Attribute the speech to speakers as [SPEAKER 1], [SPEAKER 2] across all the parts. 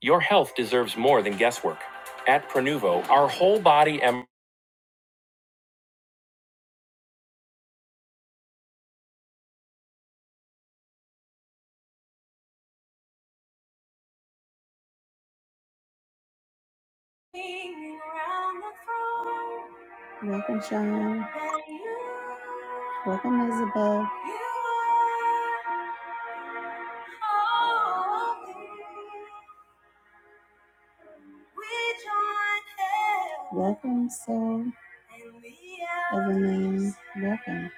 [SPEAKER 1] Your health deserves more than guesswork. At Pronuvo, our whole body and Welcome, Sean. Welcome, Isabel. Welcome, Soul. Everman. Welcome.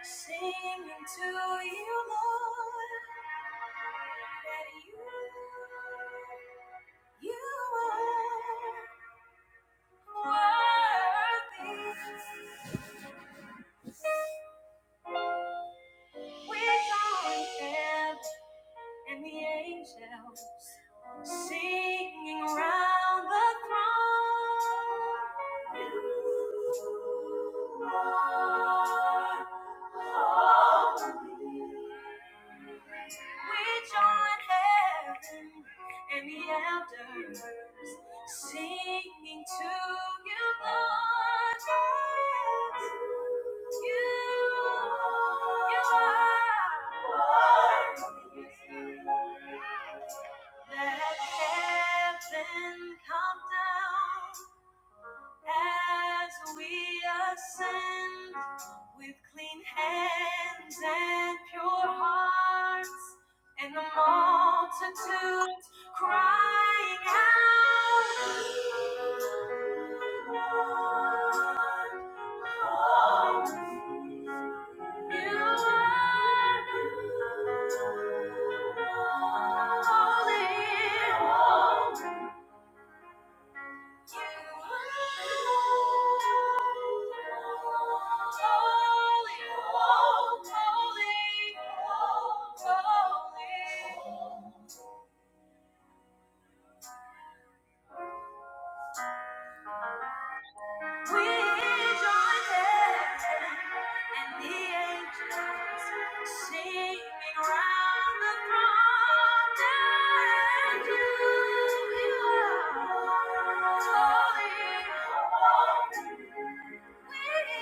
[SPEAKER 1] You are worthy. We're joined and the angels. singing round the throne. You are holy. We join heaven and the elders singing to you, Lord. Yes, you, you are. holy. Let heaven come down. As we ascend with clean hands and pure hearts, and the multitudes crying out, You are holy. Holy, holy, holy. holy. We join heaven and the angels singing round the throne. And you, you are holy, holy. We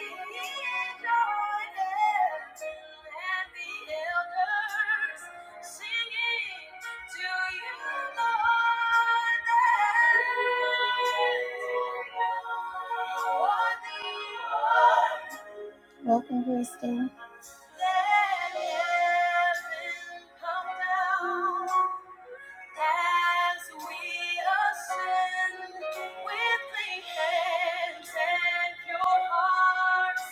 [SPEAKER 1] join heaven and the elders. Welcome, Crystal. Let hearts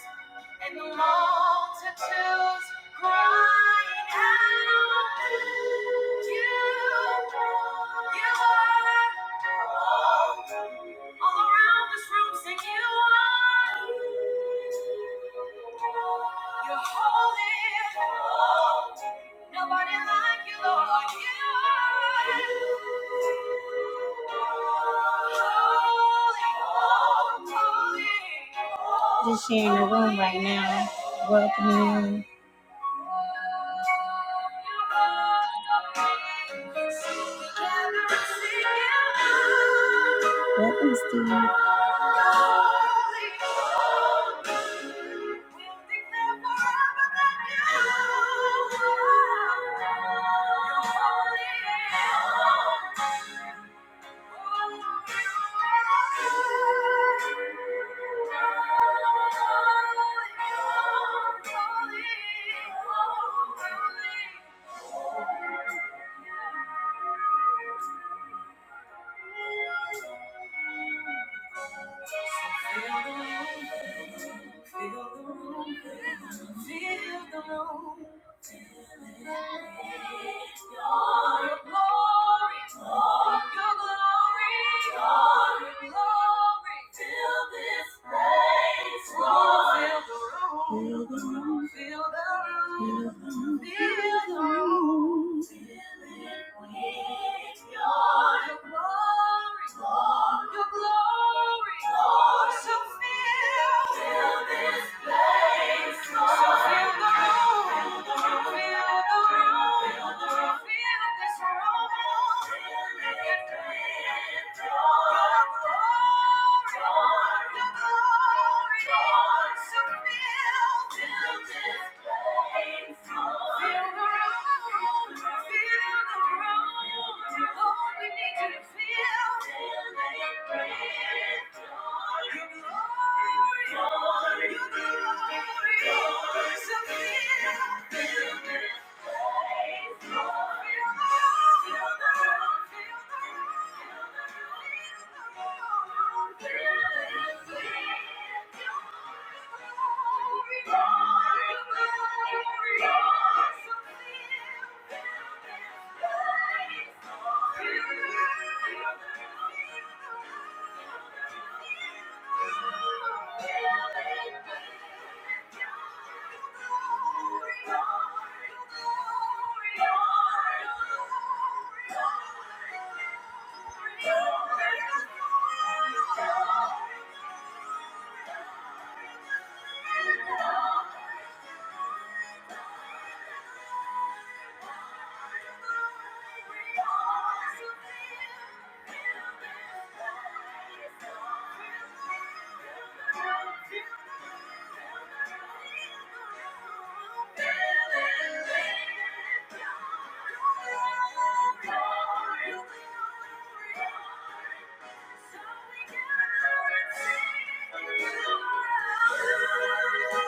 [SPEAKER 1] and the multitudes crying out, You, are, you are all around this room sing you are you're holy Nobody like you, Lord. like You holy, holy, holy. Just sharing the room right now. Welcoming you. What is Steve. Thank you. Feel the room. Feel the room. Oh, we need you to feel. Thank you. Thank you. So we can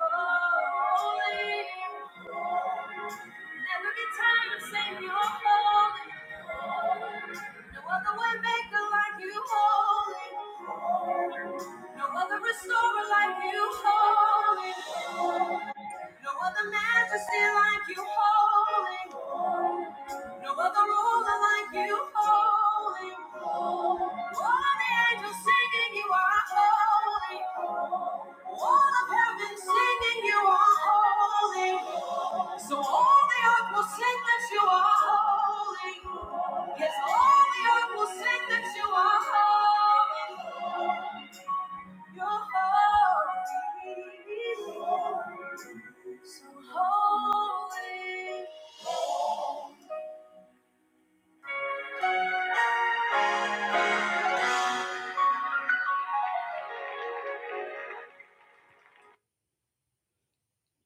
[SPEAKER 1] Holy, holy, holy. And we get tired of saying you're holy. No other way maker like you holy. No other restorer like you holy. No other majesty like you holy. No other ruler like you holy. All of the angels singing you are holy. All of heaven singing you are holy. So all the earth will sing that you are holy. Yes, all the earth will sing that you are holy. You're holy. So holy.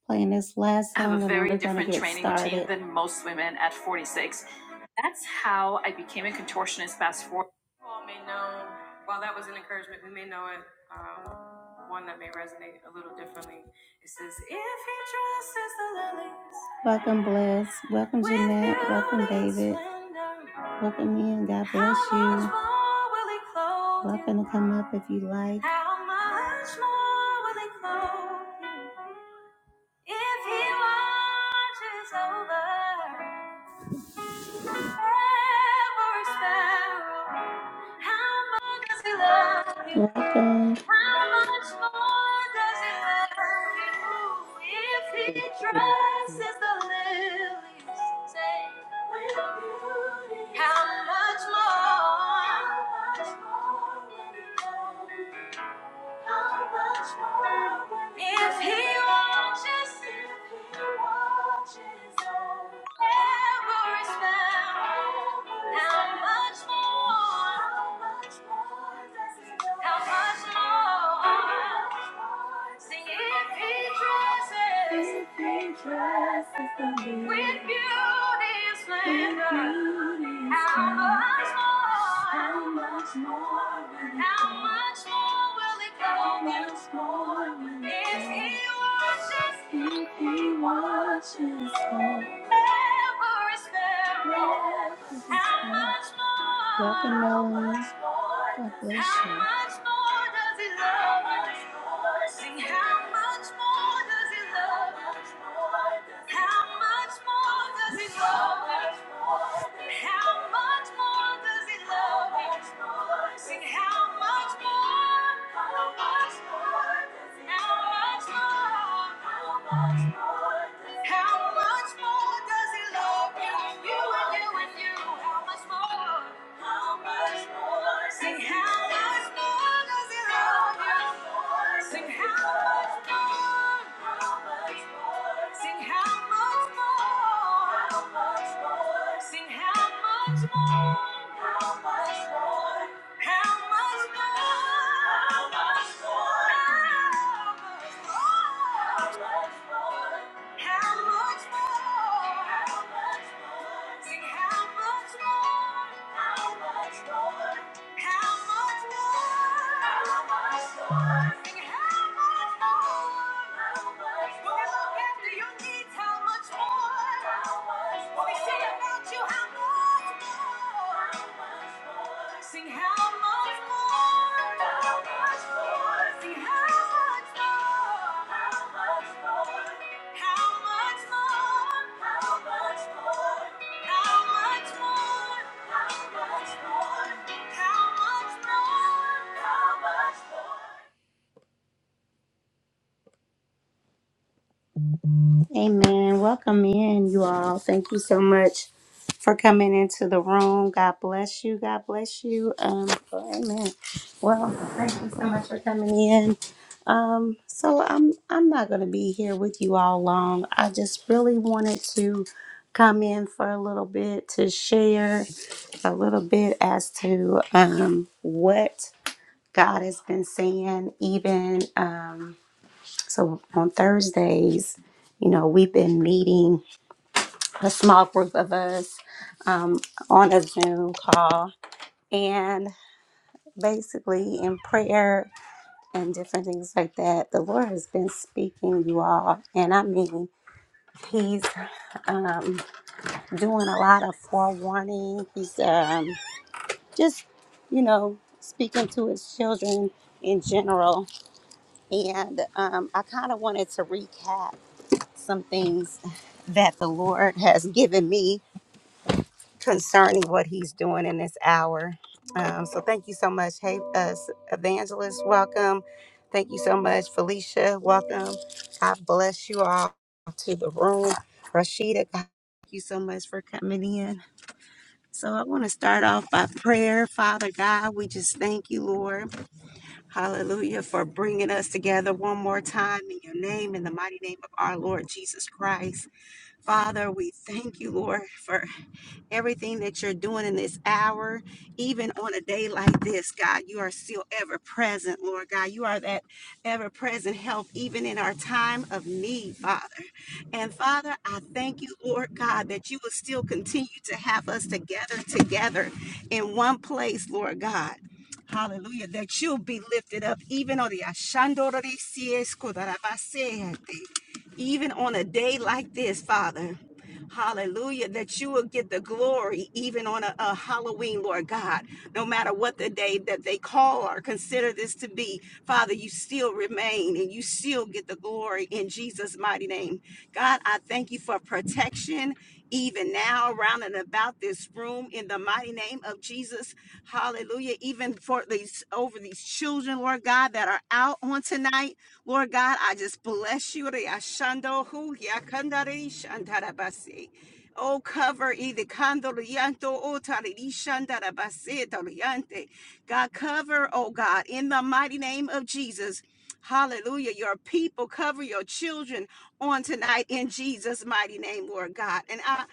[SPEAKER 1] playing this last I have a song a and then very we're going to different get training routine started. than most women at 46. That's how I became a contortionist fast forward. You all may know, while that was an encouragement, we may know it, um, one that may resonate a little differently. It says, if he dresses the lilies. Welcome, Bless. Welcome, With Jeanette. Welcome, beauty David. splendor, Welcome in. God how bless much you. Much more will he clothe you? Welcome to come up if you like. How much more will he clothe you? If he watches over every sparrow, how much does he love you? Welcome. How much more does he love you? If he
[SPEAKER 2] Mhm.
[SPEAKER 1] dresses the lilies, say, with beauty, how much more? How much more? How much if he watches, if he watches over is found, how much more, how much more, sing if he dresses. With beauty and splendor, how much more? How much more How much more will it go? more will he watches, he watches Welcome, Nolan. God bless you. How much more does He love us? Sing, how much more does he love us? How much more does he love us? How much more does he love us? Sing, how much more? How much more? How much more? How much more? How how much more? does does he he love love you? You you you. you? and and How How how how How how How How much more does he love you? Sing How much much much much much much much much more? How much more? more? more more? How much more? How much more? How much more? How much more? How much more? Sing Sing Sing how much more? How much more? Sing how much more? How much more? How much more? How much more? Sing how much more? How much more? When we look after your needs, how much more? How much more? When we say about you, how much more? How much more? Sing how much more? How much more? Sing how much more? How much more? How much more? How much more? How much more? How much more? How much more? How much more? Amen. Welcome in, you all. Thank you so much for coming into the room. God bless you. God bless you. Um, well, amen. Well, thank you so much for coming in. Um, so I'm I'm not gonna be here with you all long. I just really wanted to come in for a little bit to share a little bit as to um what God has been saying, even um so on Thursdays, you know, we've been meeting a small group of us um, on a Zoom call and basically in prayer and different things like that. The Lord has been speaking, you all. And I mean, He's um, doing a lot of forewarning. He's um, just, you know, speaking to His children in general. And um, I kind of wanted to recap. some things that the Lord has given me concerning what He's doing in this hour. Um, so thank you so much. Hey, uh, Evangelist, welcome. Thank you so much, Felicia. Welcome. God bless you all to the room. Rashida, God, thank you so much for coming in. So I want to start off by prayer. Father God, we just thank you, Lord. Hallelujah for bringing us together one more time in your name, in the mighty name of our Lord Jesus Christ. Father, we thank you, Lord, for everything that you're doing in this hour, even on a day like this, God, you are still ever present, Lord God. You are that ever present help, even in our time of need, Father. And Father, I thank you, Lord God, that you will still continue to have us together, together in one place, Lord God. Hallelujah. That you'll be lifted up, even on the Ashandorisiesco even on a day like this, Father. Hallelujah, that you will get the glory even on a, a Halloween, Lord God. No matter what the day that they call or consider this to be, Father, you still remain and you still get the glory in Jesus' mighty name. God, I thank you for protection even now around and about this room in the mighty name of Jesus. Hallelujah. Even for these over these children, Lord God, that are out on tonight. Lord God, I just bless you. Riashando yakandari shandarabasi. Oh, cover either candor yanto o God, cover, oh God, in the mighty name of Jesus. Hallelujah. Your people cover your children on tonight in Jesus' mighty name, Lord God. And I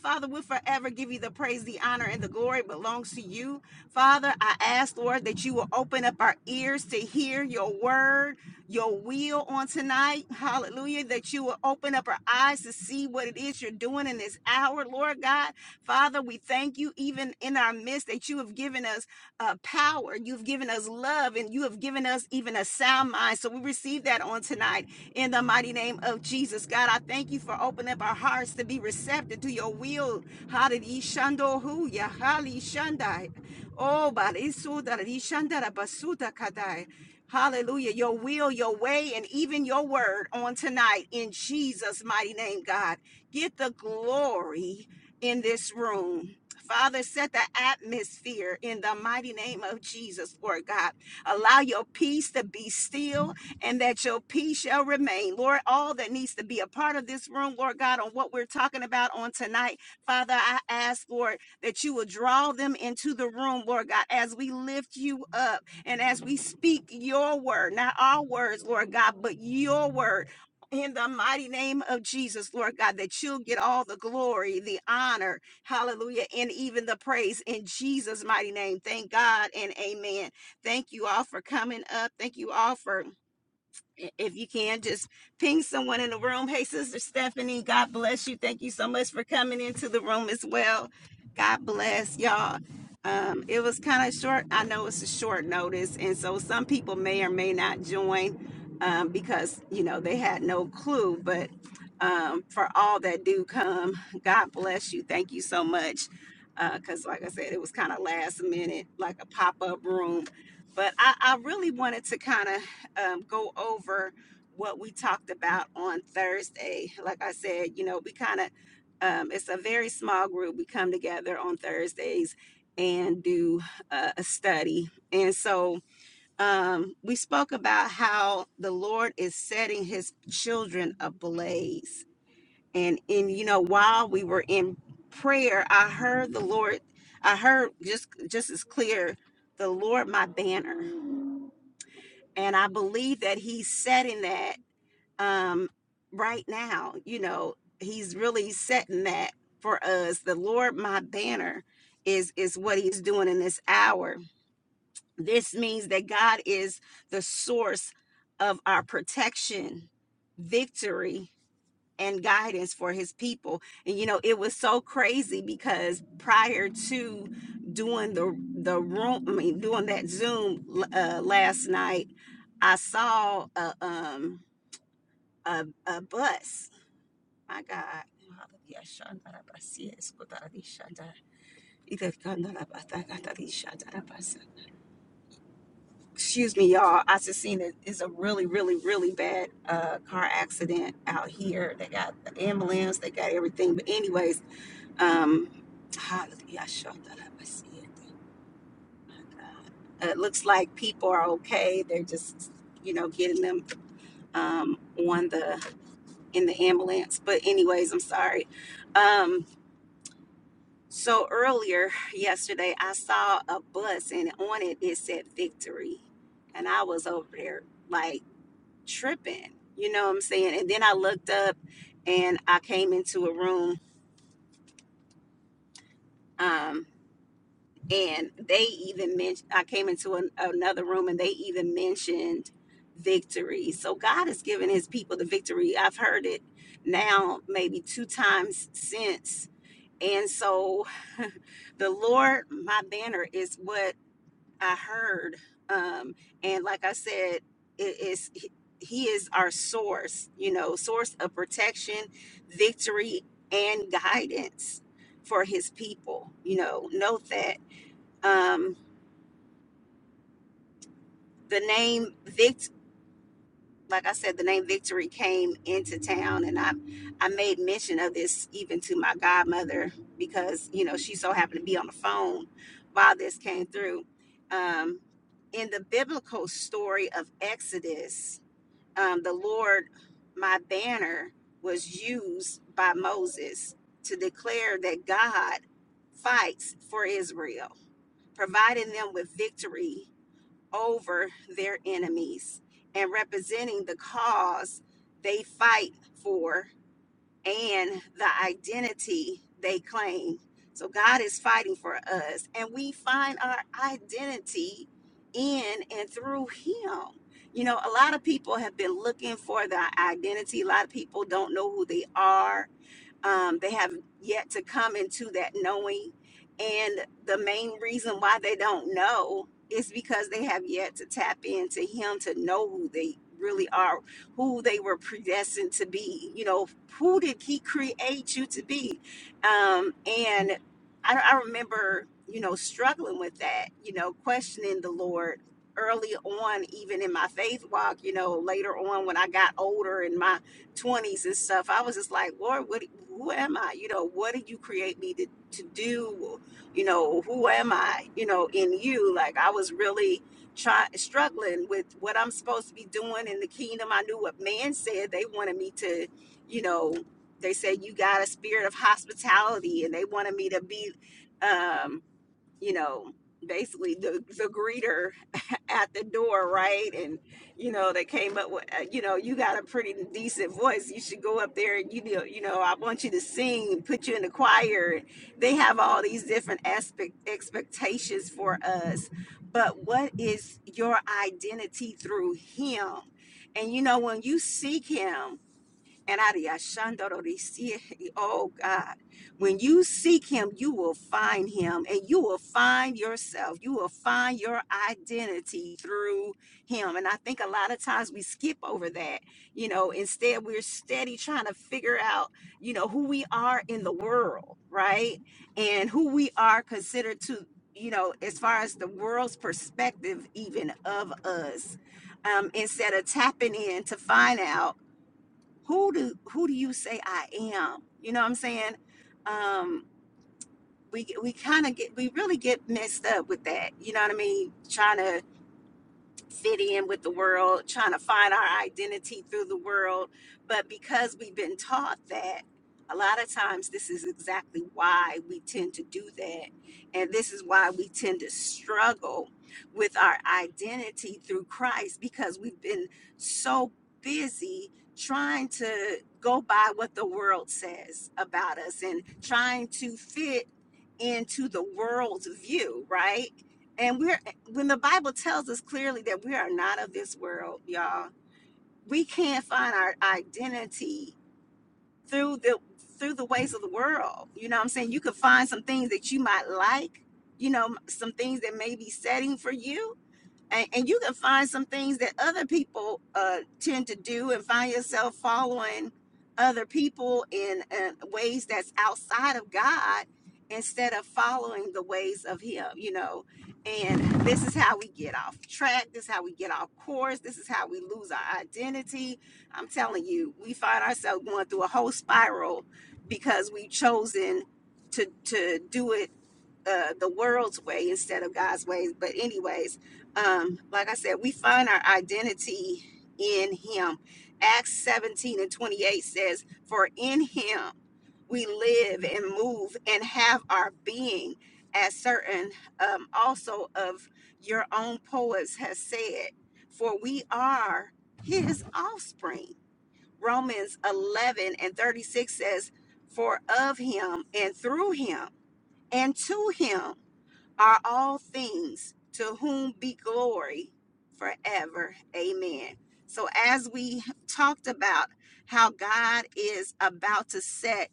[SPEAKER 1] Father, we'll forever give you the praise, the honor, and the glory belongs to you. Father, I ask, Lord, that you will open up our ears to hear your word your will on tonight. Hallelujah. That you will open up our eyes to see what it is you're doing in this hour, Lord God. Father, we thank you even in our midst that you have given us uh, power, you've given us love, and you have given us even a sound mind. So we receive that on tonight in the mighty name of Jesus. God, I thank you for opening up our hearts to be receptive to your will. Hallelujah. Oh, so Hallelujah. Your will, your way, and even your word on tonight in Jesus' mighty name, God. Get the glory in this room. Father, set the atmosphere in the mighty name of Jesus, Lord God. Allow your peace to be still and that your peace shall remain. Lord, all that needs to be a part of this room, Lord God, on what we're talking about on tonight, Father, I ask, Lord, that you will draw them into the room, Lord God, as we lift you up. And as we speak your word, not our words, Lord God, but your word. In the mighty name of Jesus, Lord God, that you'll get all the glory, the honor, hallelujah, and even the praise in Jesus' mighty name. Thank God and amen. Thank you all for coming up. Thank you all for if you can just ping someone in the room hey sister stephanie god bless you thank you so much for coming into the room as well god bless y'all um, it was kind of short i know it's a short notice and so some people may or may not join um, because you know they had no clue but um, for all that do come god bless you thank you so much because like i said it was kind of last minute like a pop-up room but i, I really wanted to kind of um, go over what we talked about on Thursday. Like I said, you know, we kind of, um, it's a very small group. We come together on Thursdays and do uh, a study. And so um, we spoke about how the Lord is setting his children ablaze. And, and, you know, while we were in prayer, I heard the Lord, I heard just, just as clear, the Lord, my banner. And I believe that he's setting that um, right now. You know, he's really setting that for us. The Lord, my banner, is is what he's doing in this hour. This means that God is the source of our protection, victory, and guidance for his people. And you know, it was so crazy because prior to doing the the room, I mean, doing that Zoom uh, last night, I saw a um a, a bus. My God. Excuse me, y'all. I just seen it. it is a really, really, really bad uh, car accident out here. They got the ambulance, they got everything. But anyways, Um, hallelujah. I that up. I see it. Uh, It looks like people are okay. They're just, you know, getting them um, on the in the ambulance. But anyways, I'm sorry. Um, so earlier yesterday, I saw a bus and on it it said victory, and I was over there like tripping. You know what I'm saying? And then I looked up and I came into a room. Um. and they even mentioned i came into an, another room and they even mentioned victory so god has given his people the victory i've heard it now maybe two times since and so the lord my banner is what i heard um and like i said it is he He is our source you know source of protection victory and guidance for his people you know note that Um, the name Vict, like I said, the name Victory came into town, and I, I made mention of this even to my godmother because you know she so happened to be on the phone while this came through. Um, in the biblical story of Exodus, um, the Lord, my banner, was used by Moses to declare that God fights for Israel, providing them with victory over their enemies and representing the cause they fight for and the identity they claim. So God is fighting for us, and we find our identity in and through Him. You know, a lot of people have been looking for their identity. A lot of people don't know who they are. Um, they have yet to come into that knowing. And the main reason why they don't know is because they have yet to tap into Him to know who they really are who they were predestined to be. You know, who did He create you to be? Um, and I, I remember, you know, struggling with that, you know, questioning the Lord early on, even in my faith walk, you know, later on when I got older in my 20s and stuff, I was just like, Lord, what, who am I? You know, what did you create me to, to do? You know, who am I, you know, in you? Like, I was really try, struggling with what I'm supposed to be doing in the kingdom. I knew what man said. They wanted me to, you know, they said you got a spirit of hospitality, and they wanted me to be. Um, you know basically the the greeter at the door right and you know they came up with uh, you know you got a pretty decent voice you should go up there and you know you know i want you to sing and put you in the choir they have all these different aspect expectations for us but what is your identity through him and you know when you seek him and Ariashandorisi, oh God, when you seek him, you will find him and you will find yourself. You will find your identity through him. And I think a lot of times we skip over that. You know, instead, we're steady trying to figure out, you know, who we are in the world, right? And who we are considered to, you know, as far as the world's perspective, even of us, um, instead of tapping in to find out who do who do you say I am? You know what I'm saying? Um, we we kind of get we really get messed up with that. You know what I mean? Trying to fit in with the world, trying to find our identity through the world. But because we've been taught that, a lot of times this is exactly why we tend to do that. And this is why we tend to struggle with our identity through Christ because we've been so busy trying to go by what the world says about us and trying to fit into the world's view, right? And we're when the Bible tells us clearly that we are not of this world, y'all, we can't find our identity through the through the ways of the world. You know what I'm saying? You could find some things that you might like, you know, some things that may be setting for you, and, and you can find some things that other people uh, tend to do and find yourself following other people in uh, ways that's outside of god instead of following the ways of him you know and this is how we get off track this is how we get off course this is how we lose our identity i'm telling you we find ourselves going through a whole spiral because we've chosen to to do it uh, the world's way instead of god's ways but anyways um, like I said, we find our identity in Him. Acts 17 and 28 says, For in Him we live and move and have our being, as certain um, also of your own poets has said, For we are His offspring. Romans 11 and 36 says, For of Him and through Him and to Him are all things, to whom be glory forever. Amen. So, as we talked about how God is about to set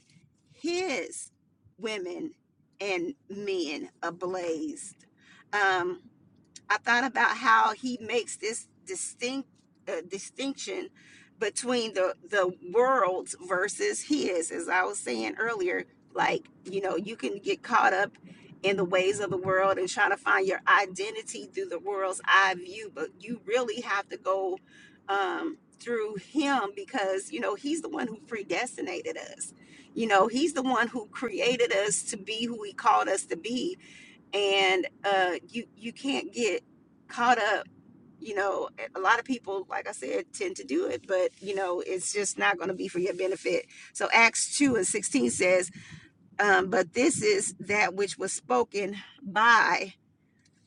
[SPEAKER 1] his women and men ablaze, um, I thought about how he makes this distinct uh, distinction between the the world's versus his. As I was saying earlier, like you know, you can get caught up in the ways of the world and try to find your identity through the world's eye view, but you really have to go um, through him because you know he's the one who predestinated us. You know, he's the one who created us to be who he called us to be and uh, you you can't get caught up. You know, a lot of people, like I said, tend to do it, but you know, it's just not going to be for your benefit. So Acts two and sixteen says, um, "But this is that which was spoken by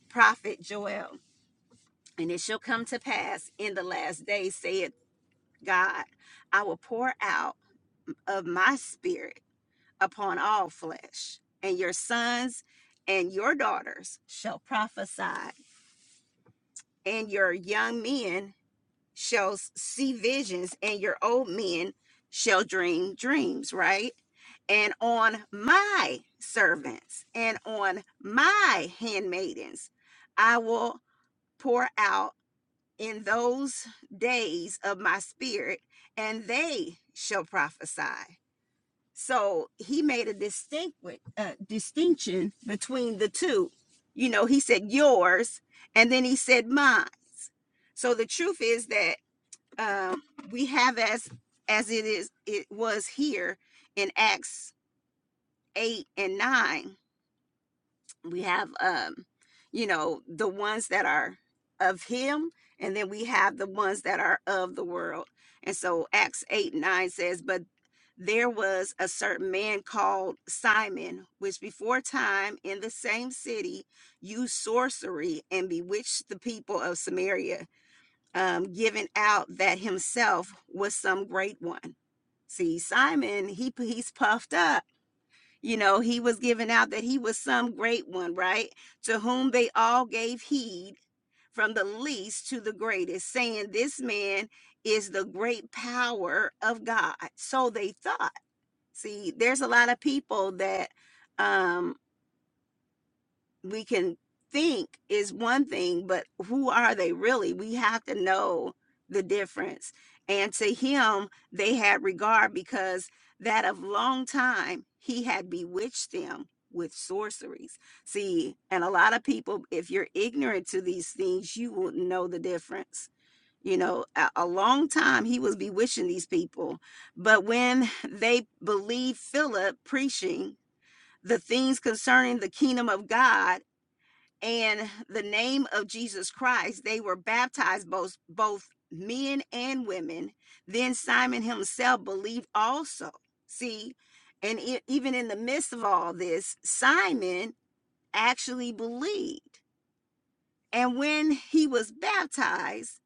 [SPEAKER 1] prophet Joel, and it shall come to pass in the last days, saith God, I will pour out of my spirit upon all flesh, and your sons." And your daughters shall prophesy, and your young men shall see visions, and your old men shall dream dreams, right? And on my servants and on my handmaidens, I will pour out in those days of my spirit, and they shall prophesy. So he made a distinct uh, distinction between the two. You know, he said yours, and then he said mine. So the truth is that um, we have as as it is it was here in Acts eight and nine we have um you know the ones that are of him and then we have the ones that are of the world and so acts 8 9 says but there was a certain man called simon which before time in the same city used sorcery and bewitched the people of samaria um, giving out that himself was some great one see simon he he's puffed up you know, he was giving out that he was some great one, right? To whom they all gave heed from the least to the greatest, saying, This man is the great power of God. So they thought. See, there's a lot of people that um we can think is one thing, but who are they really? We have to know the difference. And to him, they had regard because that of long time he had bewitched them with sorceries. See, and a lot of people, if you're ignorant to these things, you won't know the difference. You know, a, a long time he was bewitching these people. But when they believed Philip preaching the things concerning the kingdom of God, and the name of Jesus Christ, they were baptized, both both men and women. Then Simon himself believed also. See, and e- even in the midst of all this, Simon actually believed. And when he was baptized,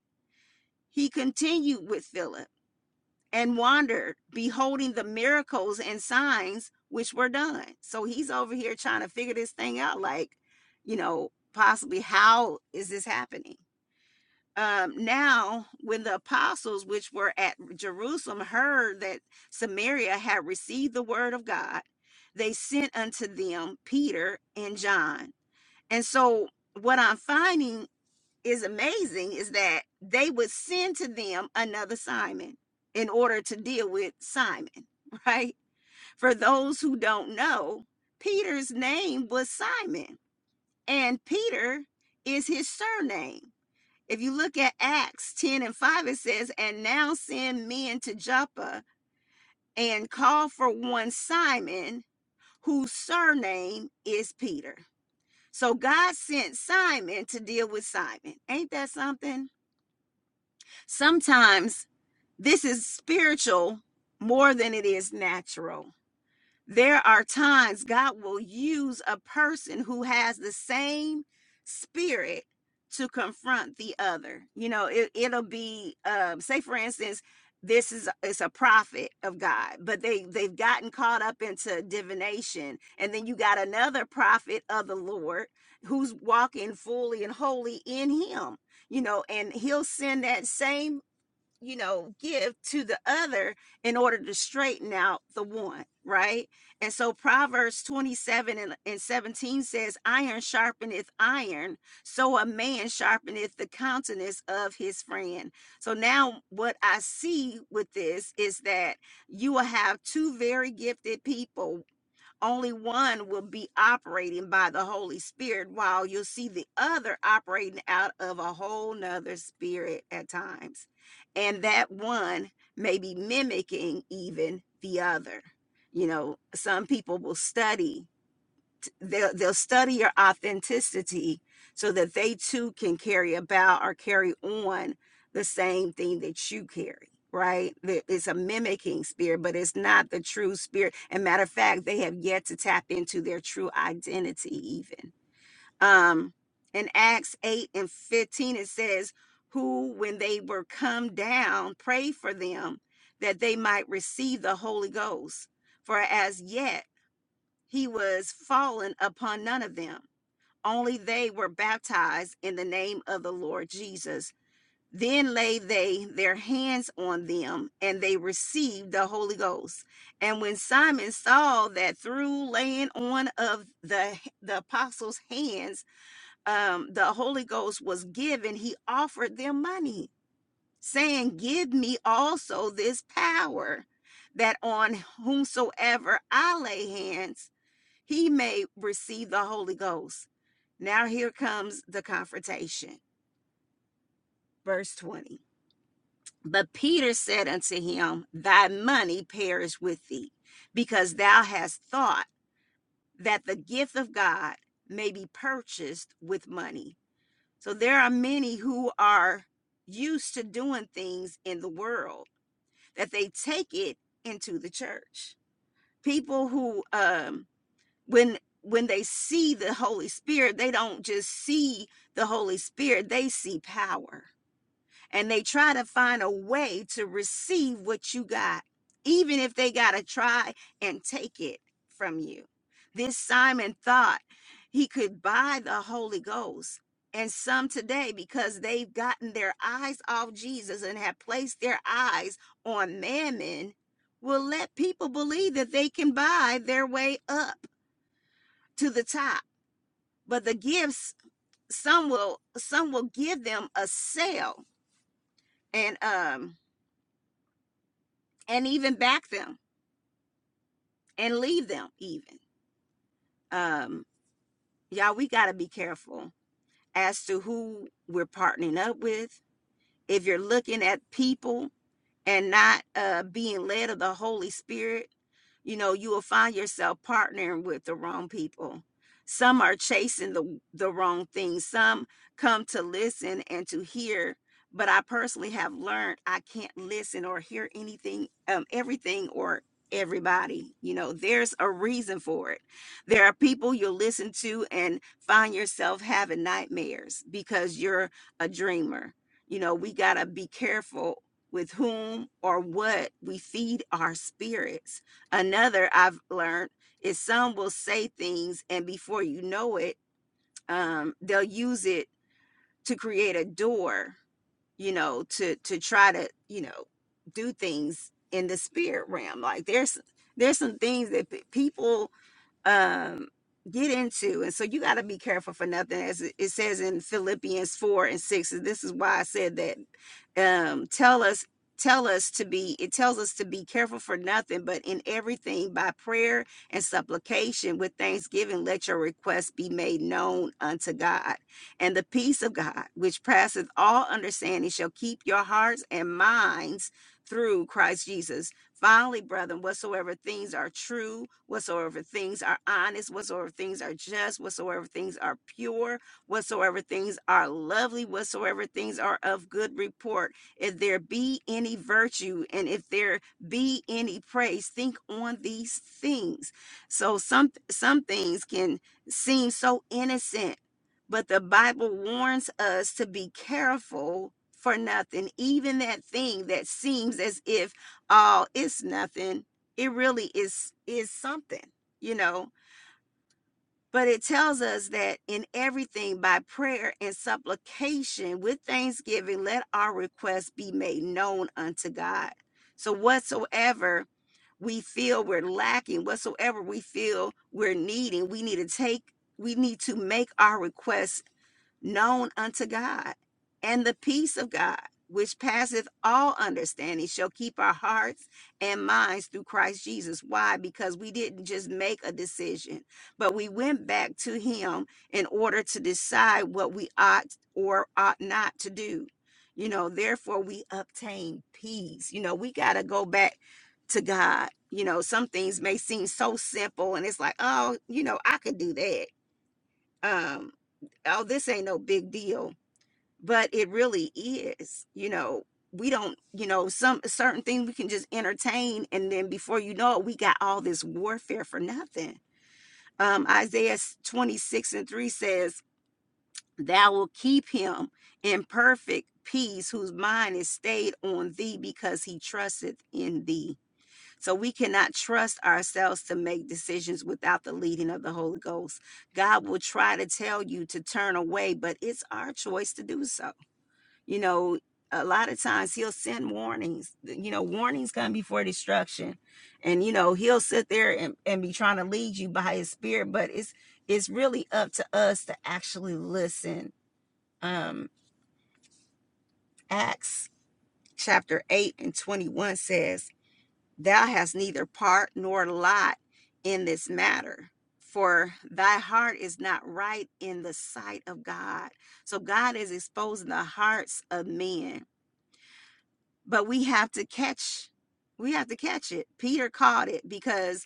[SPEAKER 1] he continued with Philip and wandered, beholding the miracles and signs which were done. So he's over here trying to figure this thing out, like, you know, possibly how is this happening? um, now when the apostles which were at jerusalem heard that samaria had received the word of god they sent unto them peter and john and so what i'm finding is amazing is that they would send to them another simon in order to deal with simon right for those who don't know peter's name was simon and peter is his surname if you look at Acts 10 and 5, it says, And now send men to Joppa and call for one Simon, whose surname is Peter. So God sent Simon to deal with Simon. Ain't that something? Sometimes this is spiritual more than it is natural There are times God will use a person who has the same spirit to confront the other. You know, it, it'll be um, say for instance, this is it's a prophet of God, but they they've gotten caught up into divination, and then you got another prophet of the Lord who's walking fully and wholly in Him. You know, and He'll send that same you know, give to the other in order to straighten out the one, right? And so Proverbs 27 and, and 17 says, Iron sharpeneth iron, so a man sharpeneth the countenance of his friend. So now, what I see with this is that you will have two very gifted people only one will be operating by the Holy Spirit, while you'll see the other operating out of a whole nother spirit at times. And that one may be mimicking even the other. You know, some people will study they'll they'll study your authenticity so that they too can carry about or carry on the same thing that you carry right it's a mimicking spirit but it's not the true spirit and matter of fact they have yet to tap into their true identity even um in acts 8 and 15 it says who when they were come down prayed for them that they might receive the holy ghost for as yet he was fallen upon none of them. Only they were baptized in the name of the Lord Jesus. Then laid they their hands on them, and they received the Holy Ghost. And when Simon saw that through laying on of the, the apostles' hands, um, the Holy Ghost was given, he offered them money, saying, Give me also this power, that on whomsoever I lay hands, he may receive the Holy Ghost. Now here comes the confrontation. Verse 20. But Peter said unto him, Thy money perish with thee, because thou hast thought that the gift of God may be purchased with money. So there are many who are used to doing things in the world that they take it into the church. People who um when when they see the holy spirit they don't just see the holy spirit they see power and they try to find a way to receive what you got even if they got to try and take it from you this simon thought he could buy the holy ghost and some today because they've gotten their eyes off jesus and have placed their eyes on mammon will let people believe that they can buy their way up to the top. But the gifts, some will some will give them a sale and um and even back them and leave them even. Um y'all we gotta be careful as to who we're partnering up with. If you're looking at people and not uh, being led of the Holy Spirit, you know, you will find yourself partnering with the wrong people. Some are chasing the, the wrong things. Some come to listen and to hear. But I personally have learned I can't listen or hear anything, um, everything or everybody. You know, there's a reason for it. There are people you'll listen to and find yourself having nightmares because you're a dreamer. You know, we got to be careful with whom or what we feed our spirits. Another I've learned is some will say things, and before you know it, um, they'll use it to create a door, you know, to to try to you know do things in the spirit realm. Like there's there's some things that people um get into and so you got to be careful for nothing as it it says in philippians 4 and 6 and this is why i said that um tell us tell us to be it tells us to be careful for nothing but in everything by prayer and supplication with thanksgiving let your requests be made known unto god and the peace of god which passeth all understanding shall keep your hearts and minds through christ jesus Finally, brethren, whatsoever things are true, whatsoever things are honest, whatsoever things are just, whatsoever things are pure, whatsoever things are lovely, whatsoever things are of good report, if there be any virtue and if there be any praise, think on these things. So some some things can seem so innocent, but the Bible warns us to be careful for nothing, even that thing that seems as if oh, it's nothing. It really is is something, you know. But it tells us that in everything by prayer and supplication with thanksgiving, let our requests be made known unto God. So whatsoever we feel we're lacking, whatsoever we feel we're needing, we need to take, we need to make our requests known unto God. And the peace of God, which passeth all understanding, shall keep our hearts and minds through Christ Jesus. Why? Because we didn't just make a decision, but we went back to Him in order to decide what we ought or ought not to do. You know, therefore we obtain peace. You know, we got to go back to God. You know, some things may seem so simple and it's like, oh, you know, I could do that. Um, oh, this ain't no big deal. But it really is, you know, we don't, you know, some certain thing we can just entertain. And then before you know it, we got all this warfare for nothing. Um, Isaiah 26 and 3 says, Thou will keep him in perfect peace whose mind is stayed on thee because he trusteth in thee so we cannot trust ourselves to make decisions without the leading of the Holy Ghost. God will try to tell you to turn away, but it's our choice to do so. You know, a lot of times he'll send warnings. You know, warnings come before destruction. And you know, he'll sit there and, and be trying to lead you by his spirit, but it's it's really up to us to actually listen. Um Acts chapter 8 and 21 says Thou hast neither part nor lot in this matter, for thy heart is not right in the sight of God. So God is exposing the hearts of men, but we have to catch. We have to catch it. Peter caught it because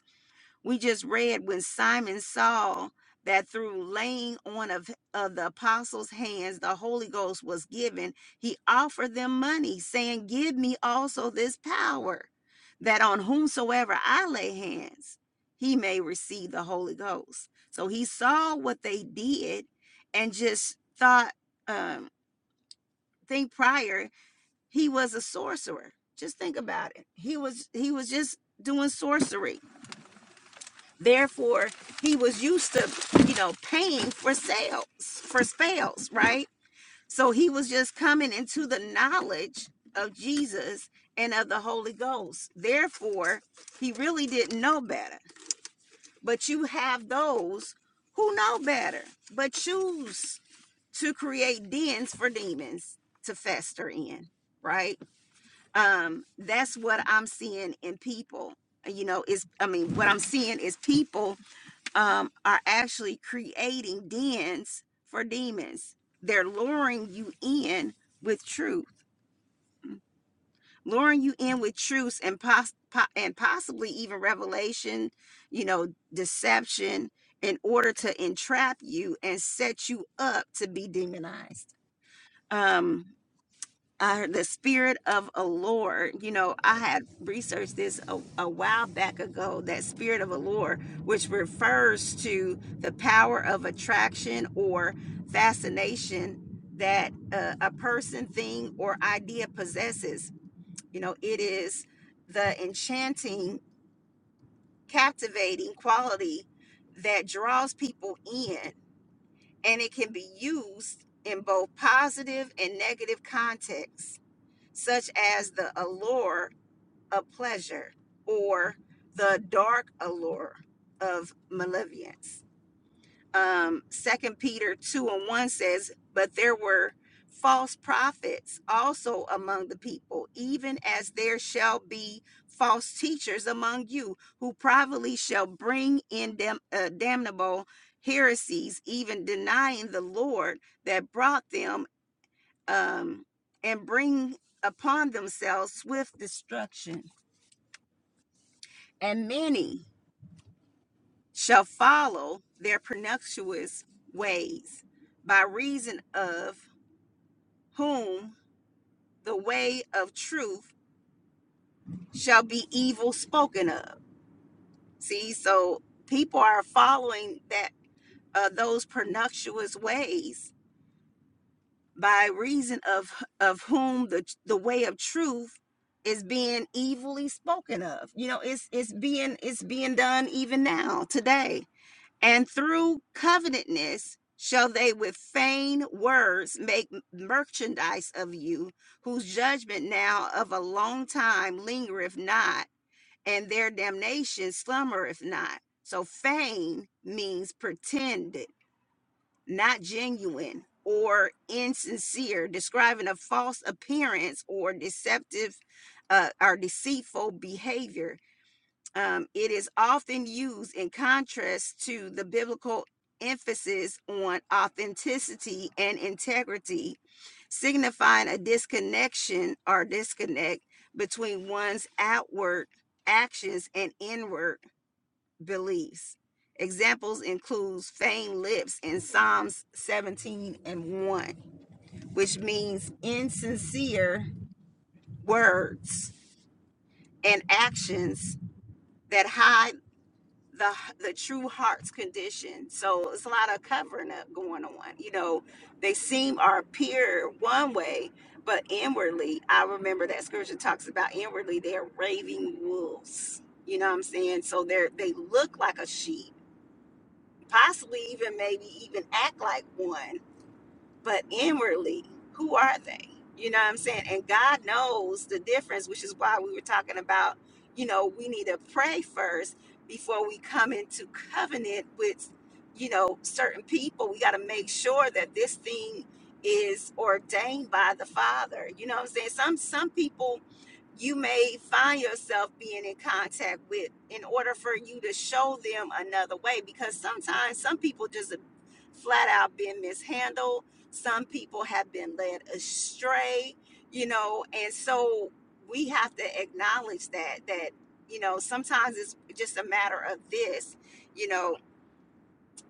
[SPEAKER 1] we just read when Simon saw that through laying on of, of the apostles' hands the Holy Ghost was given, he offered them money, saying, Give me also this power, that on whomsoever I lay hands, he may receive the Holy Ghost. So he saw what they did and just thought, um, think prior, he was a sorcerer. Just think about it. He was he was just doing sorcery Therefore, he was used to, you know, paying for sales, for spells, right? So he was just coming into the knowledge of Jesus and of the Holy Ghost. Therefore, he really didn't know better. But you have those who know better, but choose to create dens for demons to fester in, right? Um, that's what I'm seeing in people. You know, is I mean, what I'm seeing is people um, are actually creating dens for demons. They're luring you in with truth, luring you in with truths and pos- po- and possibly even revelation, you know, deception in order to entrap you and set you up to be demonized. Um, uh, the spirit of a Lord. You know, I had researched this a, a while back ago that spirit of a Lord, which refers to the power of attraction or fascination that uh, a person, thing, or idea possesses. You know, it is the enchanting, captivating quality that draws people in, and it can be used in both positive and negative contexts such as the allure of pleasure or the dark allure of malevolence. Um, 2 Peter 2 and 1 says, But there were false prophets also among the people, even as there shall be false teachers among you, who privately shall bring in dam- uh, damnable heresies, even denying the Lord that brought them um, and bring upon themselves swift destruction. And many shall follow their pernicious ways, by reason of whom the way of truth shall be evil spoken of. See, so people are following that uh, those pernicious ways by reason of of whom the the way of truth is being evilly spoken of you know it's it's being it's being done even now today and through covenantness shall they with vain words make merchandise of you whose judgment now of a long time lingereth not and their damnation slumbereth not so feign means pretended not genuine or insincere, describing a false appearance or deceptive uh, or deceitful behavior. Um, it is often used in contrast to the biblical emphasis on authenticity and integrity, signifying a disconnection or disconnect between one's outward actions and inward beliefs. Examples includes feigned lips in Psalms 17 and 1, which means insincere words and actions that hide the the true heart's condition. So it's a lot of covering up going on. You know, they seem or appear one way, but inwardly, I remember that scripture talks about inwardly they're raving wolves. You know what I'm saying? So they're they look like a sheep possibly even maybe even act like one, but inwardly, who are they? You know what I'm saying? And God knows the difference, which is why we were talking about, you know, we need to pray first before we come into covenant with, you know, certain people. We got to make sure that this thing is ordained by the Father. You know what I'm saying? Some some people you may find yourself being in contact with in order for you to show them another way because sometimes some people just have flat out been mishandled some people have been led astray you know and so we have to acknowledge that that you know sometimes it's just a matter of this you know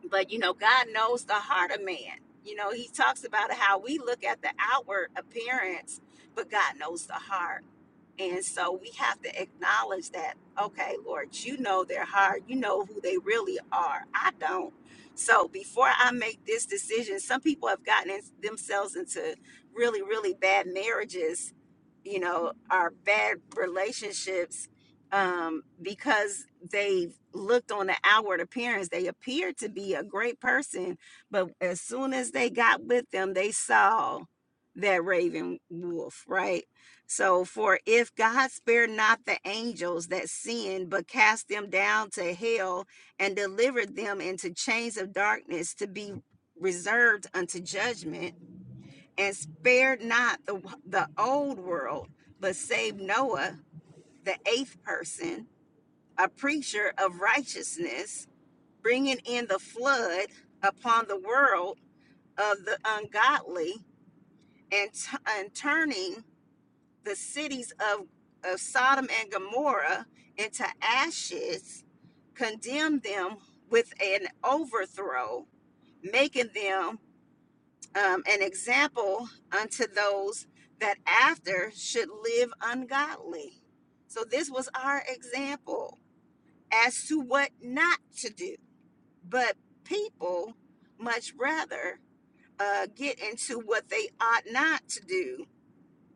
[SPEAKER 1] but you know god knows the heart of man you know he talks about how we look at the outward appearance but god knows the heart and so we have to acknowledge that, okay, Lord, you know their heart. You know who they really are. I don't. So before I make this decision, some people have gotten in, themselves into really, really bad marriages you know, our bad relationships um, because they looked on the outward appearance. They appeared to be a great person, but as soon as they got with them, they saw that raven wolf, right? So, for if God spared not the angels that sinned, but cast them down to hell and delivered them into chains of darkness to be reserved unto judgment and spared not the the old world, but saved Noah, the eighth person, a preacher of righteousness, bringing in the flood upon the world of the ungodly, and, t- and turning the cities of of Sodom and Gomorrah into ashes, condemned them with an overthrow, making them um, an example unto those that after should live ungodly. So this was our example as to what not to do. But people much rather uh, get into what they ought not to do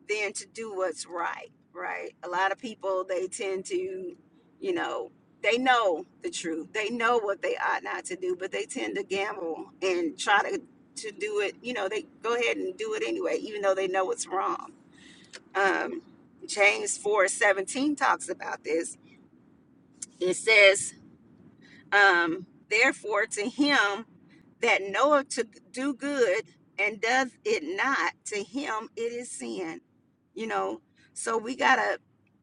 [SPEAKER 1] than to do what's right, right? A lot of people, they tend to, you know, they know the truth. They know what they ought not to do, but they tend to gamble and try to, to do it. You know, they go ahead and do it anyway, even though they know it's wrong. Um, James 4 17 talks about this. It says, um, Therefore, to him that knoweth to do good and does it not, to him it is sin. You know, so we gotta,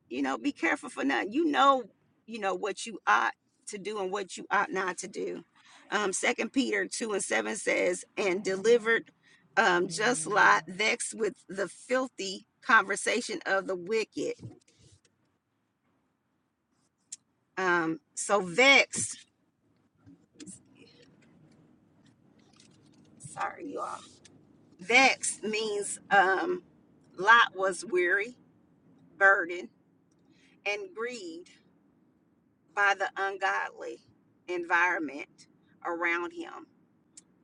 [SPEAKER 1] you know, be careful for nothing. You know, you know what you ought to do and what you ought not to do. Um, Second Peter two and seven says, and delivered um, just Lot, vexed with the filthy conversation of the wicked. Um, so vexed, sorry you all. Vexed means um, Lot was weary, burdened and greed by the ungodly environment around him.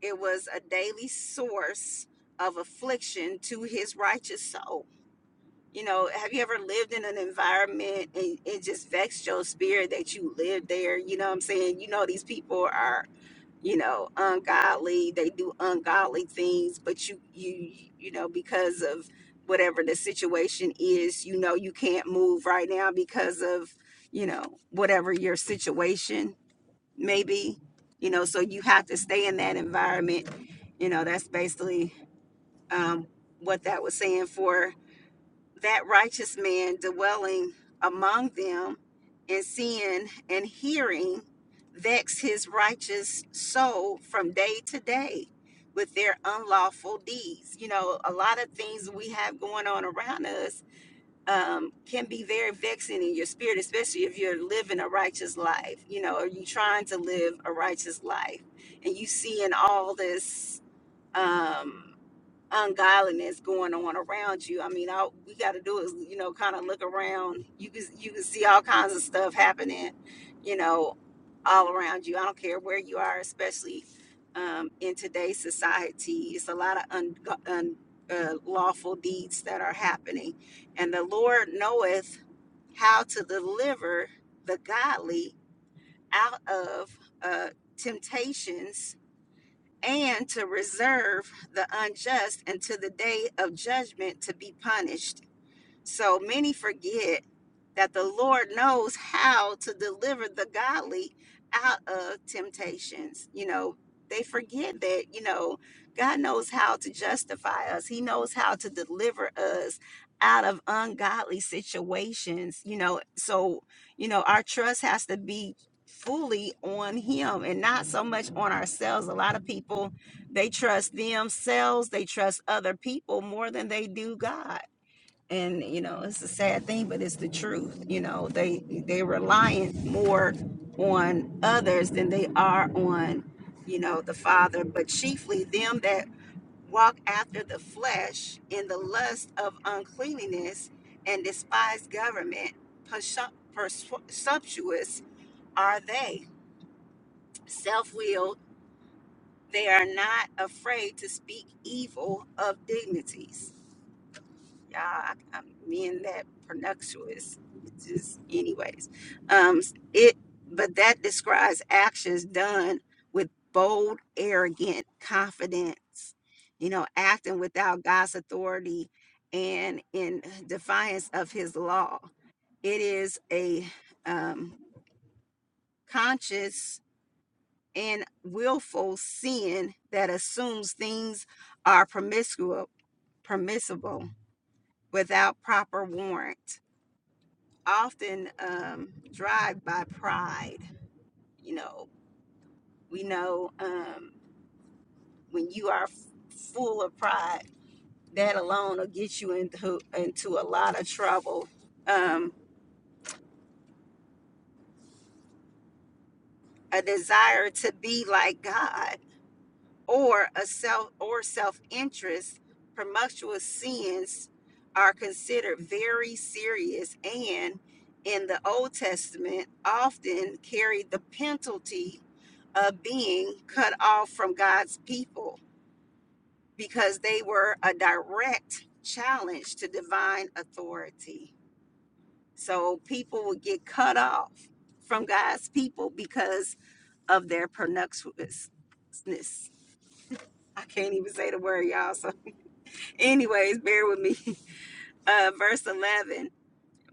[SPEAKER 1] It was a daily source of affliction to his righteous soul. You know, have you ever lived in an environment and it just vexed your spirit that you lived there? You know what I'm saying? You know, these people are you know ungodly they do ungodly things but you you you know because of whatever the situation is you know you can't move right now because of you know whatever your situation may be you know so you have to stay in that environment you know that's basically um, what that was saying for that righteous man dwelling among them and seeing and hearing vex his righteous soul from day to day with their unlawful deeds. You know, a lot of things we have going on around us um, can be very vexing in your spirit, especially if you're living a righteous life, you know, or you trying to live a righteous life and you seeing all this. Um, ungodliness going on around you. I mean, all we got to do is, you know, kind of look around. You can you can see all kinds of stuff happening, you know, all around you. I don't care where you are, especially um, in today's society. It's a lot of un, un, uh, lawful deeds that are happening, and the Lord knoweth how to deliver the godly out of uh, temptations and to reserve the unjust until the day of judgment to be punished. So many forget that the Lord knows how to deliver the godly out of temptations. You know, they forget that, you know, God knows how to justify us, He knows how to deliver us out of ungodly situations, you know. So, you know, our trust has to be fully on him and not so much on ourselves a lot of people they trust themselves they trust other people more than they do god and you know it's a sad thing but it's the truth you know they they reliant more on others than they are on you know the father but chiefly them that walk after the flesh in the lust of uncleanliness and despise government Presu- presumptuous are they self-willed they are not afraid to speak evil of dignities y'all. I, I'm being that pernicious. It's just, anyways, um, it. But that describes actions done with bold, arrogant confidence. You know, acting without God's authority and in defiance of His law. It is a um, conscious and willful sin that assumes things are promiscuous, permissible without proper warrant often um, drive by pride. You know, we know um, when you are f- full of pride, that alone will get you into into a lot of trouble. Um, a desire to be like God or a self or self-interest promiscuous sins are considered very serious and in the old testament often carried the penalty of being cut off from god's people because they were a direct challenge to divine authority so people would get cut off from god's people because of their promiscuousness i can't even say the word y'all So. Anyways, bear with me. Uh, verse 11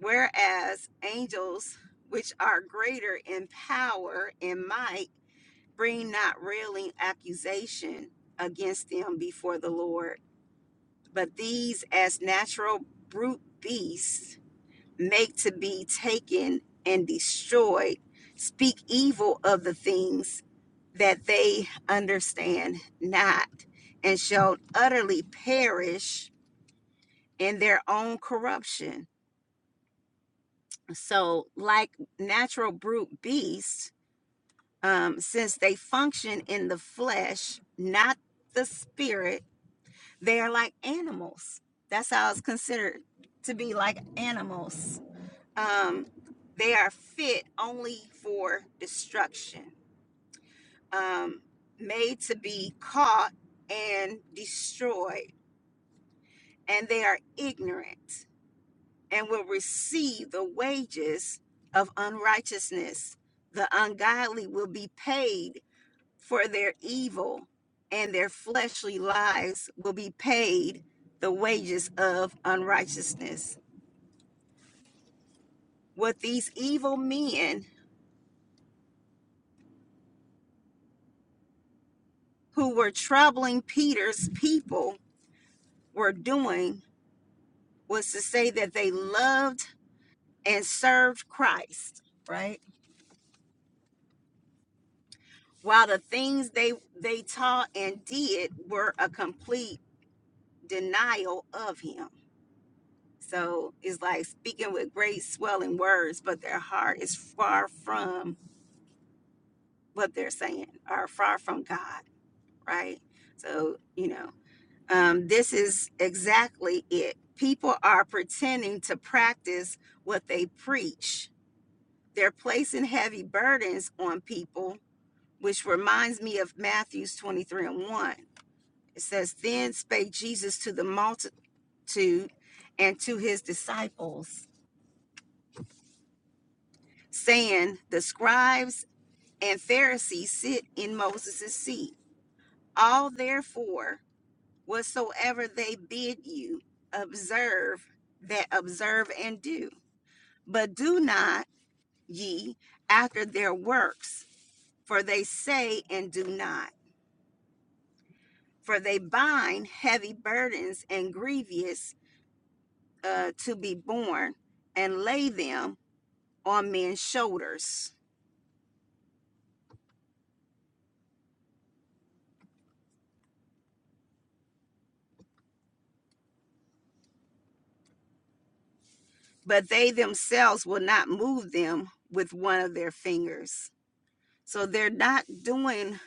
[SPEAKER 1] Whereas angels, which are greater in power and might, bring not railing accusation against them before the Lord, but these, as natural brute beasts, make to be taken and destroyed, speak evil of the things that they understand not, and shall utterly perish in their own corruption So, like natural brute beasts, um, since they function in the flesh, not the spirit, they are like animals. That's how it's considered to be like animals. Um, they are fit only for destruction, um, made to be caught and destroyed, and they are ignorant. and will receive the wages of unrighteousness. The ungodly will be paid for their evil, and their fleshly lives will be paid the wages of unrighteousness. What these evil men who were troubling Peter's people were doing was to say that they loved and served Christ, right? While the things they they taught and did were a complete denial of him. So it's like speaking with great swelling words, but their heart is far from what they're saying or far from God, right? So, you know, um, this is exactly it. People are pretending to practice what they preach. They're placing heavy burdens on people, which reminds me of Matthew's 23 and 1. It says, Then spake Jesus to the multitude and to his disciples saying, The scribes and Pharisees sit in Moses' seat. All therefore, whatsoever they bid you, observe that observe and do. But do not ye after their works, for they say and do not. For they bind heavy burdens and grievous uh, to be borne, and lay them on men's shoulders but they themselves will not move them with one of their fingers. So they're not doing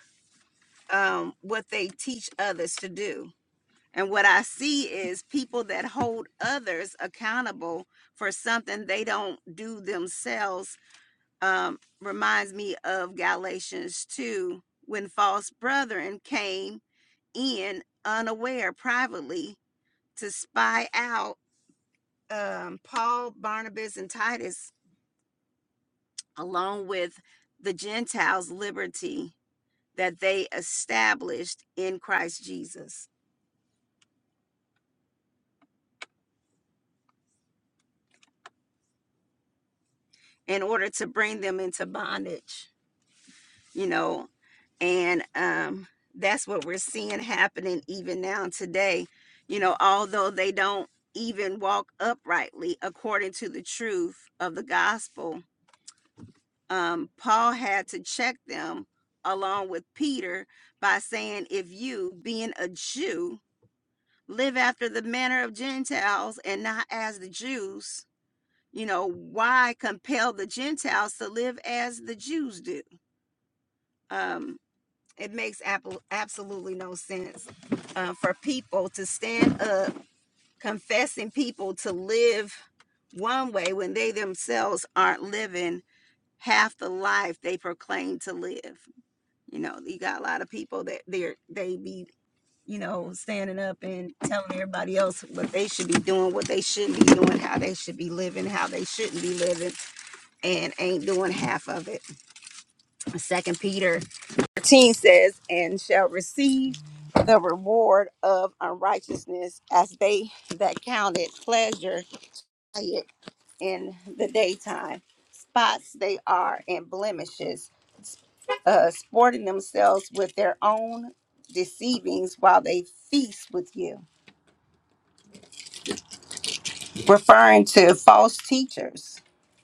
[SPEAKER 1] um, what they teach others to do. And what I see is people that hold others accountable for something they don't do themselves um, reminds me of Galatians 2 when false brethren came in unaware privately to spy out um, Paul, Barnabas, and Titus along with the Gentiles' liberty that they established in Christ Jesus in order to bring them into bondage, you know, and um, that's what we're seeing happening even now today. You know, although they don't even walk uprightly according to the truth of the gospel, um, Paul had to check them along with Peter by saying, If you, being a Jew, live after the manner of Gentiles and not as the Jews. You know, why compel the Gentiles to live as the Jews do? Um, it makes absolutely no sense uh, for people to stand up confessing people to live one way when they themselves aren't living half the life they proclaim to live. You know, you got a lot of people that they're they be you know, standing up and telling everybody else what they should be doing, what they shouldn't be doing, how they should be living, how they shouldn't be living, and ain't doing half of it. Second Peter 13 says, and shall receive the reward of unrighteousness as they that counted pleasure in the daytime. Spots they are and blemishes, uh, sporting themselves with their own deceivings while they feast with you. referring to false teachers.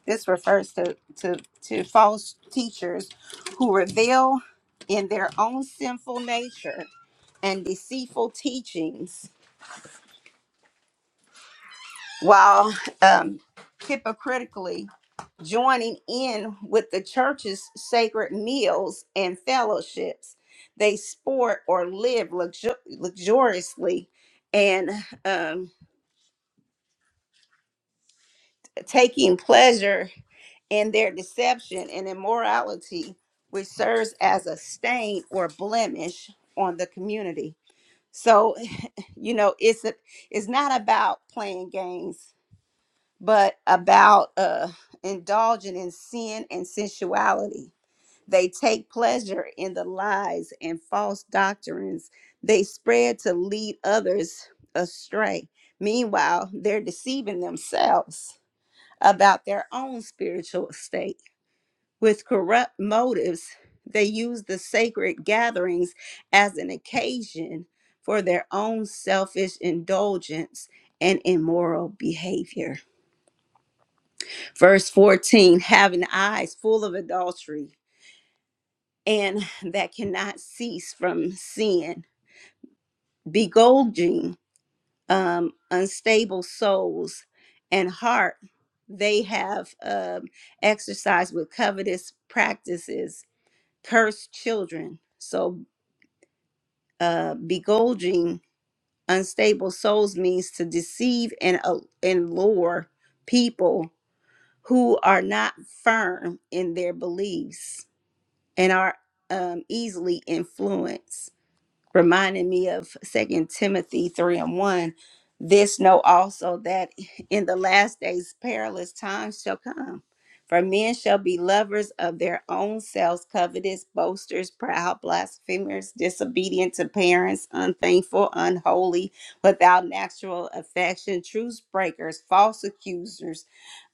[SPEAKER 1] This refers to, to, to false teachers who reveal in their own sinful nature and deceitful teachings while um, hypocritically joining in with the church's sacred meals and fellowships. They sport or live luxu- luxuriously and um, taking pleasure in their deception and immorality, which serves as a stain or blemish on the community. So, you know, it's a, it's not about playing games, but about uh, indulging in sin and sensuality. They take pleasure in the lies and false doctrines they spread to lead others astray. Meanwhile, they're deceiving themselves about their own spiritual state with corrupt motives, they use the sacred gatherings as an occasion for their own selfish indulgence and immoral behavior. Verse 14 having eyes full of adultery and that cannot cease from sin, begolging um, unstable souls and heart, they have um, exercised with covetous practices, cursed children. So uh, begulging unstable souls means to deceive and uh, and lure people who are not firm in their beliefs and are um, easily influenced reminding me of second timothy 3 and 1 this know also that in the last days perilous times shall come for men shall be lovers of their own selves covetous boasters proud blasphemers disobedient to parents unthankful unholy without natural affection truce breakers false accusers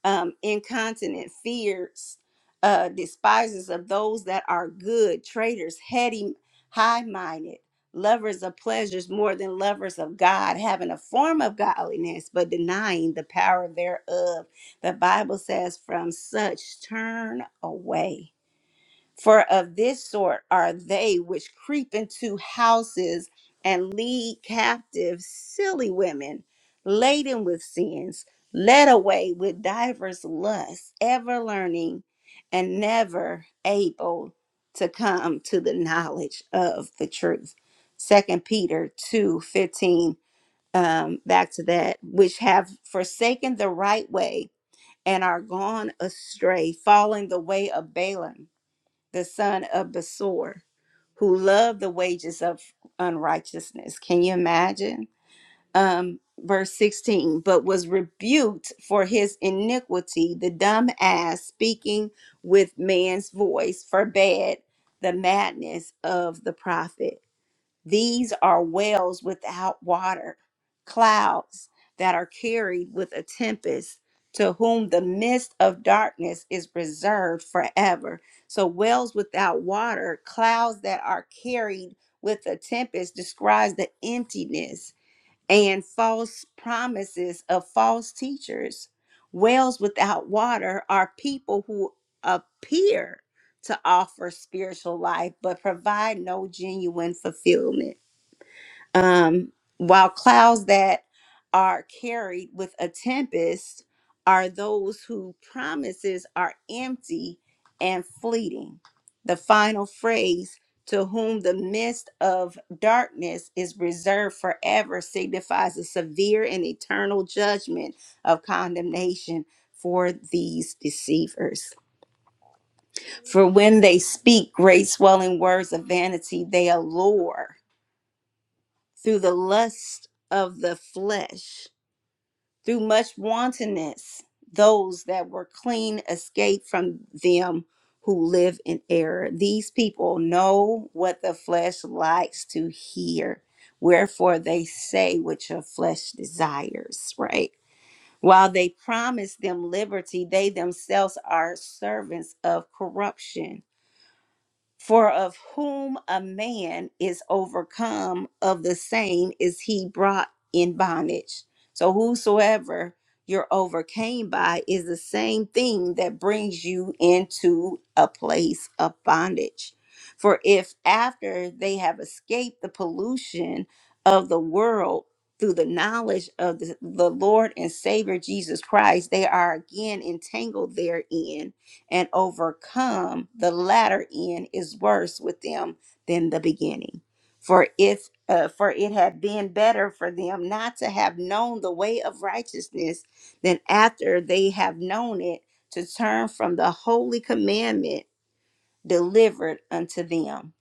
[SPEAKER 1] um, incontinent, fierce, uh, despisers of those that are good, traitors, heady, high minded, lovers of pleasures more than lovers of God, having a form of godliness, but denying the power thereof. The Bible says, From such turn away. For of this sort are they which creep into houses and lead captive silly women, laden with sins, led away with divers lusts, ever learning and never able to come to the knowledge of the truth. Second Peter two fifteen. Um, back to that, which have forsaken the right way and are gone astray, following the way of Balaam the son of Besor, who loved the wages of unrighteousness. Can you imagine? Um, verse 16, but was rebuked for his iniquity. The dumb ass speaking with man's voice forbade the madness of the prophet. These are wells without water, clouds that are carried with a tempest, to whom the mist of darkness is reserved forever. So, wells without water, clouds that are carried with a tempest, describes the emptiness and false promises of false teachers. Wells without water are people who appear to offer spiritual life but provide no genuine fulfillment. Um, while clouds that are carried with a tempest are those whose promises are empty and fleeting. The final phrase, to whom the mist of darkness is reserved forever, signifies a severe and eternal judgment of condemnation for these deceivers. For when they speak great swelling words of vanity, they allure through the lust of the flesh, through much wantonness, those that were clean escaped from them who live in error. These people know what the flesh likes to hear. Wherefore they say what your flesh desires, right? While they promise them liberty, they themselves are servants of corruption for of whom a man is overcome, of the same is he brought in bondage. So whosoever you're overcame by is the same thing that brings you into a place of bondage. For if after they have escaped the pollution of the world through the knowledge of the, the Lord and Savior Jesus Christ, they are again entangled therein and overcome, the latter end is worse with them than the beginning. For if uh, for it had been better for them not to have known the way of righteousness than after they have known it to turn from the holy commandment delivered unto them.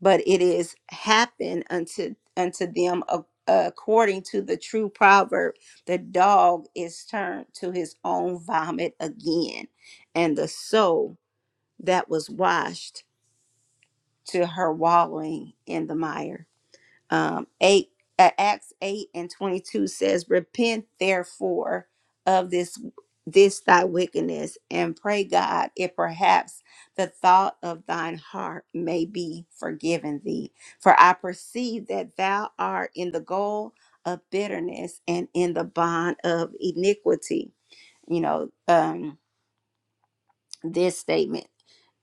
[SPEAKER 1] But it is happened unto unto them ac- according to the true proverb, the dog is turned to his own vomit again, and the soul that was washed to her wallowing in the mire. Um, eight, uh, Acts 8 and 22 says, Repent therefore of this this thy wickedness and pray God if perhaps the thought of thine heart may be forgiven thee for I perceive that thou art in the goal of bitterness and in the bond of iniquity you know um this statement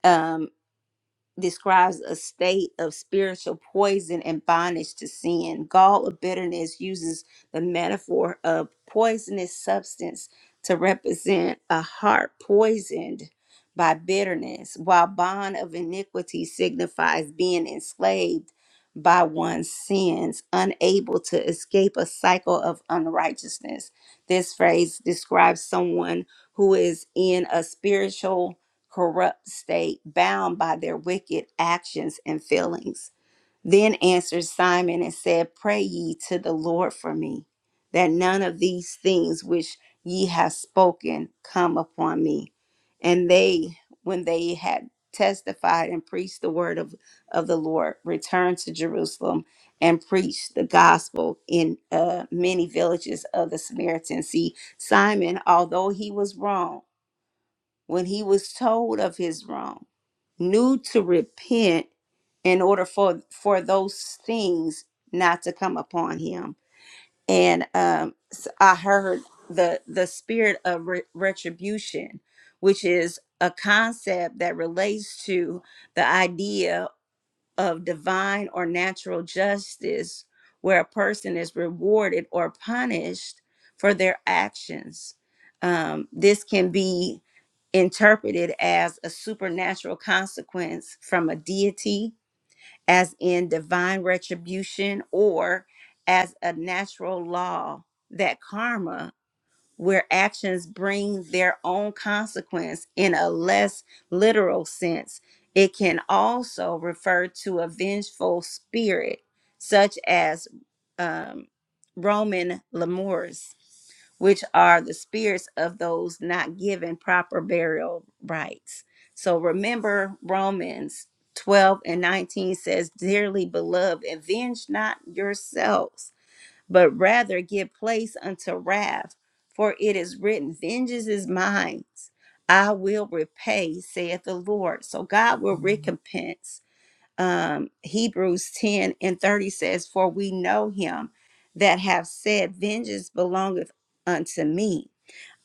[SPEAKER 1] Um, describes a state of spiritual poison and bondage to sin. Gall of bitterness uses the metaphor of poisonous substance to represent a heart poisoned by bitterness, while bond of iniquity signifies being enslaved by one's sins, unable to escape a cycle of unrighteousness. This phrase describes someone who is in a spiritual corrupt state, bound by their wicked actions and feelings. Then answered Simon and said, Pray ye to the Lord for me, that none of these things which ye have spoken come upon me. And they, when they had testified and preached the word of, of the Lord, returned to Jerusalem and preached the gospel in uh, many villages of the Samaritans. See, Simon, although he was wrong, when he was told of his wrong, knew to repent in order for for those things not to come upon him and um s- i heard the the spirit of re- retribution which is a concept that relates to the idea of divine or natural justice where a person is rewarded or punished for their actions um, this can be interpreted as a supernatural consequence from a deity, as in divine retribution, or as a natural law, that karma, where actions bring their own consequence in a less literal sense, it can also refer to a vengeful spirit, such as um, Roman Lemurs which are the spirits of those not given proper burial rites. So remember Romans 12 and 19 says, Dearly beloved, avenge not yourselves, but rather give place unto wrath, for it is written, Vengeance is mine. I will repay, saith the Lord. So God will Mhm. recompense um, Hebrews 10 and 30 says, For we know him that have said, Vengeance belongeth unto me.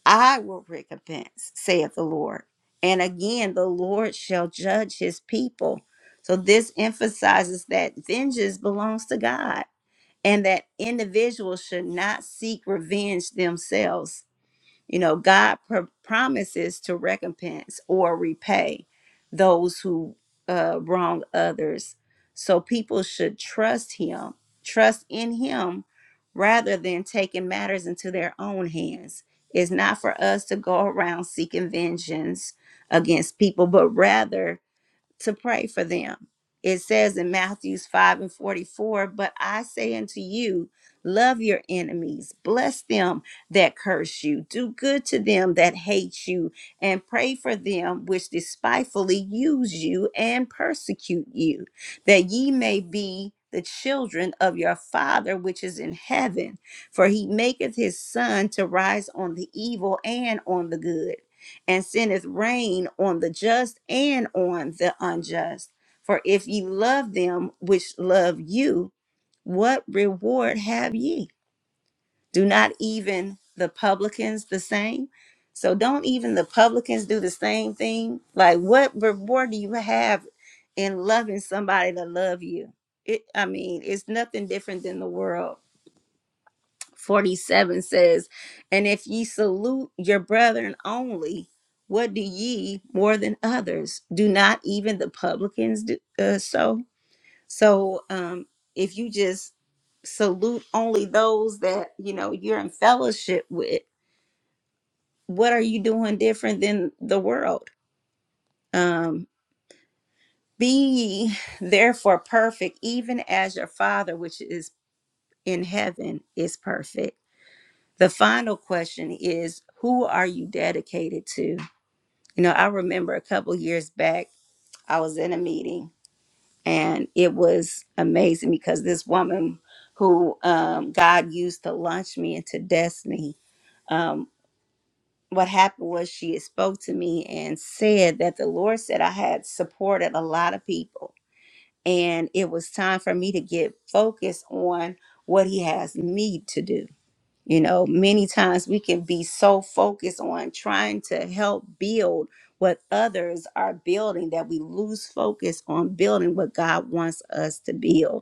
[SPEAKER 1] I will recompense, saith the Lord. And again, the Lord shall judge his people. So this emphasizes that vengeance belongs to God and that individuals should not seek revenge themselves you know, God pr- promises to recompense or repay those who uh, wrong others. So people should trust Him, trust in Him, rather than taking matters into their own hands. It's not for us to go around seeking vengeance against people, but rather to pray for them. It says in Matthews 5 and 44, but I say unto you, love your enemies, bless them that curse you, do good to them that hate you, and pray for them which despitefully use you and persecute you, that ye may be the children of your Father which is in heaven. For he maketh his sun to rise on the evil and on the good and sendeth rain on the just and on the unjust. For if ye love them which love you, what reward have ye? Do not even the publicans the same? So don't even the publicans do the same thing? Like what reward do you have in loving somebody that love you? It I mean, it's nothing different than the world. 47 says, And if ye salute your brethren only, what do ye more than others? Do not even the publicans do uh, so? So um, if you just salute only those that you know you're in fellowship with, what are you doing different than the world? Um, be ye therefore perfect, even as your Father which is in heaven is perfect. The final question is, who are you dedicated to? You know, I remember a couple years back, I was in a meeting and it was amazing because this woman who um, God used to launch me into destiny, um, what happened was she had spoke to me and said that the Lord said I had supported a lot of people and it was time for me to get focused on what he has me to do. You know, many times we can be so focused on trying to help build what others are building that we lose focus on building what God wants us to build.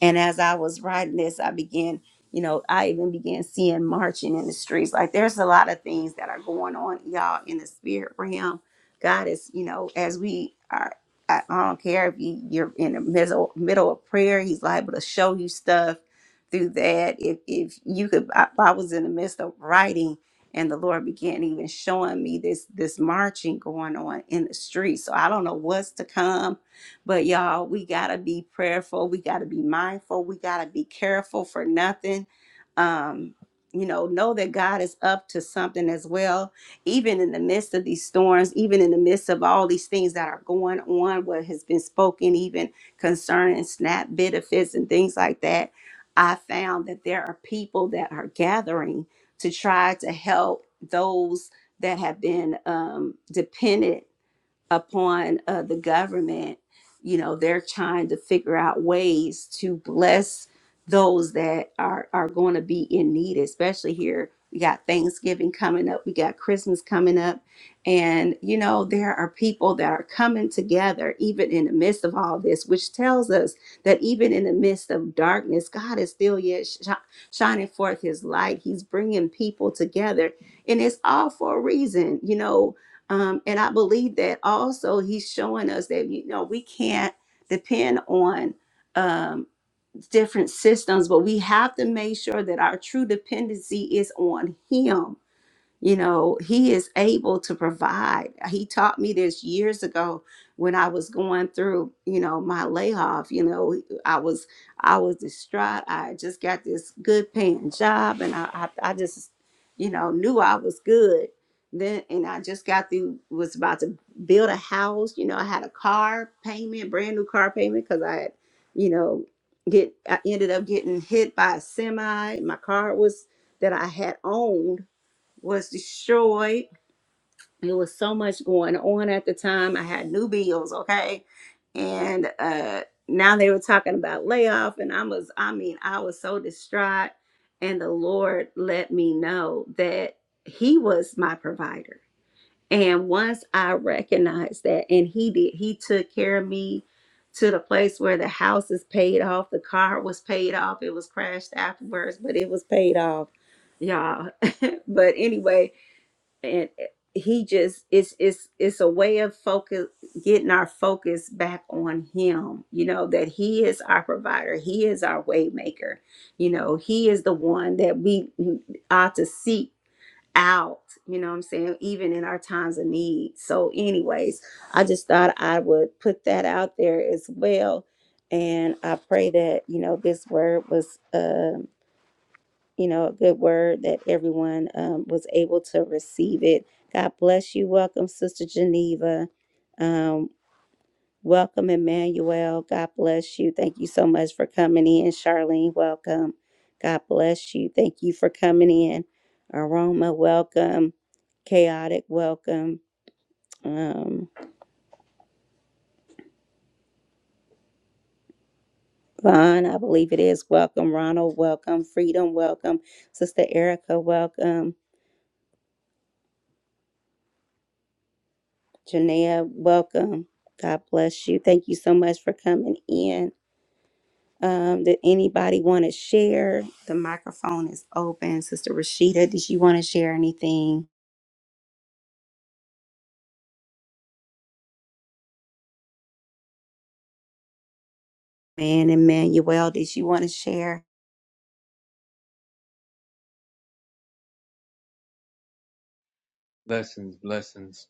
[SPEAKER 1] And as I was writing this, I began, you know, I even began seeing marching in the streets. Like there's a lot of things that are going on, y'all, in the spirit realm. God is, you know, as we are, I, I don't care if you, you're in the middle middle of prayer, He's liable to show you stuff through that. If if you could, I, I was in the midst of writing, and the Lord began even showing me this this marching going on in the streets. So I don't know what's to come but y'all, we gotta be prayerful. We gotta be mindful. We gotta be careful for nothing. Um, you know, know that God is up to something as well. Even in the midst of these storms, even in the midst of all these things that are going on, what has been spoken, even concerning SNAP benefits and things like that, I found that there are people that are gathering to try to help those that have been um, dependent upon uh, the government. You know, they're trying to figure out ways to bless those that are are going to be in need, especially here. We got Thanksgiving coming up. We got Christmas coming up. And, you know, there are people that are coming together even in the midst of all this, which tells us that even in the midst of darkness, God is still yet sh- shining forth his light. He's bringing people together. And it's all for a reason. You know, um, and I believe that also he's showing us that you know we can't depend on um, different systems, but we have to make sure that our true dependency is on him you know, He is able to provide. He taught me this years ago when I was going through, you know, my layoff. You know, I was I was distraught. I had just got this good paying job, and I I, I just, you know, knew I was good. Then and I just got through was about to build a house. You know, I had a car payment, brand new car payment, because I had, you know, get I ended up getting hit by a semi. My car was that I had owned was destroyed. It was so much going on at the time. I had new bills, okay? And uh now they were talking about layoff and I was I mean, I was so distraught and the Lord let me know that he was my provider. And once I recognized that and he did, he took care of me to the place where the house is paid off, the car was paid off. It was crashed afterwards, but it was paid off. Y'all, but anyway, and eh, he just it's it's it's a way of focus getting our focus back on him you know that he is our provider he is our waymaker you know he is the one that we ought to seek out you know what i'm saying even in our times of need so anyways i just thought i would put that out there as well and i pray that you know this word was um you know, a good word that everyone um, was able to receive it. God bless you. Welcome, Sister Geneva. Um, welcome, Emmanuel. God bless you. Thank you so much for coming in. Charlene, welcome. God bless you. Thank you for coming in. Aroma, welcome. Chaotic, welcome. Um, Vaughn, I believe it is. Welcome, Ronald. Welcome, Freedom. Welcome, Sister Erica. Welcome. Janaea, welcome. God bless you. Thank you so much for coming in. Um, did anybody want to share? The microphone is open. Sister Rashida, did you want to share anything? Man, Emmanuel, did you want to share?
[SPEAKER 3] Blessings, blessings.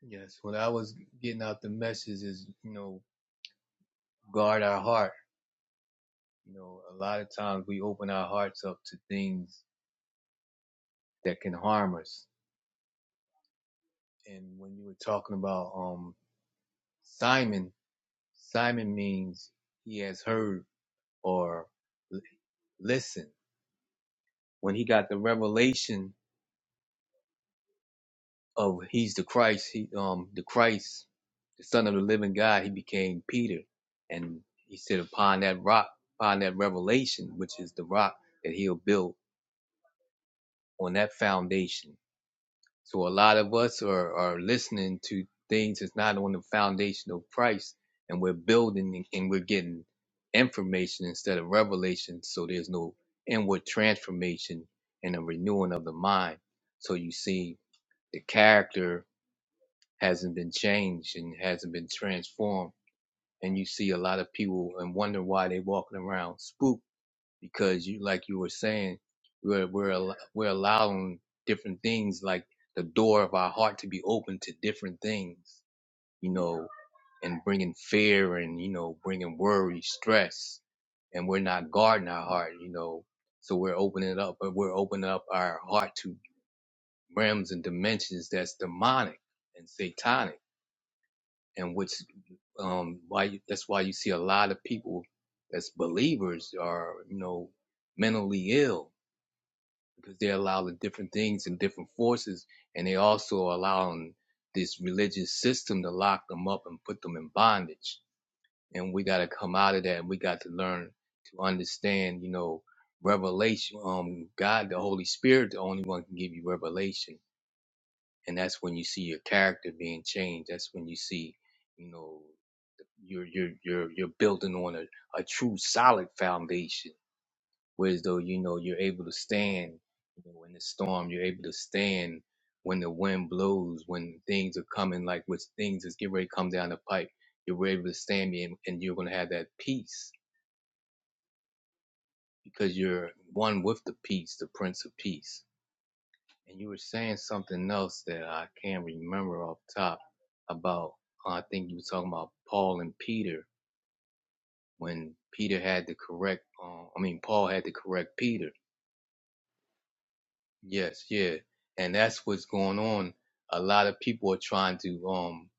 [SPEAKER 3] Yes, what I was getting out the message is, you know, guard our heart. You know, a lot of times we open our hearts up to things that can harm us. And when you were talking about um Simon, Simon means he has heard or l- listen. When he got the revelation of he's the Christ, he um the Christ the Son of the Living God, he became Peter, and he said, upon that rock, upon that revelation, which is the rock that he'll build on that foundation. So a lot of us are are listening to things that's not on the foundation of Christ, and we're building and and we're getting information instead of revelation. So there's no inward transformation and a renewing of the mind. So you see, the character hasn't been changed and hasn't been transformed and you see a lot of people and wonder why they walking around spooked because you like you were saying we're we're al- we're allowing different things like the door of our heart to be open to different things you know and bringing fear and you know bringing worry stress and we're not guarding our heart you know so we're opening it up but we're opening up our heart to realms and dimensions that's demonic and satanic and which um, why you, that's why you see a lot of people that's believers are you know mentally ill because they allow the different things and different forces, and they also allowing this religious system to lock them up and put them in bondage. And we got to come out of that, and we got to learn to understand, you know, revelation. Um, God, the Holy Spirit, the only one can give you revelation, and that's when you see your character being changed. That's when you see, you know you're you're you're you're building on a, a true solid foundation. Whereas though you know you're able to stand you know, in the storm, you're able to stand when the wind blows, when things are coming like which things is get ready to come down the pipe. You're able to stand and, and you're gonna have that peace because you're one with the peace, the Prince of Peace. And you were saying something else that I can't remember off top about. uh, I think you were talking about Paul and Peter when Peter had to correct, uh, I mean, Paul had to correct Peter. Yes, yeah. And that's what's going on. A lot of people are trying to um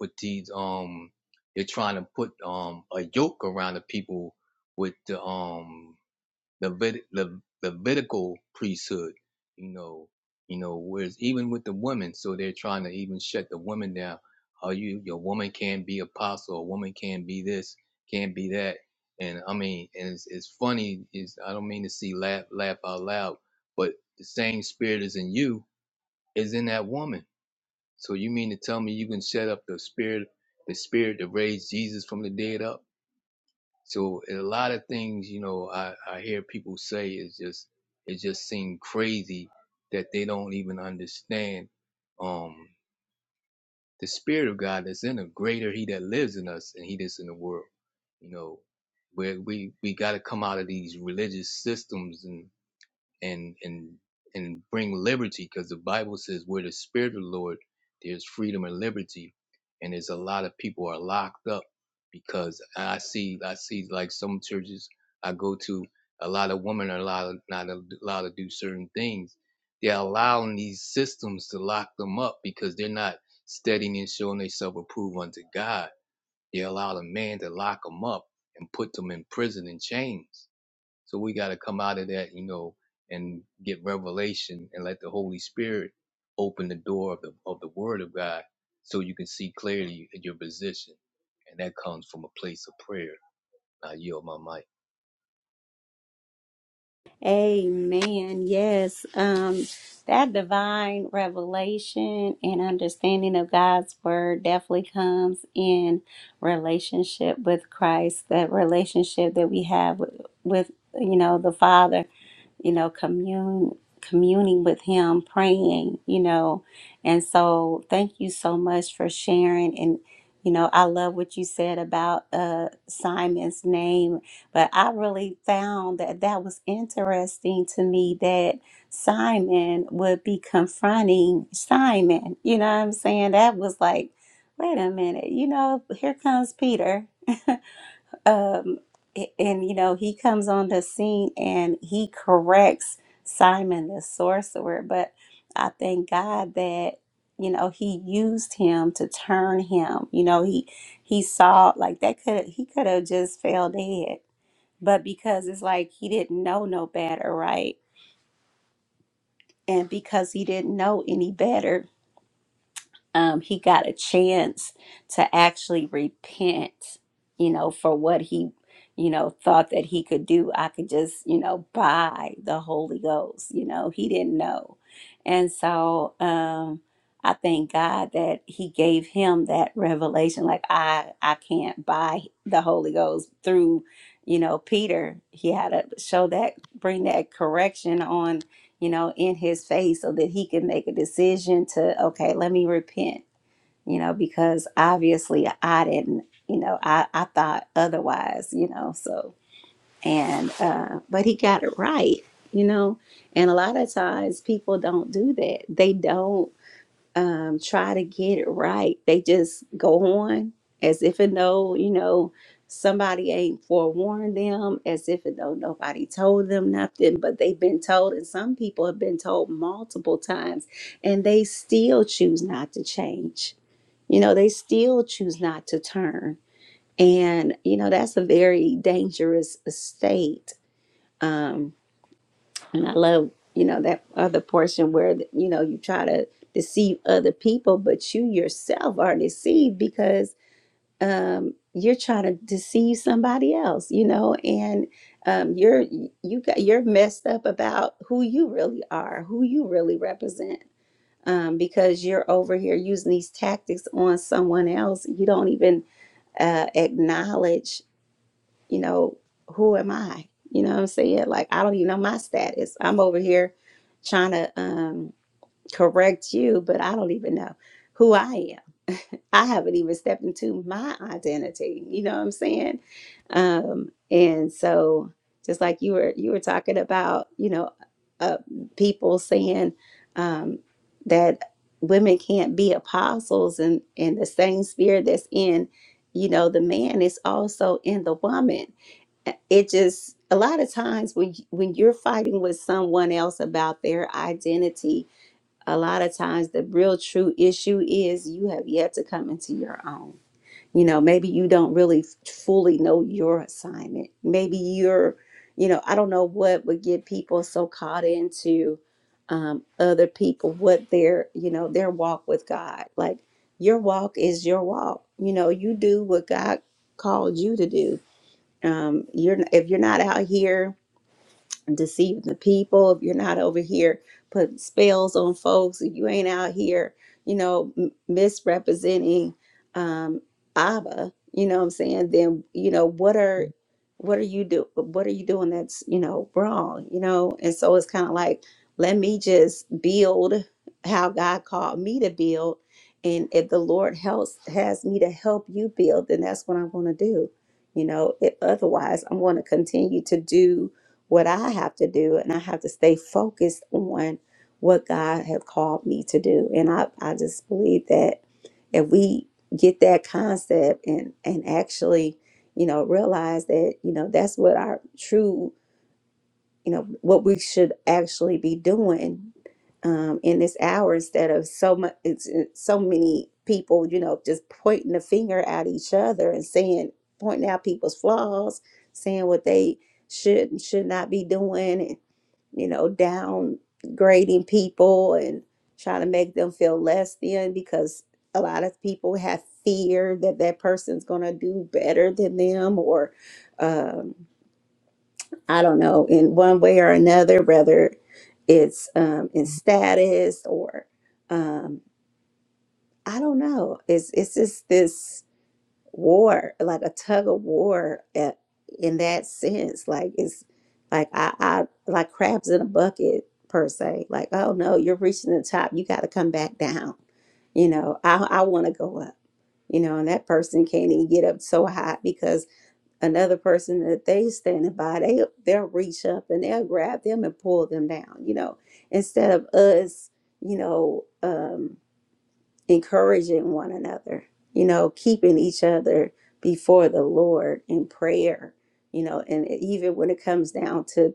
[SPEAKER 3] put these um they're trying to put um a yoke around the people with the um Levit- Le- Levitical priesthood, you know, you know, whereas even with the women, so they're trying to even shut the women down. Are you your woman can't be apostle, a woman can't be this, can't be that. And I mean, and it's, it's funny, is I don't mean to see laugh laugh out loud, but the same spirit is in you is in that woman. So you mean to tell me you can shut up the spirit the spirit that raised Jesus from the dead up? So a lot of things, you know, I, I hear people say is just it just seems crazy that they don't even understand um the spirit of God that's in them. Greater he that lives in us and he that's in the world. You know, where we we gotta come out of these religious systems and and and and bring liberty because the bible says where the spirit of the lord there's freedom and liberty and there's a lot of people are locked up because i see i see like some churches i go to a lot of women are allowed not allowed to do certain things they're allowing these systems to lock them up because they're not studying and showing themselves approved unto god they allow a man to lock them up and put them in prison and chains so we got to come out of that, you know, and get revelation and let the Holy Spirit open the door of the of the Word of God, so you can see clearly your position, and that comes from a place of prayer. I yield my mic.
[SPEAKER 1] Amen. Yes. Um, that divine revelation and understanding of God's word definitely comes in relationship with Christ, that relationship that we have with, with you know, the Father, you know, commune communing with him, praying, you know. And so thank you so much for sharing and you know, I love what you said about uh Simon's name but I really found that that was interesting to me that Simon would be confronting Simon. You know what I'm saying? That was like, wait a minute, you know, here comes Peter. um, a- and, you know, he comes on the scene and he corrects Simon the sorcerer. But I thank God that, you know, he used him to turn him. You know, he he saw like that could he could have just fell dead but because it's like he didn't know no better, right? And because he didn't know any better, um, he got a chance to actually repent, you know, for what he, you know, thought that he could do. I could just, you know, buy the Holy Ghost, you know, he didn't know. And so um, I thank God that he gave him that revelation. Like, I, I can't buy the Holy Ghost through, you know, Peter. He had to show that, bring that correction on you know, in his face so that he can make a decision to, okay, let me repent, you know, because obviously I didn't, you know, I, I thought otherwise, you know, so, and, uh, but he got it right, you know, and a lot of times people don't do that. They don't um, try to get it right. They just go on as if it know, you know, somebody ain't forewarned them, as if it know nobody told them nothing, but they've been told, and some people have been told multiple times, and they still choose not to change. You know, they still choose not to turn. And, you know, that's a very dangerous state um, and I love, you know, that other portion where, you know, you try to deceive other people, but you yourself are deceived because um, you're trying to deceive somebody else, you know, and um, you're you got you're messed up about who you really are, who you really represent, um, because you're over here using these tactics on someone else. You don't even uh, acknowledge you know, who am I? You know what I'm saying? Like, I don't even know my status. I'm over here trying to um, correct you, but I don't even know who I am. I haven't even stepped into my identity. You know what I'm saying? Um, and so, just like you were, you were talking about, you know, uh, people saying um, that women can't be apostles, and and the same spirit that's in, you know, the man is also in the woman it just a lot of times when you- when you're fighting with someone else about their identity a lot of times the real true issue is you have yet to come into your own you know maybe you don't really f- fully know your assignment maybe you're you know i don't know what would get people so caught into um, other people what their you know their walk with god like your walk is your walk you know you do what god called you to do um, you're if you're not out here deceive the people if you're not over here putting spells on folks if you ain't out here you know m- misrepresenting um abba you know what i'm saying then you know what are what are you do what are you doing that's you know wrong you know and so it's kind of like let me just build how god called me to build and if the lord helps has me to help you build then that's what i'm going to do you know it, otherwise i'm going to continue to do what I have to do, and I have to stay focused on what God has called me to do. And I, I just believe that if we get that concept and and actually, you know, realize that you know that's what our true you know what we should actually be doing um, in this hour instead of so much it's, it's so many people you know just pointing the finger at each other and saying pointing out people's flaws saying what they should and should not be doing and you know downgrading people and trying to make them feel less than because a lot of people have fear that that person's going to do better than them or um, I don't know, in one way or another, whether it's um, in status or um, I don't know. It's it's just this war, like a tug of war at, in that sense. Like it's like I, I like crabs in a bucket per se. Like oh no, you're reaching the top. You got to come back down. You know, I I want to go up. You know, and that person can't even get up so high because another person that they standing by, they they'll reach up and they'll grab them and pull them down, you know, instead of us, you know, um, encouraging one another, you know, keeping each other before the Lord in prayer, you know, and even when it comes down to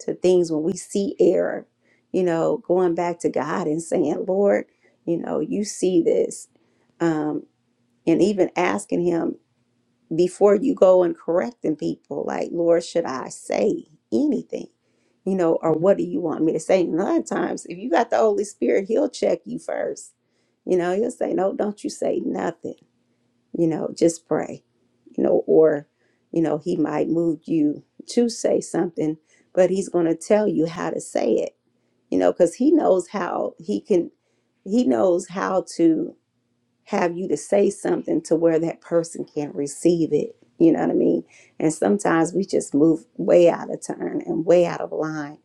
[SPEAKER 1] to things when we see error, you know, going back to God and saying, Lord, you know, you see this, um, and even asking Him before you go and correcting people, like, Lord, should I say anything? You know, or what do you want me to say? And a lot of times, if you got the Holy Spirit, He'll check you first. You know, He'll say, No, don't you say nothing. You know, just pray. You know, or, you know, He might move you to say something, but He's going to tell you how to say it, you know, because He knows how He can, He knows how to have you to say something to where that person can receive it. You know what I mean? And sometimes we just move way out of turn and way out of line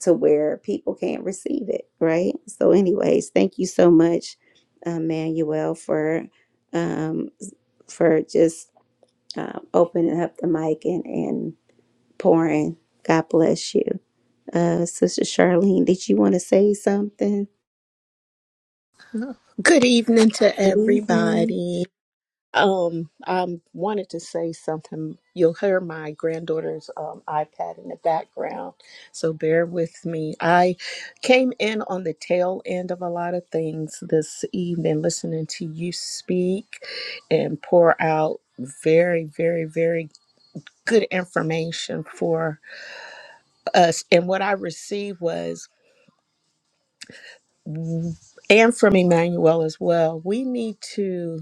[SPEAKER 1] to where people can't receive it, right? So, anyways, thank you so much, uh, Manuel, for um, for just uh, opening up the mic and and pouring. God bless you, uh, Sister Charlene. Did you want to say something?
[SPEAKER 4] Good evening to
[SPEAKER 1] Good evening.
[SPEAKER 4] everybody. Um, I wanted to say something. You'll hear my granddaughter's um, iPad in the background, so bear with me. I came in on the tail end of a lot of things this evening, listening to you speak and pour out very, very, very good information for us. And what I received was, and from Emmanuel as well, we need to.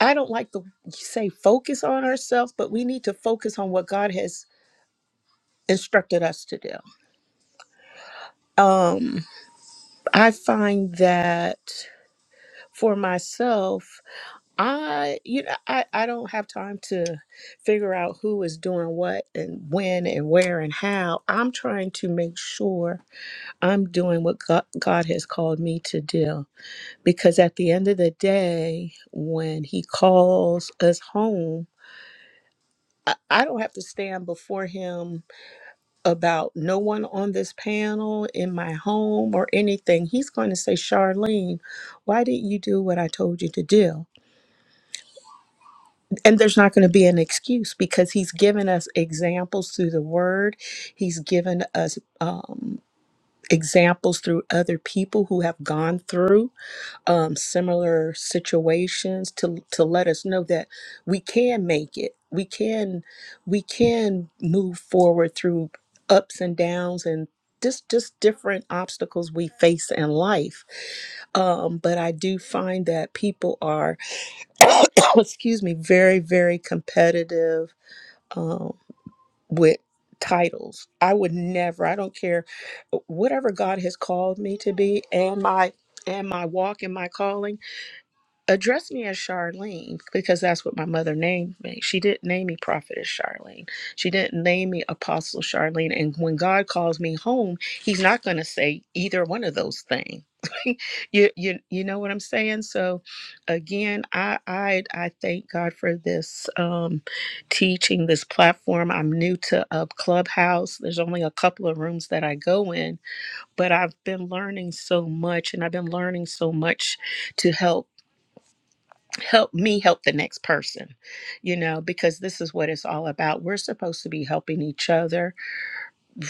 [SPEAKER 4] I don't like to say focus on ourselves, but we need to focus on what God has instructed us to do. Um, I find that for myself, I you know I, I don't have time to figure out who is doing what and when and where and how. I'm trying to make sure I'm doing what God, God has called me to do because at the end of the day, when He calls us home, I, I don't have to stand before Him about no one on this panel in my home or anything, he's going to say, Charlene, why didn't you do what I told you to do? And there's not going to be an excuse because he's given us examples through the word, he's given us um, examples through other people who have gone through um, similar situations to to let us know that we can make it. We can we can move forward through ups and downs and just just different obstacles we face in life. Um, but I do find that people are, excuse me, very very competitive um, with titles. I would never. I don't care whatever God has called me to be and my and my walk and my calling address me as Charlene because that's what my mother named me. She didn't name me Prophetess Charlene. She didn't name me Apostle Charlene. And when God calls me home, He's not going to say either one of those things. you, you you know what I'm saying? So again, I I I thank God for this um teaching, this platform. I'm new to uh, Clubhouse. There's only a couple of rooms that I go in, but I've been learning so much and I've been learning so much to help help me help the next person you know because this is what it's all about we're supposed to be helping each other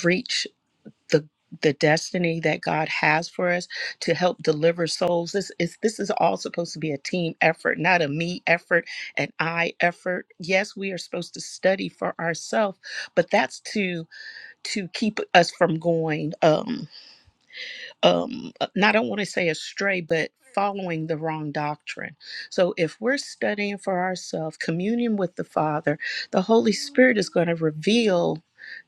[SPEAKER 4] reach the the destiny that God has for us to help deliver souls this is this is all supposed to be a team effort not a me effort an I effort yes we are supposed to study for ourselves but that's to to keep us from going um um uh, not I don't want to say astray but following the wrong doctrine. So if we're studying for ourselves communion with the Father, the Holy Spirit is going to reveal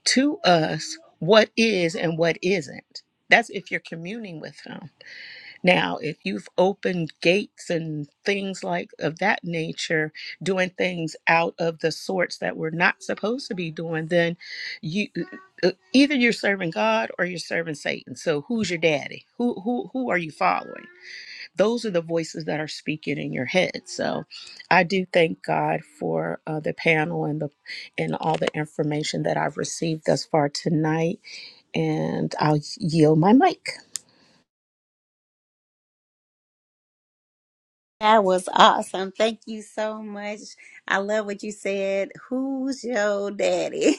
[SPEAKER 4] to us what is and what isn't. That's if you're communing with him. Now, if you've opened gates and things like of that nature, doing things out of the sorts that we're not supposed to be doing, then you uh, uh, either you're serving God or you're serving Satan. So who's your daddy? Who who who are you following? Those are the voices that are speaking in your head. So I do thank God for uh, the panel and the and all the information that I've received thus far tonight, and I'll yield my mic.
[SPEAKER 1] That was awesome. Thank you so much. I love what you said. Who's your daddy?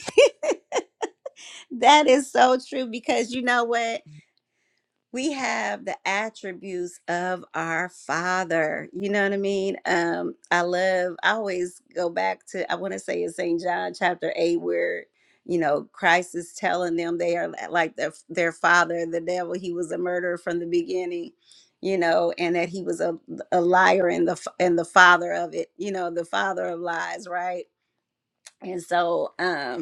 [SPEAKER 1] that is so true because you know what? we have the attributes of our father you know what i mean um i love i always go back to i want to say in st john chapter 8 where you know christ is telling them they are like their, their father the devil he was a murderer from the beginning you know and that he was a, a liar and the f- and the father of it you know the father of lies right and so um,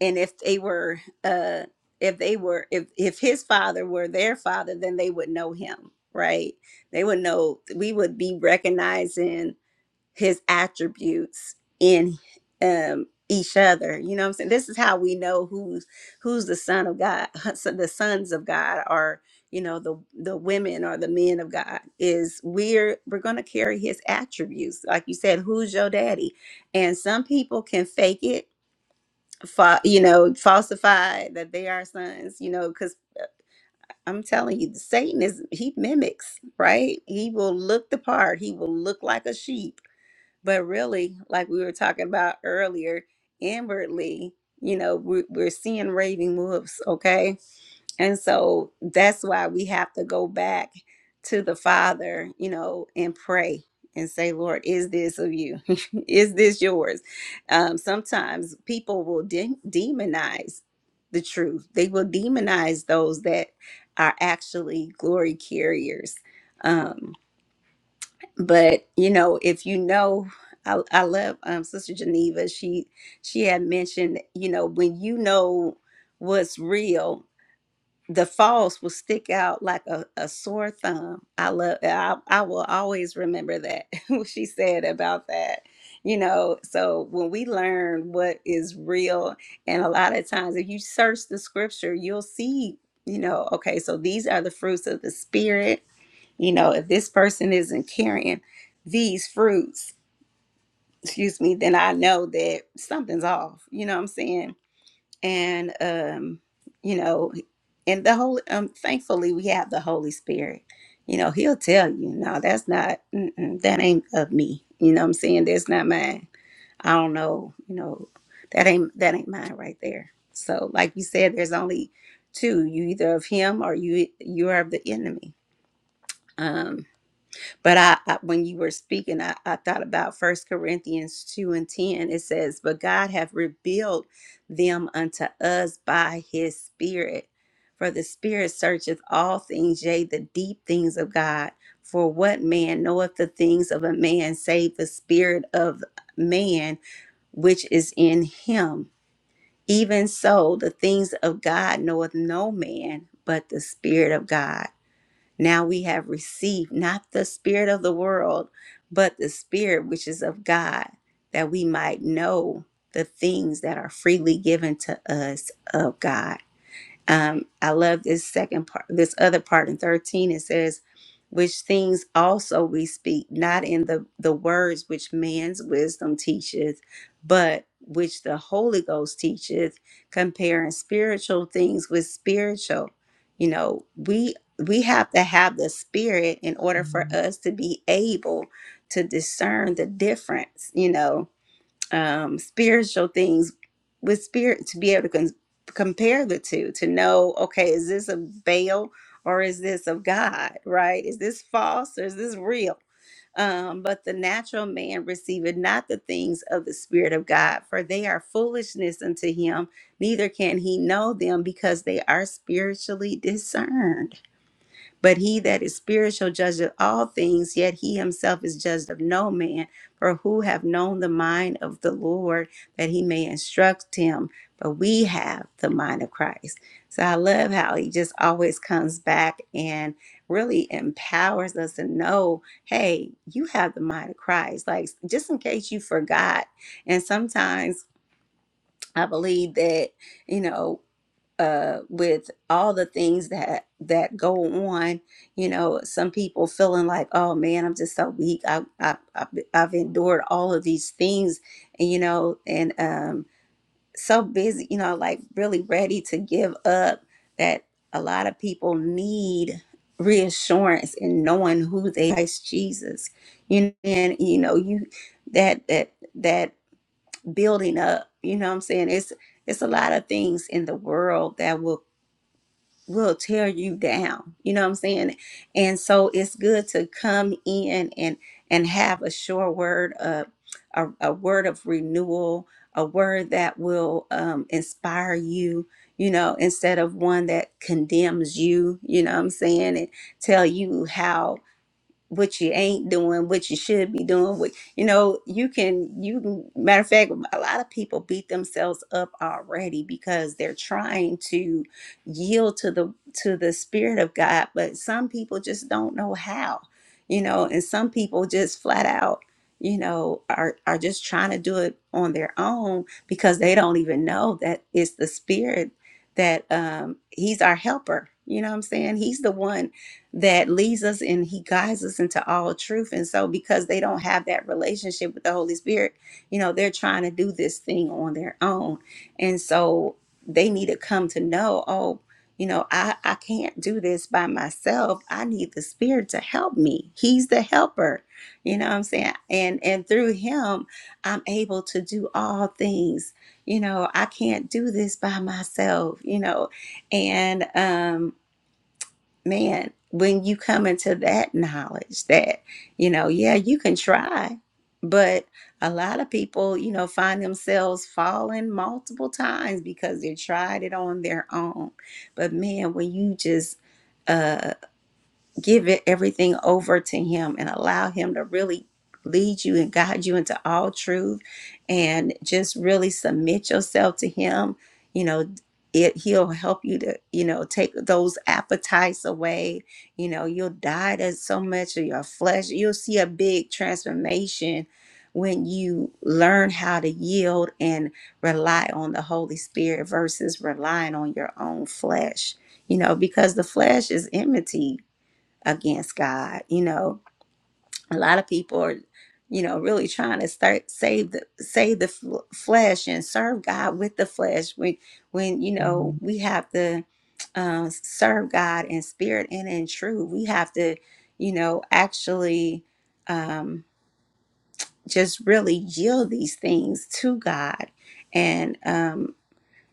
[SPEAKER 1] and if they were uh if they were if if his father were their father then they would know him right they would know we would be recognizing his attributes in um each other you know what i'm saying this is how we know who's who's the son of god so the sons of god are you know the the women or the men of god is we're we're going to carry his attributes like you said who's your daddy and some people can fake it fa- you know falsify that they are sons you know because i'm telling you satan is he mimics right he will look the part he will look like a sheep but really like we were talking about earlier inwardly you know we're, we're seeing raving wolves okay and so that's why we have to go back to the Father, you know, and pray and say, Lord, is this of you? is this yours? Um, sometimes people will de- demonize the truth, they will demonize those that are actually glory carriers. Um, but, you know, if you know, I, I love um, Sister Geneva. She she had mentioned, you know, when you know what's real the false will stick out like a, a sore thumb. I love I, I will always remember that what she said about that. You know, so when we learn what is real, and a lot of times if you search the scripture, you'll see, you know, okay, so these are the fruits of the spirit. You know, if this person isn't carrying these fruits, excuse me, then I know that something's off. You know what I'm saying? and um, you know, and the whole um, thankfully we have the Holy Spirit. You know, He'll tell you, no, that's not, mm-mm, that ain't of me. You know, what I'm saying that's not mine. I don't know. You know, that ain't that ain't mine right there. So, like you said, there's only two. You either of Him or you you are of the enemy. Um, but I, I when you were speaking, I, I thought about First Corinthians 2 and 10. It says, But God hath revealed them unto us by his spirit. For the spirit searcheth all things, yea, the deep things of God. For what man knoweth the things of a man save the spirit of man which is in him? Even so, the things of God knoweth no man but the spirit of God. Now we have received not the spirit of the world, but the spirit which is of God, that we might know the things that are freely given to us of God. Um, I love this second part, this other part in 13. It says, which things also we speak, not in the, the words which man's wisdom teacheth, but which the Holy Ghost teacheth, comparing spiritual things with spiritual. You know, we we have to have the spirit in order for Mhm. us to be able to discern the difference, you know um, spiritual things with spirit to be able to con- compare the two to know okay is this a veil or is this of god right is this false or is this real um, but the natural man receiveth not the things of the Spirit of God, for they are foolishness unto him, neither can he know them because they are spiritually discerned. But he that is spiritual judgeth all things, yet he himself is judged of no man. For who have known the mind of the Lord that he may instruct him? But we have the mind of Christ. So I love how he just always comes back and really empowers us to know hey, you have the mind of Christ. Like, just in case you forgot. And sometimes I believe that, you know, uh, with all the things that that go on, you know, some people feeling like, oh man, I'm just so weak. I, I, I've I've endured all of these things, and you know, and um, so busy, you know, like really ready to give up. That a lot of people need reassurance in knowing who they are, Christ Jesus, you know, and you know, you that that that building up, you know, what I'm saying it's it's a lot of things in the world that will will tear you down you know what i'm saying and so it's good to come in and and have a sure word of a, a word of renewal a word that will um, inspire you you know instead of one that condemns you you know what i'm saying and tell you how what you ain't doing, what you should be doing. What you know, you can you can matter of fact, a lot of people beat themselves up already because they're trying to yield to the to the spirit of God, but some people just don't know how, you know, and some people just flat out, you know, are are just trying to do it on their own because they don't even know that it's the spirit that um he's our helper. You know what I'm saying? He's the one that leads us and he guides us into all truth. And so, because they don't have that relationship with the Holy Spirit, you know, they're trying to do this thing on their own. And so, they need to come to know, oh, you know, I, I can't do this by myself. I need the Spirit to help me. He's the helper. You know what I'm saying? And and through him, I'm able to do all things. You know, I can't do this by myself, you know. And um man, when you come into that knowledge that, you know, yeah, you can try, but a lot of people, you know, find themselves falling multiple times because they tried it on their own. But man, when you just uh give it everything over to him and allow him to really lead you and guide you into all truth and just really submit yourself to him you know it he'll help you to you know take those appetites away you know you'll die to so much of your flesh you'll see a big transformation when you learn how to yield and rely on the holy spirit versus relying on your own flesh you know because the flesh is enmity against God. You know, a lot of people are, you know, really trying to start save the save the f- flesh and serve God with the flesh. When when you know Mhm. we have to um, serve God in spirit and in truth, we have to, you know, actually um, just really yield these things to God. And um,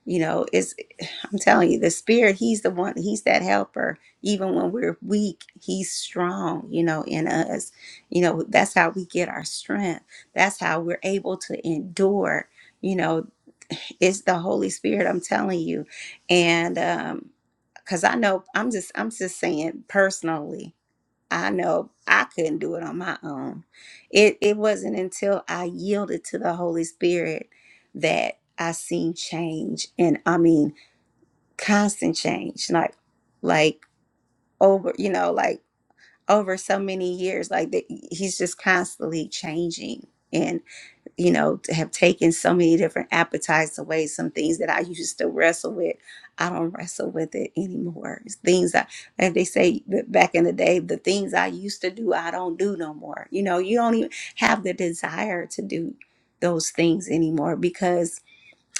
[SPEAKER 1] you know, it's I'm telling you, the spirit, he's the one, he's that helper. Even when we're weak, he's strong, you know, in us. You know, that's how we get our strength. That's how we're able to endure. You know, it's the Holy Spirit, I'm telling you. And um, cause I know I'm just I'm just saying personally, I know I couldn't do it on my own. It it wasn't until I yielded to the Holy Spirit that I seen change. And I mean constant change like like over you know like over so many years like that he's just constantly changing and you know to have taken so many different appetites away some things that i used to wrestle with i don't wrestle with it anymore it's things that like they say that back in the day the things i used to do i don't do no more you know you don't even have the desire to do those things anymore because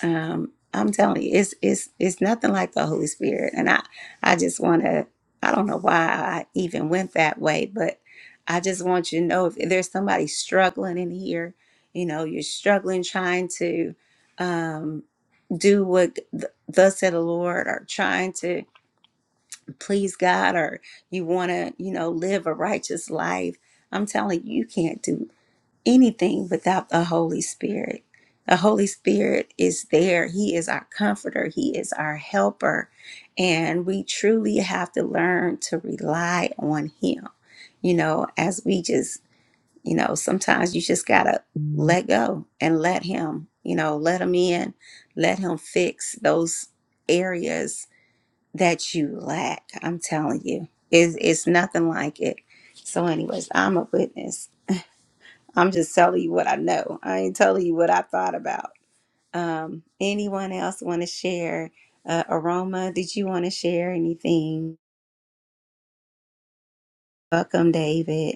[SPEAKER 1] um i'm telling you it's it's it's nothing like the holy spirit and i i just want to i don't know why i even went that way but i just want you to know if there's somebody struggling in here you know you're struggling trying to um do what th- thus said the lord or trying to please god or you want to you know live a righteous life i'm telling you you can't do anything without the Holy Spirit. The Holy Spirit is there. He is our comforter, He is our helper. And we truly have to learn to rely on Him. You know, as we just, you know, sometimes you just got to let go and let Him, you know, let Him in, let Him fix those areas that you lack. I'm telling you, it's, it's nothing like it. So, anyways, I'm a witness. I'm just telling you what I know. I ain't telling you what I thought about. Um, anyone else want to share? Uh, Aroma, did you want to share anything? Welcome, David.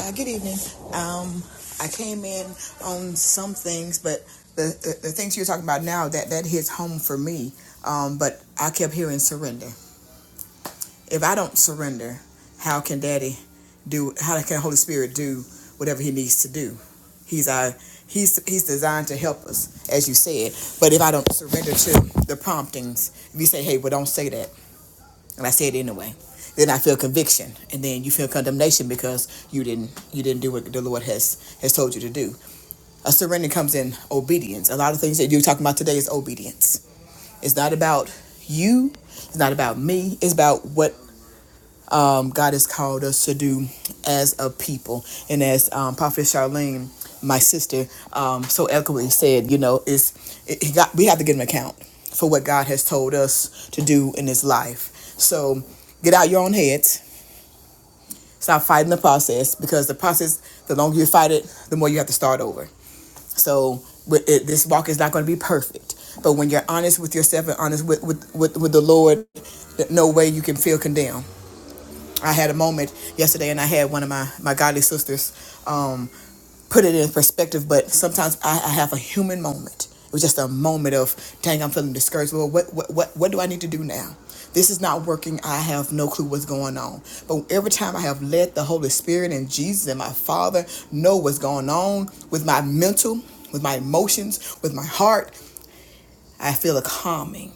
[SPEAKER 5] Uh, good evening. Um, I came in on some things, but the, the, the things you're talking about now that that hits home for me. Um, but I kept hearing surrender. If I don't surrender, how can Daddy do? How can Holy Spirit do whatever He needs to do? He's our He's He's designed to help us, as you said. But if I don't surrender to the promptings, if you say, "Hey, well, don't say that," and I said it anyway. Then I feel conviction, and then you feel condemnation because you didn't you didn't do what the Lord has has told you to do. A surrender comes in obedience. A lot of things that you're talking about today is obedience. It's not about you. It's not about me. It's about what um, God has called us to do as a people. And as um, Prophet Charlene, my sister, um, so eloquently said, you know, it's it, he got, we have to give an account for what God has told us to do in His life. So get out your own heads. Stop fighting the process because the process, the longer you fight it, the more you have to start over. So with it, this walk is not going to be perfect. But when you're honest with yourself and honest with, with, with, with the Lord, no way you can feel condemned I had a moment yesterday, and I had one of my my godly sisters um, put it in perspective. But sometimes I, I have a human moment. It was just a moment of, dang, I'm feeling discouraged. Well, what what what what do I need to do now? This is not working. I have no clue what's going on. But every time I have let the Holy Spirit and Jesus and my Father know what's going on with my mental, with my emotions, with my heart, I feel a calming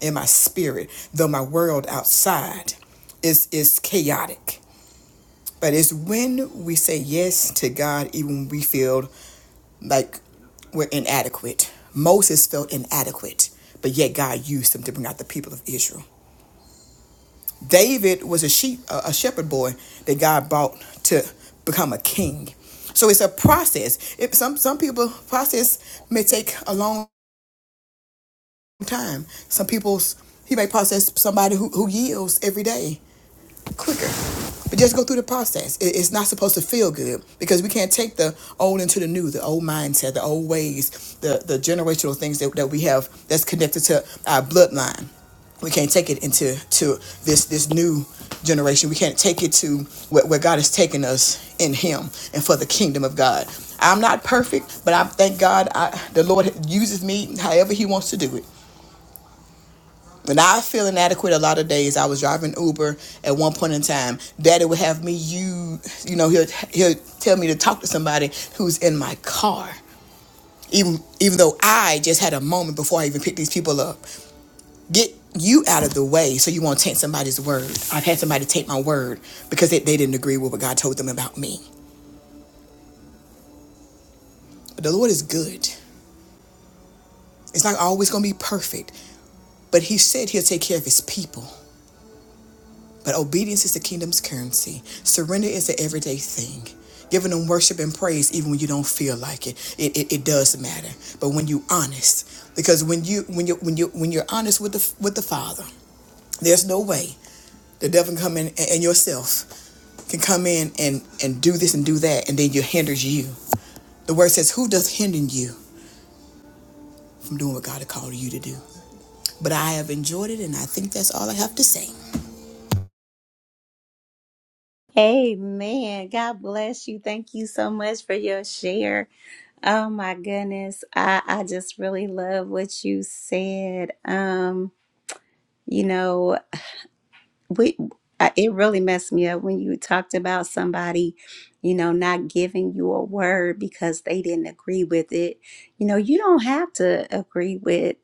[SPEAKER 5] in my spirit, though my world outside is is chaotic. But it's when we say yes to God, even when we feel like we're inadequate. Moses felt inadequate, but yet God used him to bring out the people of Israel. David was a sheep, a shepherd boy that God brought to become a king. So it's a process. If some some people process may take a long time. Some people's he may process somebody who, who yields every day. quicker. But just go through the process. It's not supposed to feel good because we can't take the old into the new, the old mindset, the old ways, the, the generational things that, that we have that's connected to our bloodline. We can't take it into to this this new generation. We can't take it to where, where God has taken us in Him and for the kingdom of God. I'm not perfect, but I thank God I, the Lord uses me however He wants to do it. And I feel inadequate a lot of days. I was driving Uber at one point in time. Daddy would have me you you know, he'll he'll tell me to talk to somebody who's in my car. Even even though I just had a moment before I even picked these people up. Get you out of the way so you won't taint somebody's word. I've had somebody take my word because they, they didn't agree with what God told them about me. But the Lord is good. It's not always gonna be perfect, but he said he'll take care of his people. But obedience is the kingdom's currency. Surrender is the everyday thing. Giving them worship and praise even when you don't feel like it. It, it, it does matter. But when you honest, because when you when you when you when you're honest with the with the Father, there's no way the devil can come in and, and yourself can come in and and do this and do that, and then you hinders you. The word says, "Who does hinder you from doing what God has called you to do?" But I have enjoyed it, and I think that's all I have to say.
[SPEAKER 1] Amen. God bless you. Thank you so much for your share. Oh my goodness. I, I just really love what you said. Um, you know, we I, it really messed me up when you talked about somebody you know not giving you a word because they didn't agree with it you know you don't have to agree with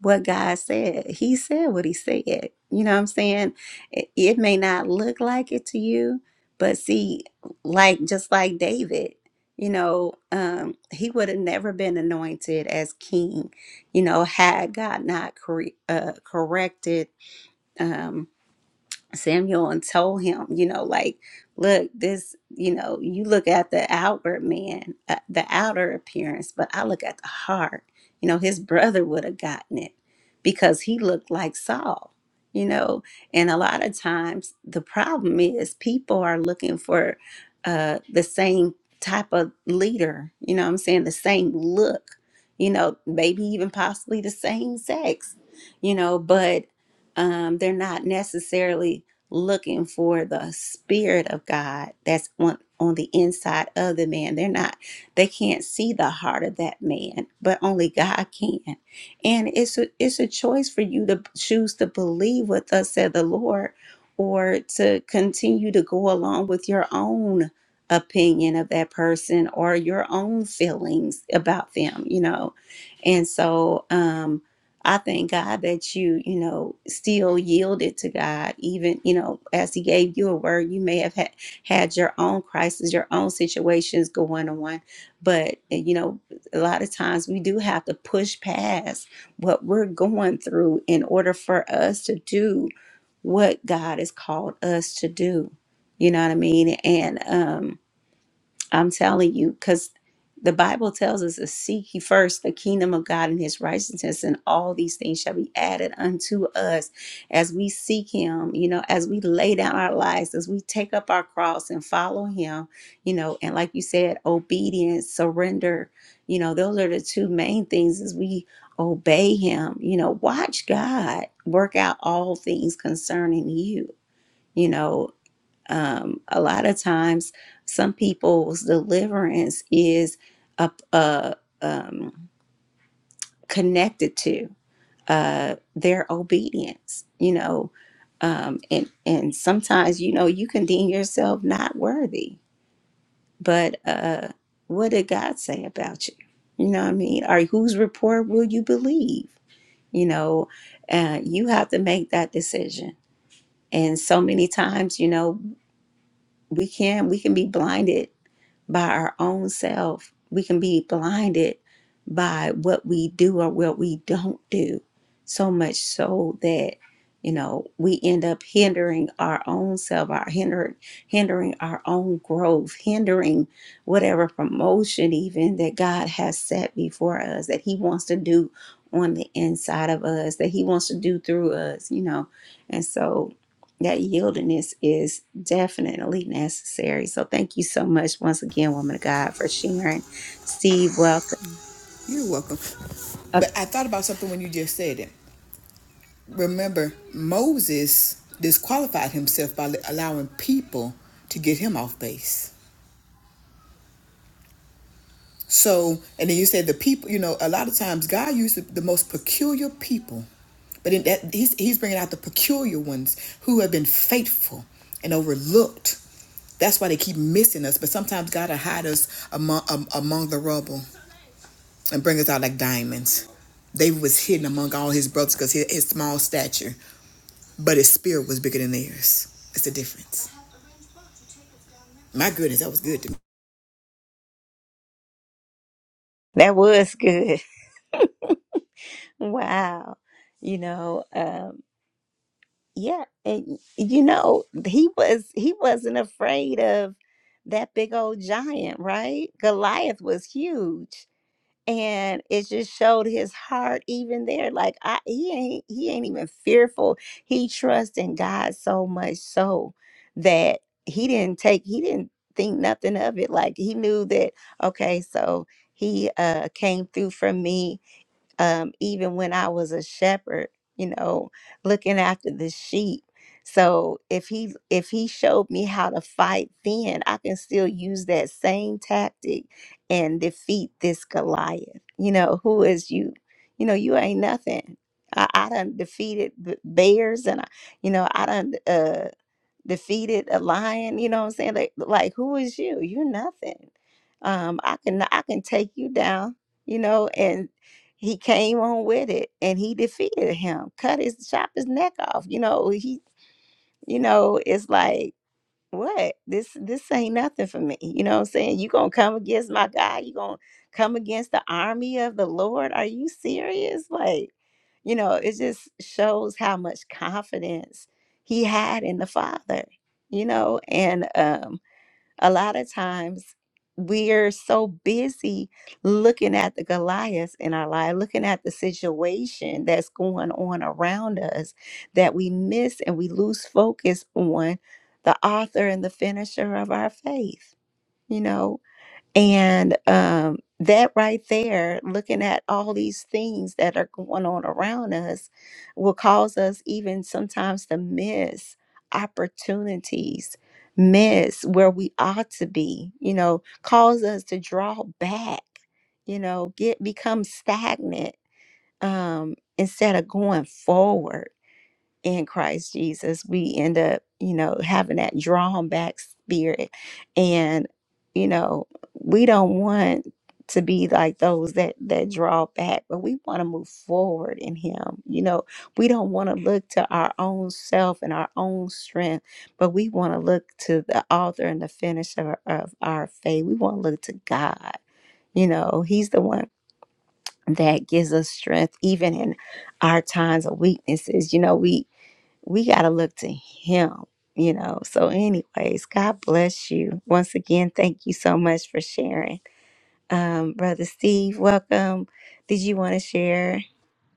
[SPEAKER 1] what god said he said what he said you know what i'm saying it, it may not look like it to you but see like just like david you know um he would have never been anointed as king you know had god not corre- uh, corrected Um, Samuel and told him, you know, like, look, this, you know, you look at the outward man, uh, the outer appearance, but I look at the heart. You know, his brother would have gotten it because he looked like Saul, you know. And a lot of times the problem is people are looking for uh, the same type of leader, you know what I'm saying? The same look, you know, maybe even possibly the same sex, you know, but um, they're not necessarily looking for the spirit of God that's on on the inside of the man. They're not they can't see the heart of that man, but only God can. And it's a it's a choice for you to choose to believe what thus said the Lord or to continue to go along with your own opinion of that person or your own feelings about them, you know. And so um I thank God that you, you know, still yielded to God, even, you know, as He gave you a word. You may have had, had your own crisis, your own situations going on. But, and, you know, a lot of times we do have to push past what we're going through in order for us to do what God has called us to do. You know what I mean? And, um, I'm telling you, because the Bible tells us to seek ye first the kingdom of God and his righteousness, and all these things shall be added unto us as we seek him, you know, as we lay down our lives, as we take up our cross and follow him, you know, and like you said, obedience, surrender, you know, those are the two main things as we obey him, you know, watch God work out all things concerning you. You know, um, a lot of times some people's deliverance is up uh, um, connected to uh, their obedience you know um, and and sometimes you know you can deem yourself not worthy but uh, what did god say about you you know what i mean or whose report will you believe you know uh, you have to make that decision and so many times you know we can we can be blinded by our own self. We can be blinded by what we do or what we don't do, so much so that you know we end up hindering our own self, our hindering hindering our own growth, hindering whatever promotion even that God has set before us that He wants to do on the inside of us, that He wants to do through us, you know. And so that yieldedness is definitely necessary. So thank you so much once again, woman of God, for sharing. Steve, welcome.
[SPEAKER 5] You're welcome.
[SPEAKER 1] Uh,
[SPEAKER 5] But I thought about something when you just said it. Remember, Moses disqualified himself by allowing people to get him off base. So, and then you said the people, you know, a lot of times God used the most peculiar people, but in that, he's, he's bringing out the peculiar ones who have been faithful and overlooked. That's why they keep missing us. But sometimes God will hide us among, um, among the rubble and bring us out like diamonds. David was hidden among all his brothers because his, his small stature, but his spirit was bigger than theirs. It's the difference. My goodness, that was good to me.
[SPEAKER 1] that was good. Wow. You know, um, yeah, and you know, he was he wasn't afraid of that big old giant, right? Goliath was huge and it just showed his heart even there like i he ain't he ain't even fearful he trusts in god so much so that he didn't take he didn't think nothing of it like he knew that okay so he uh came through for me um, even when I was a shepherd, you know, looking after the sheep. So if he if he showed me how to fight then, I can still use that same tactic and defeat this Goliath. You know, who is you? You know, you ain't nothing. I, I done defeated b- bears and I, you know, I done uh defeated a lion. You know what I'm saying? Like, like who is you? You're nothing. Um, I can I can take you down. You know, and he came on with it, and he defeated him, cut his chop his neck off. You know, he you know it's like what this this ain't nothing for me you know what i'm saying you gonna come against my god you gonna come against the army of the lord are you serious like you know it just shows how much confidence he had in the father you know and um a lot of times we're so busy looking at the Goliaths in our life, looking at the situation that's going on around us that we miss and we lose focus on the author and the finisher of our faith. You know, and um, that right there, looking at all these things that are going on around us, will cause us even sometimes to miss opportunities, miss where we ought to be, you know, cause us to draw back, you know, get become stagnant um, instead of going forward in Christ Jesus, we end up, you know, having that drawn back spirit. And, you know, we don't want to be like those that that draw back, but we want to move forward in him. You know, we don't want to look to our own self and our own strength, but we want to look to the author and the finisher of our faith. We want to look to God. You know, he's the one that gives us strength even in our times of weaknesses. You know, we we got to look to him you know so anyways god bless you once again thank you so much for sharing um brother steve welcome did you want to share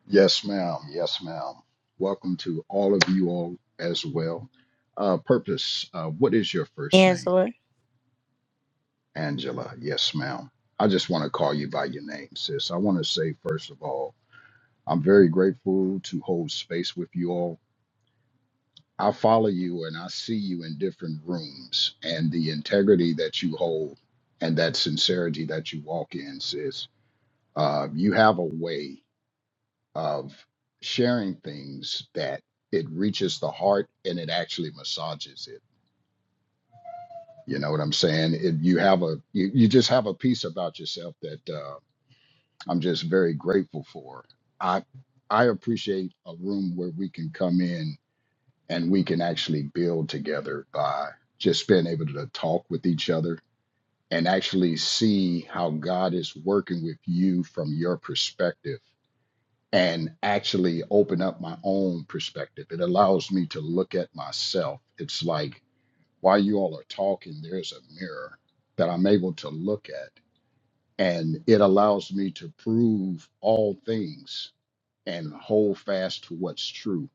[SPEAKER 6] Yes, ma'am. Yes, ma'am. Welcome to all of you all as well. Uh, Purpose, uh, what is your first name?
[SPEAKER 1] angela
[SPEAKER 6] Angela. Yes, ma'am. I just want to call you by your name, sis. I want to say, first of all, I'm very grateful to hold space with you all. I follow you and I see you in different rooms, and the integrity that you hold and that sincerity that you walk in, sis. Uh, you have a way. of sharing things that it reaches the heart and it actually massages it. You know what I'm saying? It, you have a you, you just have a piece about yourself that uh, I'm just very grateful for. I I appreciate a room where we can come in and we can actually build together by just being able to talk with each other and actually see how God is working with you from your perspective and actually open up my own perspective. It allows me to look at myself. It's like while you all are talking, there's a mirror that I'm able to look at, and it allows me to prove all things and hold fast to what's true.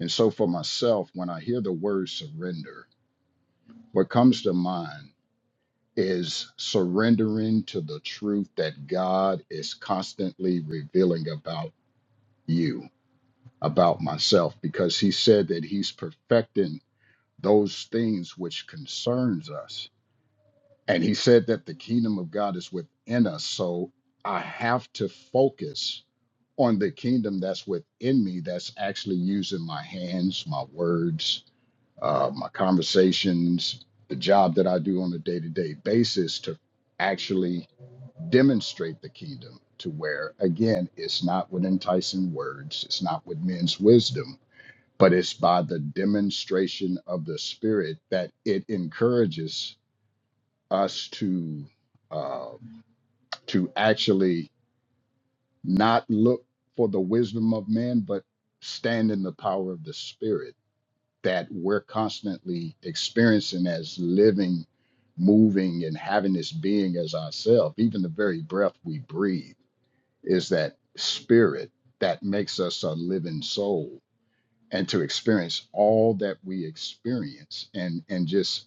[SPEAKER 6] And so for myself, when I hear the word surrender, what comes to mind is surrendering to the truth that God is constantly revealing about you about myself because he said that he's perfecting those things which concerns us and he said that the kingdom of god is within us so i have to focus on the kingdom that's within me that's actually using my hands my words uh, my conversations the job that i do on a day-to-day basis to actually demonstrate the kingdom to where again it's not with enticing words it's not with men's wisdom but it's by the demonstration of the Spirit that it encourages us to uh, to actually not look for the wisdom of man, but stand in the power of the Spirit that we're constantly experiencing as living, moving, and having this being as ourselves. Even the very breath we breathe is that Spirit that makes us a living soul and to experience all that we experience and and just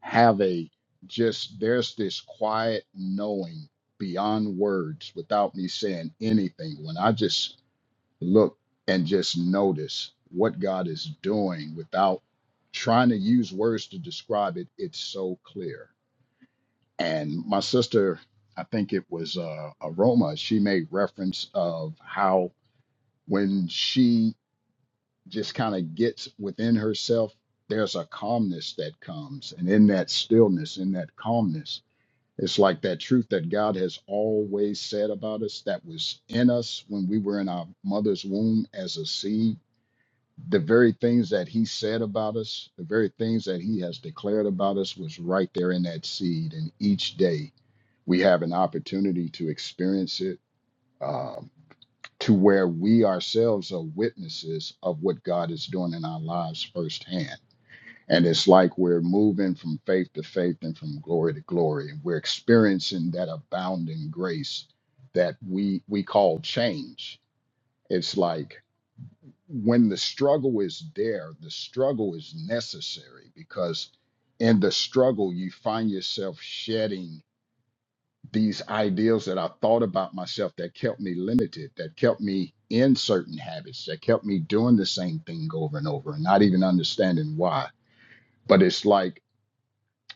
[SPEAKER 6] have a just there's this quiet knowing beyond words without me saying anything when i just look and just notice what god is doing without trying to use words to describe it it's so clear and my sister i think it was uh, aroma she made reference of how when she just kind of gets within herself, there's a calmness that comes. And in that stillness, in that calmness, it's like that truth that God has always said about us that was in us when we were in our mother's womb as a seed. The very things that He said about us, the very things that He has declared about us, was right there in that seed. And each day we have an opportunity to experience it. um, to where we ourselves are witnesses of what God is doing in our lives firsthand. And it's like we're moving from faith to faith and from glory to glory. And we're experiencing that abounding grace that we we call change. It's like when the struggle is there, the struggle is necessary because in the struggle you find yourself shedding these ideals that I thought about myself that kept me limited, that kept me in certain habits, that kept me doing the same thing over and over and not even understanding why. But it's like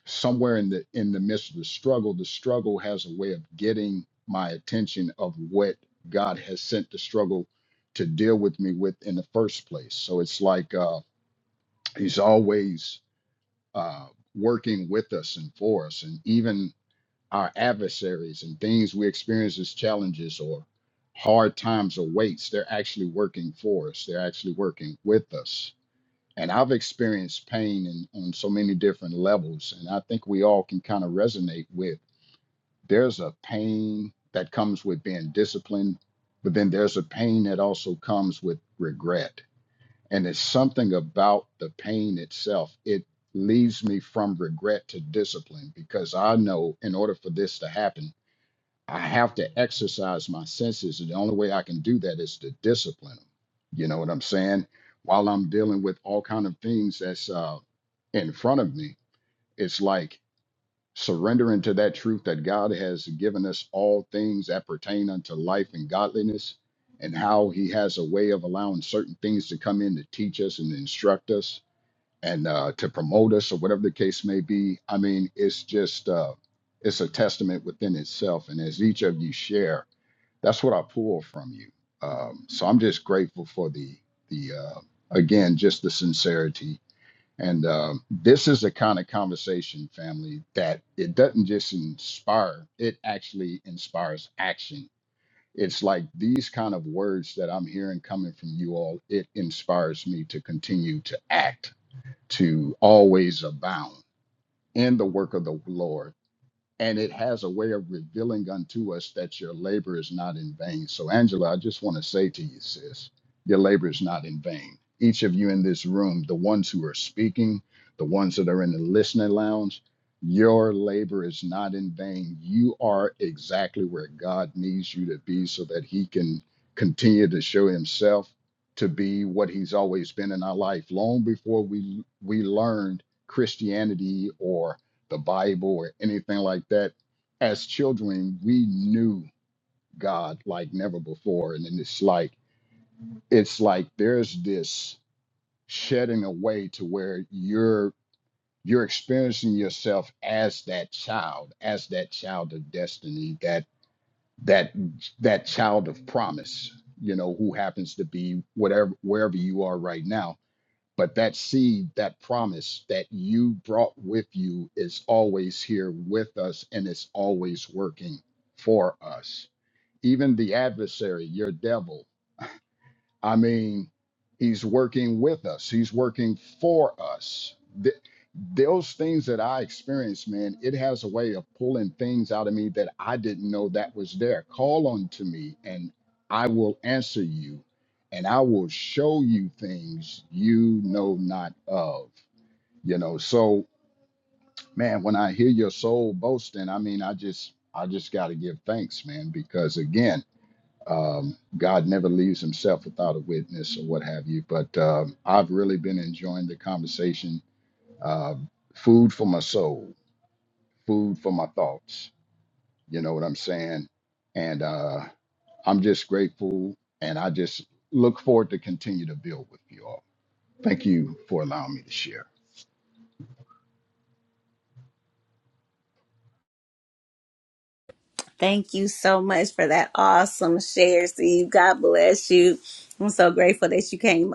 [SPEAKER 6] somewhere in the in the midst of the struggle, the struggle has a way of getting my attention of what God has sent the struggle to deal with me with in the first place. So it's like uh he's always uh working with us and for us and even our adversaries and things we experience as challenges or hard times or weights, they're actually working for us. They're actually working with us. And I've experienced pain in, on so many different levels. And I think we all can kind of resonate with there's a pain that comes with being disciplined, but then there's a pain that also comes with regret. And it's something about the pain itself. It leaves me from regret to discipline because I know in order for this to happen, I have to exercise my senses. And the only way I can do that is to discipline them. You know what I'm saying? While I'm dealing with all kind of things that's uh, in front of me, it's like surrendering to that truth that God has given us all things that pertain unto life and godliness, and how He has a way of allowing certain things to come in to teach us and instruct us and uh, to promote us or whatever the case may be. I mean, it's just uh, it's a testament within itself. And as each of you share, that's what I pull from you. Um, so I'm just grateful for the the uh, again just the sincerity. And um, this is the kind of conversation, family, that it doesn't just inspire; it actually inspires action. It's like these kind of words that I'm hearing coming from you all. It inspires me to continue to act, to always abound in the work of the Lord and it has a way of revealing unto us that your labor is not in vain. So, Angela, I just want to say to you, sis, your labor is not in vain. Each of you in this room, the ones who are speaking, the ones that are in the listening lounge, your labor is not in vain. You are exactly where God needs you to be so that He can continue to show Himself to be what He's always been in our life long before we, we learned Christianity or the Bible or anything like that. As children, we knew God like never before. And then it's like it's like there's this shedding away to where you're you're experiencing yourself as that child, as that child of destiny, that that that child of promise, you know, who happens to be whatever wherever you are right now but that seed, that promise that you brought with you is always here with us and it's always working for us. Even the adversary, your devil, I mean, he's working with us, he's working for us. Th- those things that I experienced, man, it has a way of pulling things out of me that I didn't know that was there. Call unto me, and I will answer you, and I will show you things you know not of. You know, so man, when I hear your soul boasting, I mean, I just, I just got to give thanks, man, because again, um, God never leaves himself without a witness or what have you. But um, I've really been enjoying the conversation. Uh, food for my soul, food for my thoughts. You know what I'm saying? And uh, I'm just grateful. And I just look forward to continue to build with you all. Thank you for allowing me to share.
[SPEAKER 1] Thank you so much for that awesome share, Steve. God bless you. I'm so grateful that you came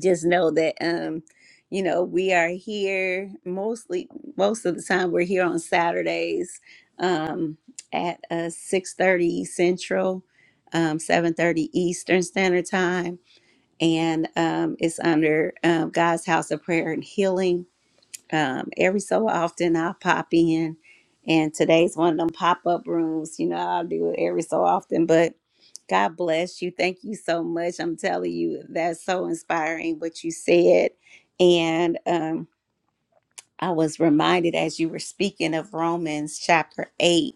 [SPEAKER 1] just know that um you know we are here mostly most of the time we're here on saturdays um at uh 6 thirty central um 7 thirty eastern standard time and um it's under um, god's house of prayer and healing um, every so often I'll pop in, and today's one of them pop up rooms. You know, I'll do it every so often, but God bless you. Thank you so much. I'm telling you, that's so inspiring what you said. And um, I was reminded as you were speaking of Romans chapter 8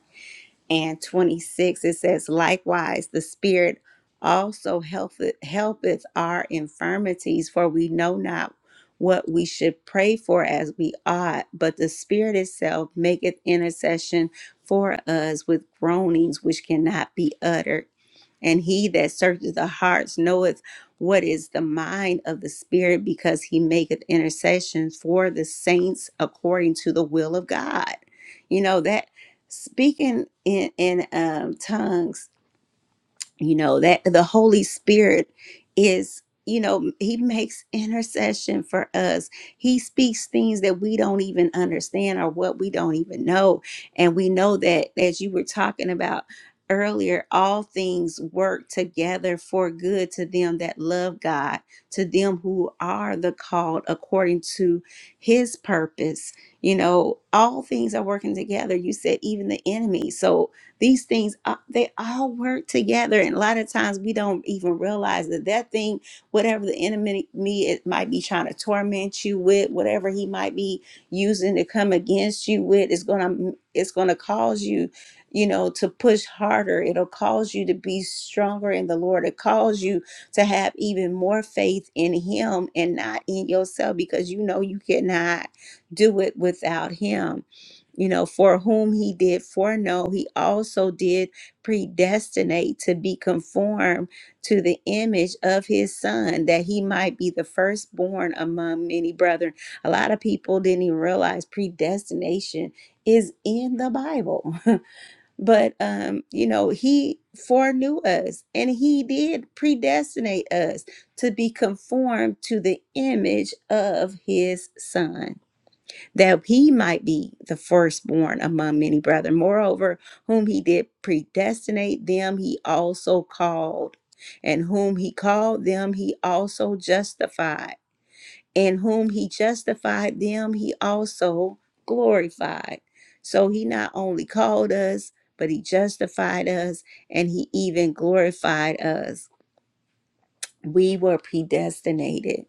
[SPEAKER 1] and 26 it says likewise the spirit also helpeth helpeth our infirmities for we know not what we should pray for as we ought but the spirit itself maketh intercession for us with groanings which cannot be uttered and he that searches the hearts knoweth what is the mind of the Spirit, because he maketh intercession for the saints according to the will of God. You know, that speaking in, in um, tongues you know that the holy spirit is you know he makes intercession for us he speaks things that we don't even understand or what we don't even know and we know that as you were talking about earlier all things work together for good to them that love god to them who are the called according to his purpose you know all things are working together you said even the enemy so these things, uh, they all work together. And a lot of times we don't even realize that that thing, whatever the enemy me it might be trying to torment you with, whatever he might be using to come against you with, is gonna it's gonna cause you, you know, to push harder. It'll cause you to be stronger in the Lord. It calls you to have even more faith in him and not in yourself because you know you cannot do it without him you know, for whom he did foreknow, he also did predestinate to be conformed to the image of his son, that he might be the firstborn among many brethren. A lot of people didn't even realize predestination is in the Bible. but um, you know, he foreknew us and he did predestinate us to be conformed to the image of his son that he might be the firstborn among many brethren. Moreover, whom he did predestinate, them he also called. And whom he called, them he also justified. And whom he justified, them he also glorified. So he not only called us, but he justified us and he even glorified us. We were predestinated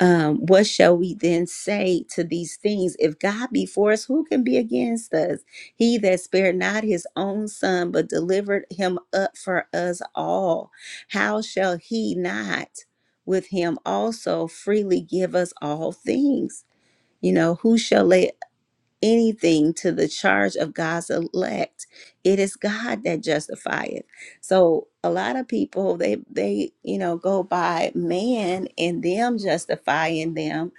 [SPEAKER 1] um, what shall we then say to these things? If God be for us, who can be against us? He that spared not his own son, but delivered him up for us all, how shall he not with him also freely give us all things? You know, who shall lay anything to the charge of God's elect. It is God that justifieth. So a lot of people they they you know go by man and them justifying them,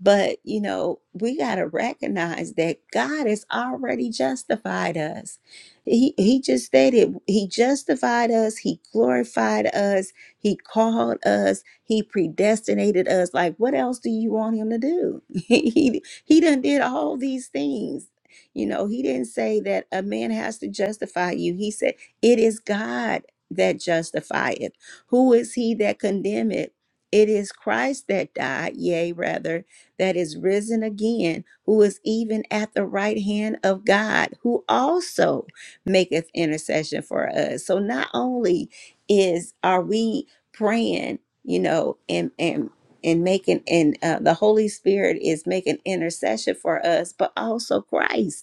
[SPEAKER 1] but you know we got to recognize that God has already justified us. He he just stated he justified us, he glorified us, he called us, he predestinated us. Like what else do you want him to do? he he done did all these things. You know, he didn't say that a man has to justify you. He said, It is God that justifieth. Who is he that condemneth? It is Christ that died, yea, rather, that is risen again, who is even at the right hand of God, who also maketh intercession for us. So not only is are we praying, you know, and and and making and uh, the holy spirit is making intercession for us but also christ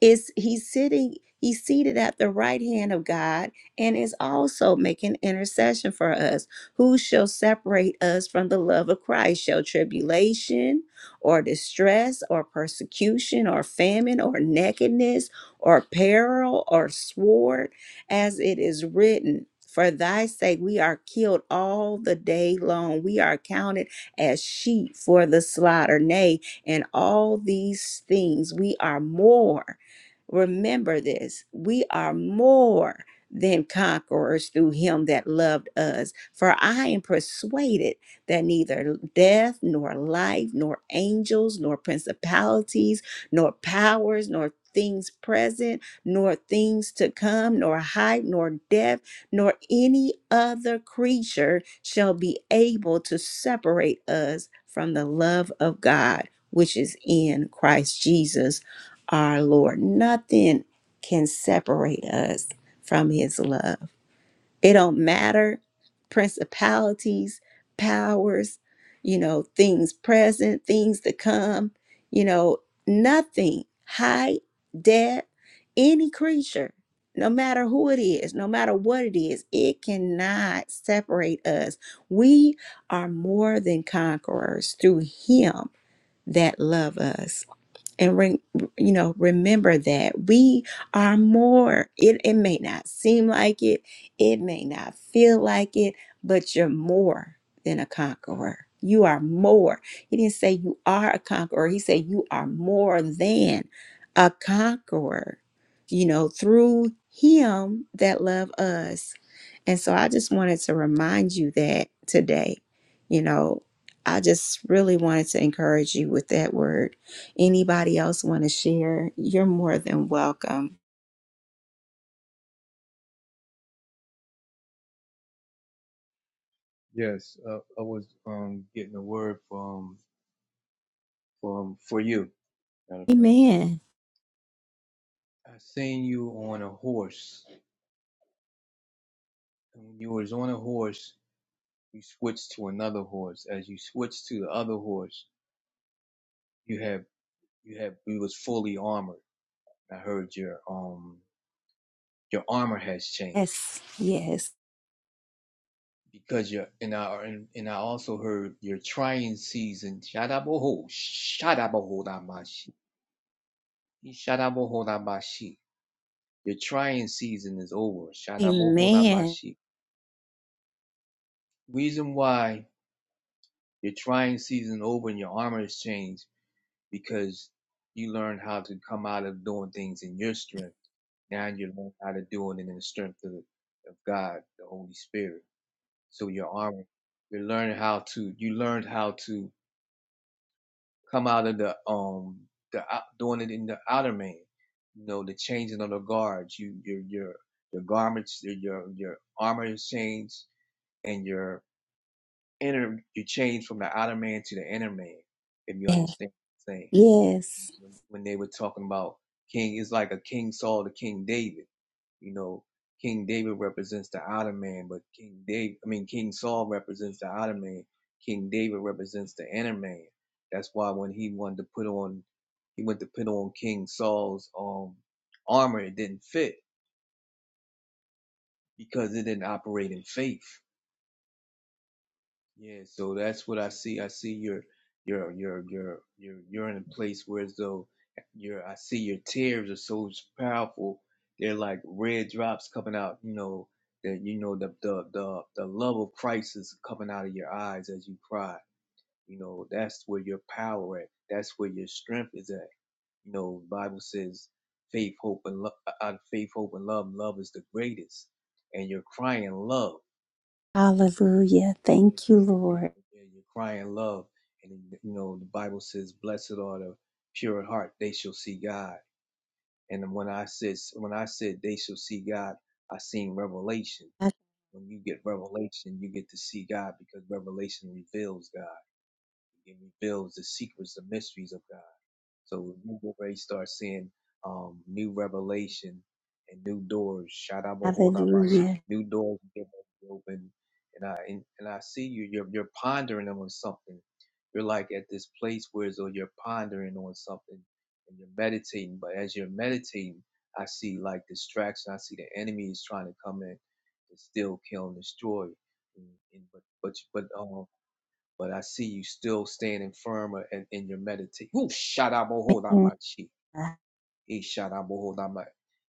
[SPEAKER 1] is he's sitting he's seated at the right hand of god and is also making intercession for us who shall separate us from the love of christ shall tribulation or distress or persecution or famine or nakedness or peril or sword as it is written for thy sake we are killed all the day long we are counted as sheep for the slaughter nay and all these things we are more Remember this we are more than conquerors through him that loved us. For I am persuaded that neither death, nor life, nor angels, nor principalities, nor powers, nor things present, nor things to come, nor height, nor depth, nor any other creature shall be able to separate us from the love of God, which is in Christ Jesus our Lord. Nothing can separate us from his love. It don't matter principalities, powers, you know, things present, things to come, you know, nothing, height, depth, any creature, no matter who it is, no matter what it is, it cannot separate us. We are more than conquerors through him that love us and re- you know remember that we are more it, it may not seem like it it may not feel like it but you're more than a conqueror you are more he didn't say you are a conqueror he said you are more than a conqueror you know through him that love us and so i just wanted to remind you that today you know i just really wanted to encourage you with that word Anybody else want to share? You're more than welcome.
[SPEAKER 3] Yes, uh, I was um getting a word from from for you. Matter of fact,
[SPEAKER 1] Amen.
[SPEAKER 3] I seen you on a horse. And when you was on a horse, you switched to another horse. As you switched to the other horse, you have you have you was fully armored I heard your um your armor has changed
[SPEAKER 1] Yes, yes,
[SPEAKER 3] because you're and I and, and I also heard your trying season. Shadaboho, shadabohodamashi, shadabohodamashi. Your trying season is over. Shadabohodamashi. Reason why your trying season over and your armor has changed because you learned how to come out of doing things in your strength. Now you learn how to do it in the strength of, of God, the Holy Spirit. So your armor, you learn how to, you learned how to come out of the, um, the out, doing it in the outer man. You know, the changing of the guards. You, your, your, your garments, your, your armor is changed, and your inner, you change from the outer man to the inner man. If you
[SPEAKER 1] yes,
[SPEAKER 3] understand what I'm saying,
[SPEAKER 1] yes.
[SPEAKER 3] when, when they were talking about King, it's like a King Saul to King David You know, King David represents the Ottoman, but King david I mean, King Saul represents the Ottoman. King David represents the inner man. That's why when he wanted to put on, he went to put on King Saul's um armor, it didn't fit because it didn't operate in faith. Yeah, so that's what I see. I see your your your your your you're in a place where as though your I see your tears are so powerful. They're like red drops coming out. You know that you know the the the the love of Christ is coming out of your eyes as you cry. You know that's where your power at. That's where your strength is at. You know Bible says faith, hope, and love. Out of faith, hope, and love, love is the greatest. And you're crying love.
[SPEAKER 1] Hallelujah.
[SPEAKER 3] Yeah,
[SPEAKER 1] Thank you,
[SPEAKER 3] yeah, yeah,
[SPEAKER 1] Lord.
[SPEAKER 3] yeah. You're crying love, and you know the Bible says, "Blessed are the pure in heart; they shall see God." And when I said, when I said, "They shall see God," I seen revelation. When you get revelation, you get to see God because revelation reveals God. It reveals the secrets, the mysteries of God. So when you already start seeing um, new revelation and new doors. Shout out, hold out,
[SPEAKER 1] Hallelujah.
[SPEAKER 3] new doors get open. And I and, and I see you. You're you're pondering on something. You're like at this place where so you're pondering on something and you're meditating. But as you're meditating, I see like distraction. I see the enemy is trying to come in and still kill and destroy. And, and but but but um but I see you still standing firm in, in your meditation. Whoo, shut up, oh, hold on,
[SPEAKER 1] Amen.
[SPEAKER 3] my cheek. Ishanabohodama.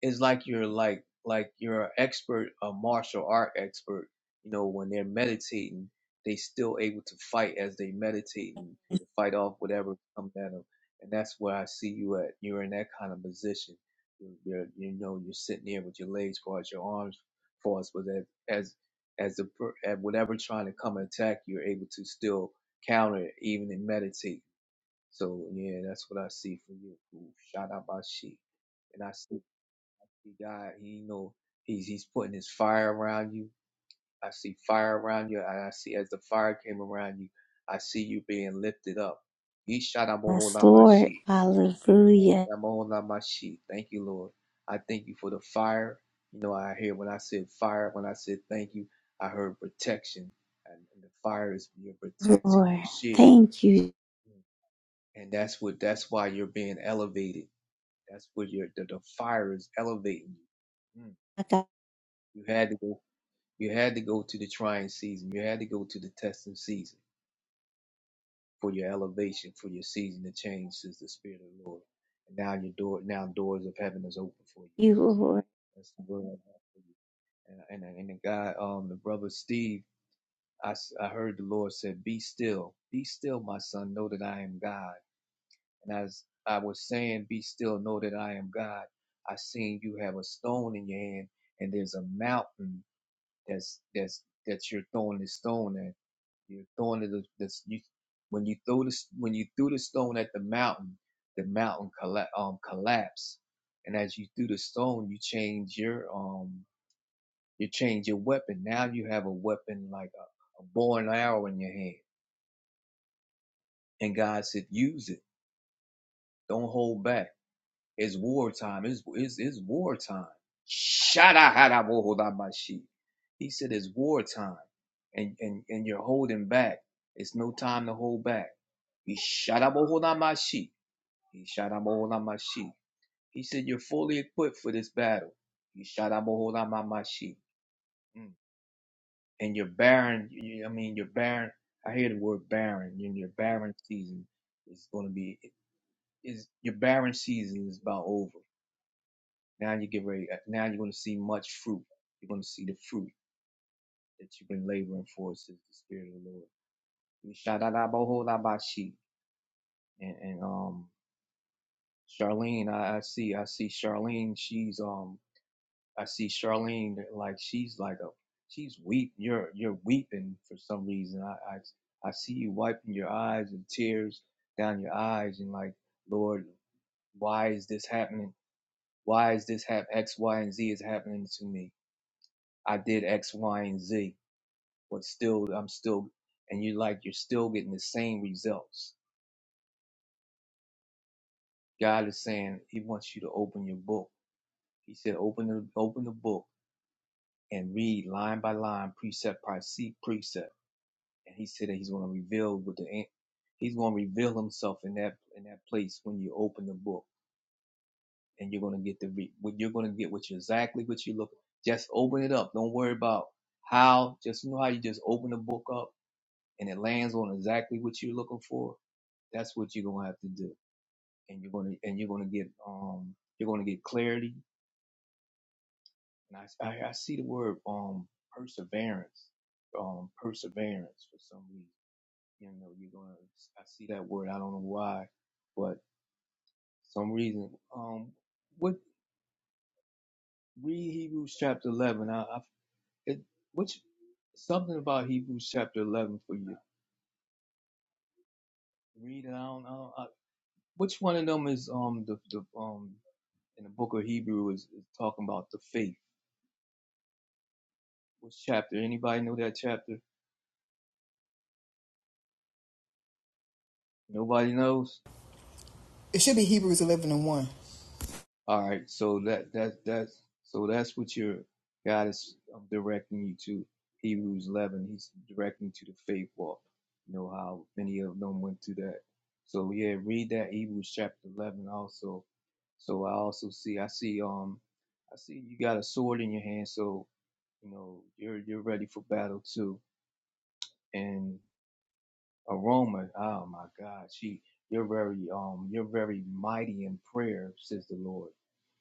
[SPEAKER 3] It's like you're like like you're an expert, a martial art expert. You know, when they're meditating, they still able to fight as they meditate and fight off whatever comes at them. And that's where I see you at. You're in that kind of position. You're, you're you know you're sitting there with your legs crossed, your arms crossed, but as as as the per- at whatever trying to come and attack, you're able to still counter it, even in meditate. So yeah, that's what I see for you. Ooh, Shout out my sheep. And I see he got, he you know he's he's putting his fire around you. I see fire around you, and I see as the fire came around you, I see you being lifted up. He shout out my whole
[SPEAKER 1] Yes,
[SPEAKER 3] lot my
[SPEAKER 1] Lord.
[SPEAKER 3] sheep. He shout
[SPEAKER 1] Hallelujah.
[SPEAKER 3] out Mohola my sheep. Thank you, Lord. I thank you for the fire. You know, I hear when I said fire, when I said thank you, I heard protection. And and the fire is your protection,
[SPEAKER 1] Lord.
[SPEAKER 3] your shield
[SPEAKER 1] Thank you.
[SPEAKER 3] and that's what that's why you're being elevated that's what your the, the fire is elevating you Mm.
[SPEAKER 1] I got
[SPEAKER 3] you had to go you had to go to the trying season you had to go to the testing season for your elevation for your season to change says the spirit of the lord and now your door now doors of heaven is open for you
[SPEAKER 1] you, Lord.
[SPEAKER 3] that's the word I have for you. and and, and the guy um the brother steve I I heard the Lord said, Be still, be still, my son. Know that I am God. And as I was saying, be still, know that I am God. I seen you have a stone in your hand, and there's a mountain that's that's that you're throwing the stone at. You're throwing it the you when you throw this when you threw the stone at the mountain, the mountain colla- um collapsed. And as you threw the stone, you change your um you change your weapon. Now you have a weapon like a, a bow and arrow in your hand. And God said, use it. Don't hold back It's wartime. It's, it's, it's wartime. Shadahadabohodamashi. He said it's wartime and, and, and you're holding back. It's no time to hold back. He shadabohodamashi. He shadabohodamashi. He said you're fully equipped for this battle. He shadabohodamamashi. Mm. And you're barren. I mean, you're barren. I hear the word barren. your barren season is going to be, is your barren season is about over. Now you get ready. uh, Now you're going to see much fruit. You're going to see the fruit that you've been laboring for, says the Spirit of the Lord. shout out about and, and um Charlene. I, I see, I see Charlene. She's um, I see Charlene like she's like a she's weep. You're you're weeping for some reason. I I, I see you wiping your eyes and tears down your eyes and like Lord, why is this happening? Why is this hap X, Y, and Z is happening to me? I did X, Y, and Z but still I'm still and you like you're still getting the same results. God is saying He wants you to open your book. He said, open the open the book and read line by line, precept by se- precept. And He said that He's going to reveal with the an- He's going to reveal Himself in that in that place when you open the book and you're going to get the re- what you're going to get what you exactly what you look. Just open it up. Don't worry about how. Just you know how you just open the book up and it lands on exactly what you're looking for, that's what you're gonna have to do, and you're gonna and you're gonna get um you're gonna get clarity. And I I, I see the word um perseverance, um perseverance for some reason. You know, you're gonna I see that word. I don't know why, but some reason. Um, what read Hebrews chapter eleven. I, I it, which something about Hebrews chapter eleven for you. Read it. I don't know. which one of them is um the the um in the book of Hebrew is, is talking about the faith. Which chapter? Anybody know that chapter? Nobody knows.
[SPEAKER 5] It should be Hebrews 11 and 1.
[SPEAKER 3] All right, so that that that's so that's what your God is um, directing you to. Hebrews 11. He's directing you to the faith walk. You know how many of them went through that. So yeah, read that Hebrews chapter 11 also. So I also see I see um I see you got a sword in your hand, so you know you're you're ready for battle too. And aroma. Oh my God, she, you're very, um, you're very mighty in prayer, says the Lord.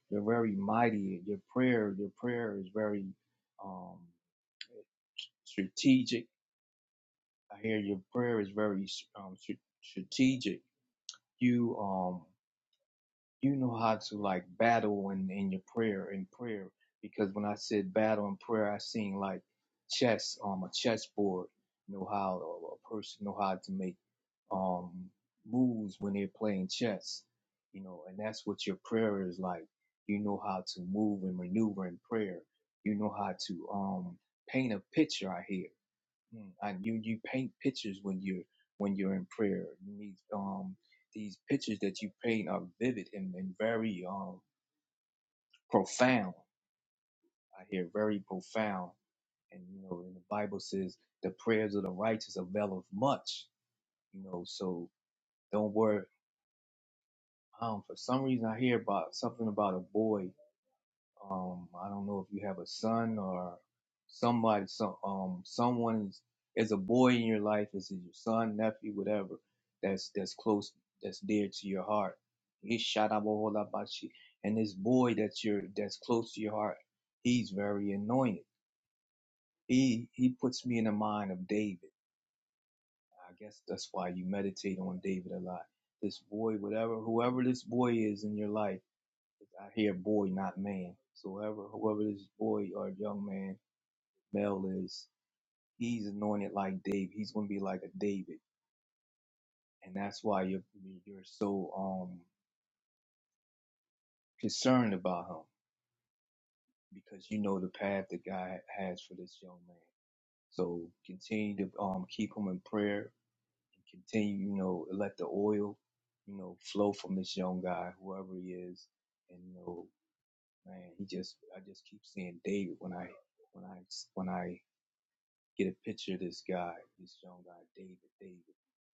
[SPEAKER 3] You're very mighty. Your prayer, your prayer is very, um, strategic. I hear your prayer is very, um, str- strategic. You, um, you know how to like battle in, in your prayer in prayer because when I said battle in prayer, I seen like chess, on um, a chessboard. You know how a person know how to make um, moves when they're playing chess, you know, and that's what your prayer is like. You know how to move and maneuver in prayer. You know how to um, paint a picture. I hear, Mm. and you you paint pictures when you're when you're in prayer. You need um, these pictures that you paint are vivid and, and very um, profound. I hear very profound, and you know, and the Bible says the prayers of the righteous availeth much. You know, so don't worry Um, for some reason, I hear about something about a boy. Um, I don't know if you have a son or somebody, some um, someone is, is a boy in your life. Is it your son, nephew, whatever? That's that's close, that's dear to your heart. Ishadabahodabashi. And this boy that you're that's close to your heart, he's very anointed. He he puts me in the mind of David. I guess that's why you meditate on David a lot. This boy, whatever, whoever this boy is in your life I hear boy, not man. So whoever, whoever this boy or young man, male is, he's anointed like David. He's going to be like a David, and that's why you're you're so um concerned about him because you know the path that God has for this young man. So continue to um keep him in prayer and continue, you know, let the oil, you know, flow from this young guy, whoever he is, and you know, man, he just I just keep seeing David when I when I when I get a picture of this guy, this young guy, David, David.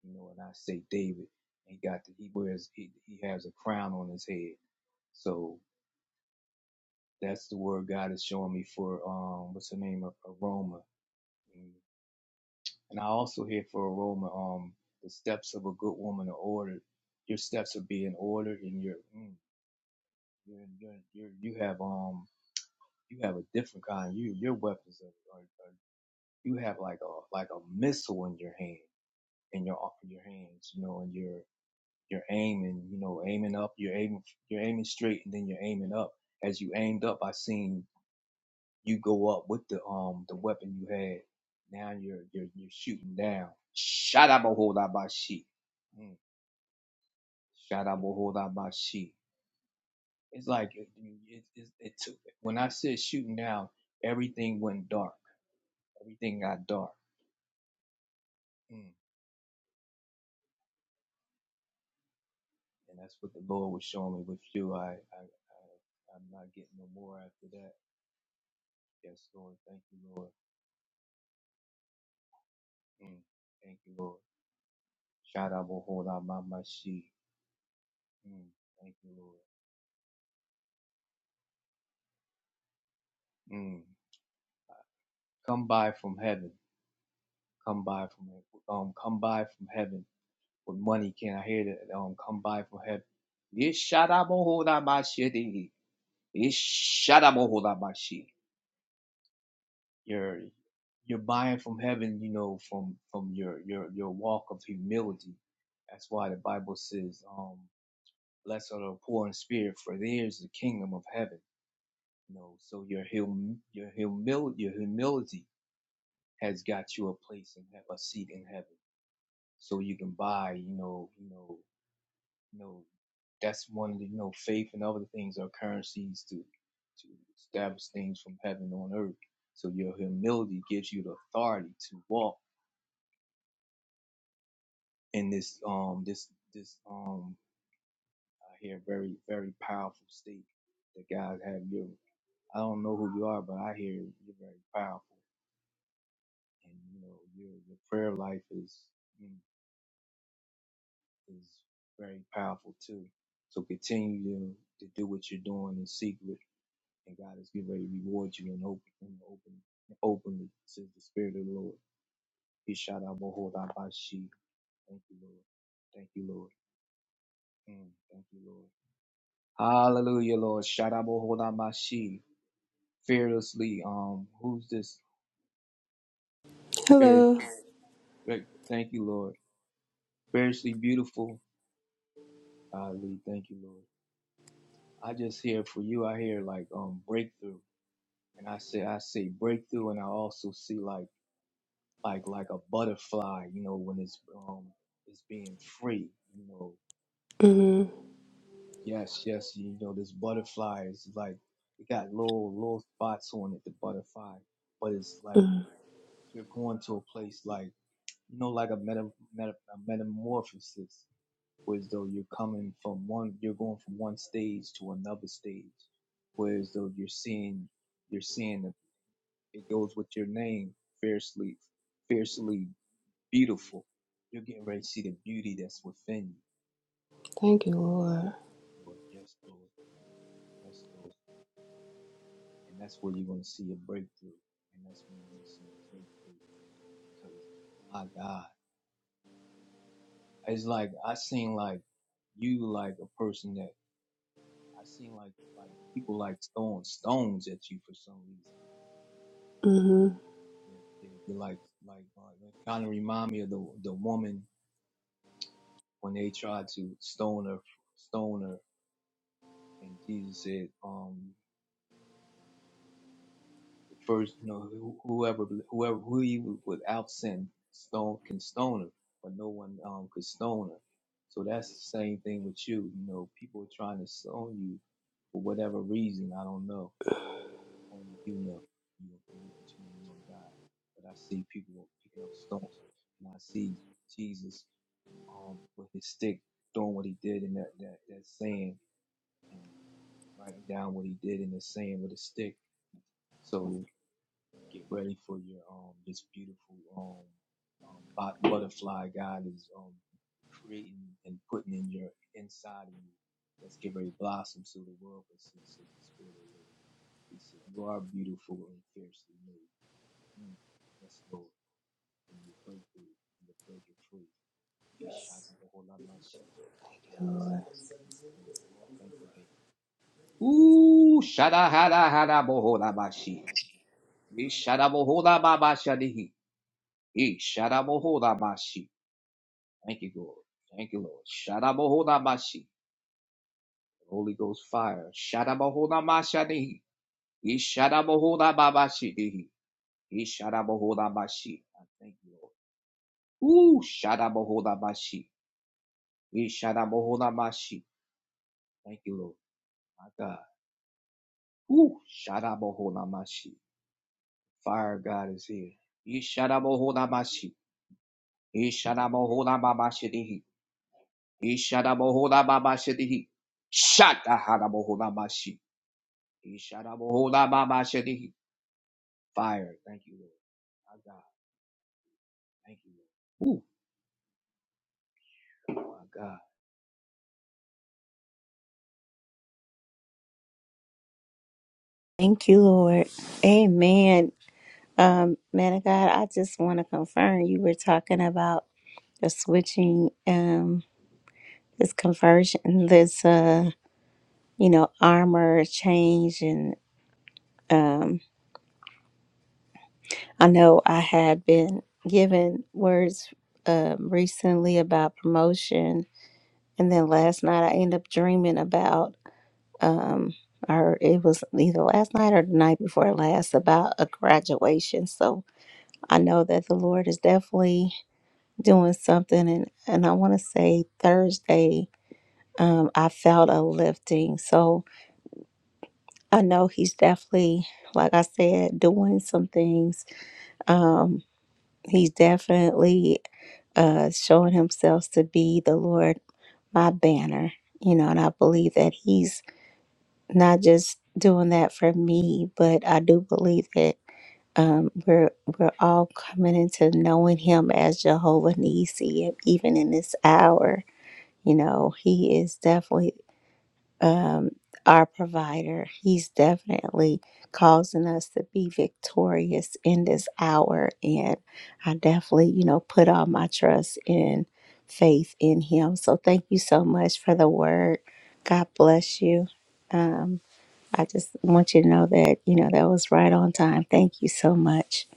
[SPEAKER 3] You know, and I say David, he got the, he wears, he, he has a crown on his head. So that's the word God is showing me for, um, what's the name of aroma. And I also hear for aroma, um, the steps of a good woman are ordered. Your steps are being ordered and you're, mm, you're, you're, you're, you have, um, you have a different kind. You, your weapons are, are, are you have like a, like a missile in your hand and you're off of your hands, you know, and you're you're aiming, you know, aiming up, you're aiming you're aiming straight and then you're aiming up. As you aimed up, I seen you go up with the um the weapon you had. Now you're you're you're shooting down. Shot up a hold out by sheep. Shot up a hold out by sheep. It's like it, it, it, it took when I said shooting down, everything went dark. Everything got dark. Mm. And that's what the Lord was showing me with you. I, I, I I'm not getting no more after that. Yes, Lord. Thank you, Lord. Mm. Thank you, Lord. Shout out, Bohola, Mm. Thank you, Lord. Mm. Come by from heaven. Come by from um. Come by from heaven with money. Can I hear that? Um. Come by from heaven. Yes, shout out, Bohola, Yes, shout out, Bohola, You're you're buying from heaven. You know, from from your your your walk of humility. That's why the Bible says, um, Blessed are the poor in spirit, for theirs is the kingdom of heaven. You know, so your hum, your humil, your humility has got you a place and have a seat in heaven. So you can buy, you know, you know, you know. That's one of the, you know, faith and other things are currencies to to establish things from heaven on earth. So your humility gives you the authority to walk in this um this this um I hear very very powerful state that God have you. I don't know who you are, but I hear you're very powerful, and you know your your prayer life is is very powerful too. So continue to, to do what you're doing in secret, and God is getting ready to reward you in open in open openly, says the Spirit of the Lord. He shout out Mohodabashi. Thank you, Lord. Thank you, Lord. Mm, thank you, Lord. Hallelujah, Lord. Shout out Mohodabashi. Fearlessly. Um, who's this?
[SPEAKER 7] Hello.
[SPEAKER 3] Fearlessly. Thank you, Lord. spiritually beautiful. Ali, thank you, Lord. I just hear for you. I hear like um breakthrough, and I say I say breakthrough, and I also see like like like a butterfly. You know when it's um it's being free. You know,
[SPEAKER 7] hmm
[SPEAKER 3] yes, yes. You know this butterfly is like it got little little spots on it. The butterfly, but it's like
[SPEAKER 7] hmm
[SPEAKER 3] you're going to a place like you know like a meta, meta a metamorphosis. whereas though you're coming from one you're going from one stage to another stage whereas though you're seeing you're seeing the- it goes with your name fiercely fiercely beautiful you're getting ready to see the beauty that's within
[SPEAKER 7] Thank you, Lord.
[SPEAKER 3] you lord yes lord yes lord and that's where you're going to see a breakthrough and that's when you're going to see a breakthrough because my god it's like i seen like you like a person that i seen like like people like throwing stones at you for some reason
[SPEAKER 7] hmm
[SPEAKER 3] Yeah, yeah, you're like like uh, it kind of remind me of the the woman when they tried to stone her, stone her, and Jesus said, um, first, you know, who- whoever whoever who he would- without sin stone can stone her, but no one um could stone her. So that's the same thing with you. You know, people are trying to stone you for whatever reason. I don't know. Only you know. You you between you and God. But I see people picking up stones, and I see Jesus um, with his stick doing what he did in that, that, that sand and writing down what he did in the sand with a stick. So get ready for your um this beautiful um, um bot- butterfly God is um creating and putting in your inside of you. Let's get ready to blossom so the world can see, says the Spirit of the Lord. He said, You are beautiful and fiercely made. Mm, yes, Lord. And you break through and you break it free.
[SPEAKER 7] Thank you, Lord.
[SPEAKER 3] Ooh, shada hada hada bohola bashi. We shada bohola baba shadihi. He shada bohola bashi. Thank you, Lord. Thank you, Lord. Shada bohola bashi. Holy Ghost fire. Shada bohola mashadihi. He shada bohola baba shadihi. He shada bohola bashi. I Thank you, Lord. Ooh, shada bohola bashi. He shada bohola bashi. Thank you, Lord. My God. Woo! Shadabohonamashi. Fire God is here. Ishadabohonamashi. Ishadabohonamamashirihi. Ishadabohonamamashirihi. Shatahadabohonamashi. Ishadabohonamamashirihi. Fire. Thank you, Lord. My God. Thank you, Lord. Ooh, My God.
[SPEAKER 1] Thank you, Lord. Amen. Um, man of God, I just want to confirm you were talking about the switching, um, this conversion, this, uh, you know, armor change. And um, I know I had been given words um, recently about promotion. And then last night I ended up dreaming about, um, or it was either last night or the night before last, about a graduation. So I know that the Lord is definitely doing something. And, and I want to say Thursday, um, I felt a lifting. So I know He's definitely, like I said, doing some things Um, he's definitely uh, showing himself to be the Lord, my banner. You know, and I believe that he's not just doing that for me, but I do believe that um, we're we're all coming into knowing him as Jehovah Nisi, even in this hour. You know, he is definitely um, our provider. He's definitely causing us to be victorious in this hour. And I definitely, you know, put all my trust and faith in him. So thank you so much for the word. God bless you. Um, I just want you to know that, you know, that was right on time. Thank you so much.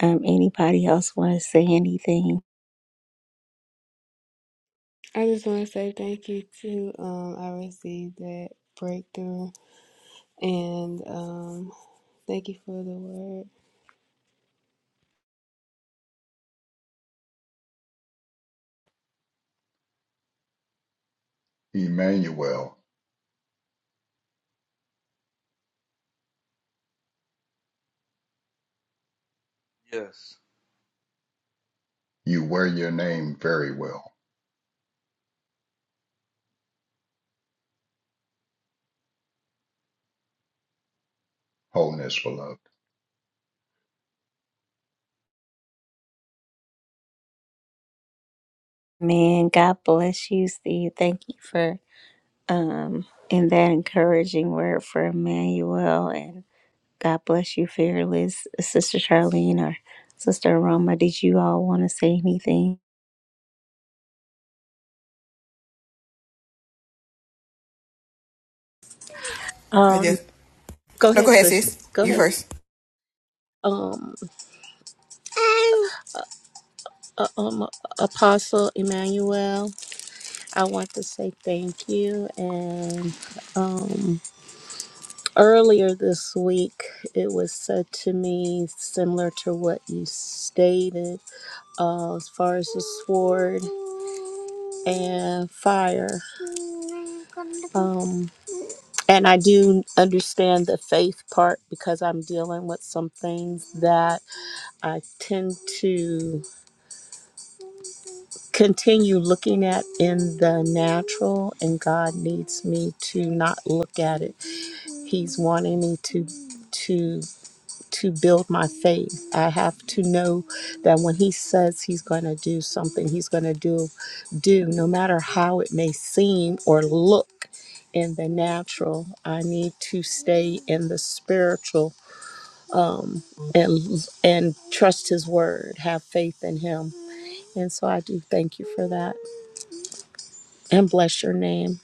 [SPEAKER 1] Um, anybody else want to say anything?
[SPEAKER 7] I just want to say thank you to. Um, I received that breakthrough, and um, thank you for the word.
[SPEAKER 6] Emmanuel,
[SPEAKER 3] Yes.
[SPEAKER 6] you wear your name very well. Wholeness beloved.
[SPEAKER 1] Man, God bless you, Steve. Thank you for um, and that encouraging word for Emmanuel. And God bless you, fearless Sister Charlene or Sister Roma. Did you all want to say anything?
[SPEAKER 5] I
[SPEAKER 4] Um,
[SPEAKER 5] just
[SPEAKER 4] go
[SPEAKER 5] no.
[SPEAKER 4] ahead,
[SPEAKER 5] Go ahead,
[SPEAKER 4] sis.
[SPEAKER 5] sis.
[SPEAKER 4] Go
[SPEAKER 5] You
[SPEAKER 4] ahead.
[SPEAKER 5] first.
[SPEAKER 4] um, uh, um, Apostle Emmanuel, I want to say thank you. And um, earlier this week, it was said to me similar to what you stated uh, as far as the sword and fire. Um, and I do understand the faith part because I'm dealing with some things that I tend to. continue looking at in the natural and God needs me to not look at it. He's wanting me to to to build my faith. I have to know that when he says he's going to do something, he's going to do do no matter how it may seem or look in the natural. I need to stay in the spiritual um and and trust his word, have faith in him. And so I do thank you for that. and bless your name.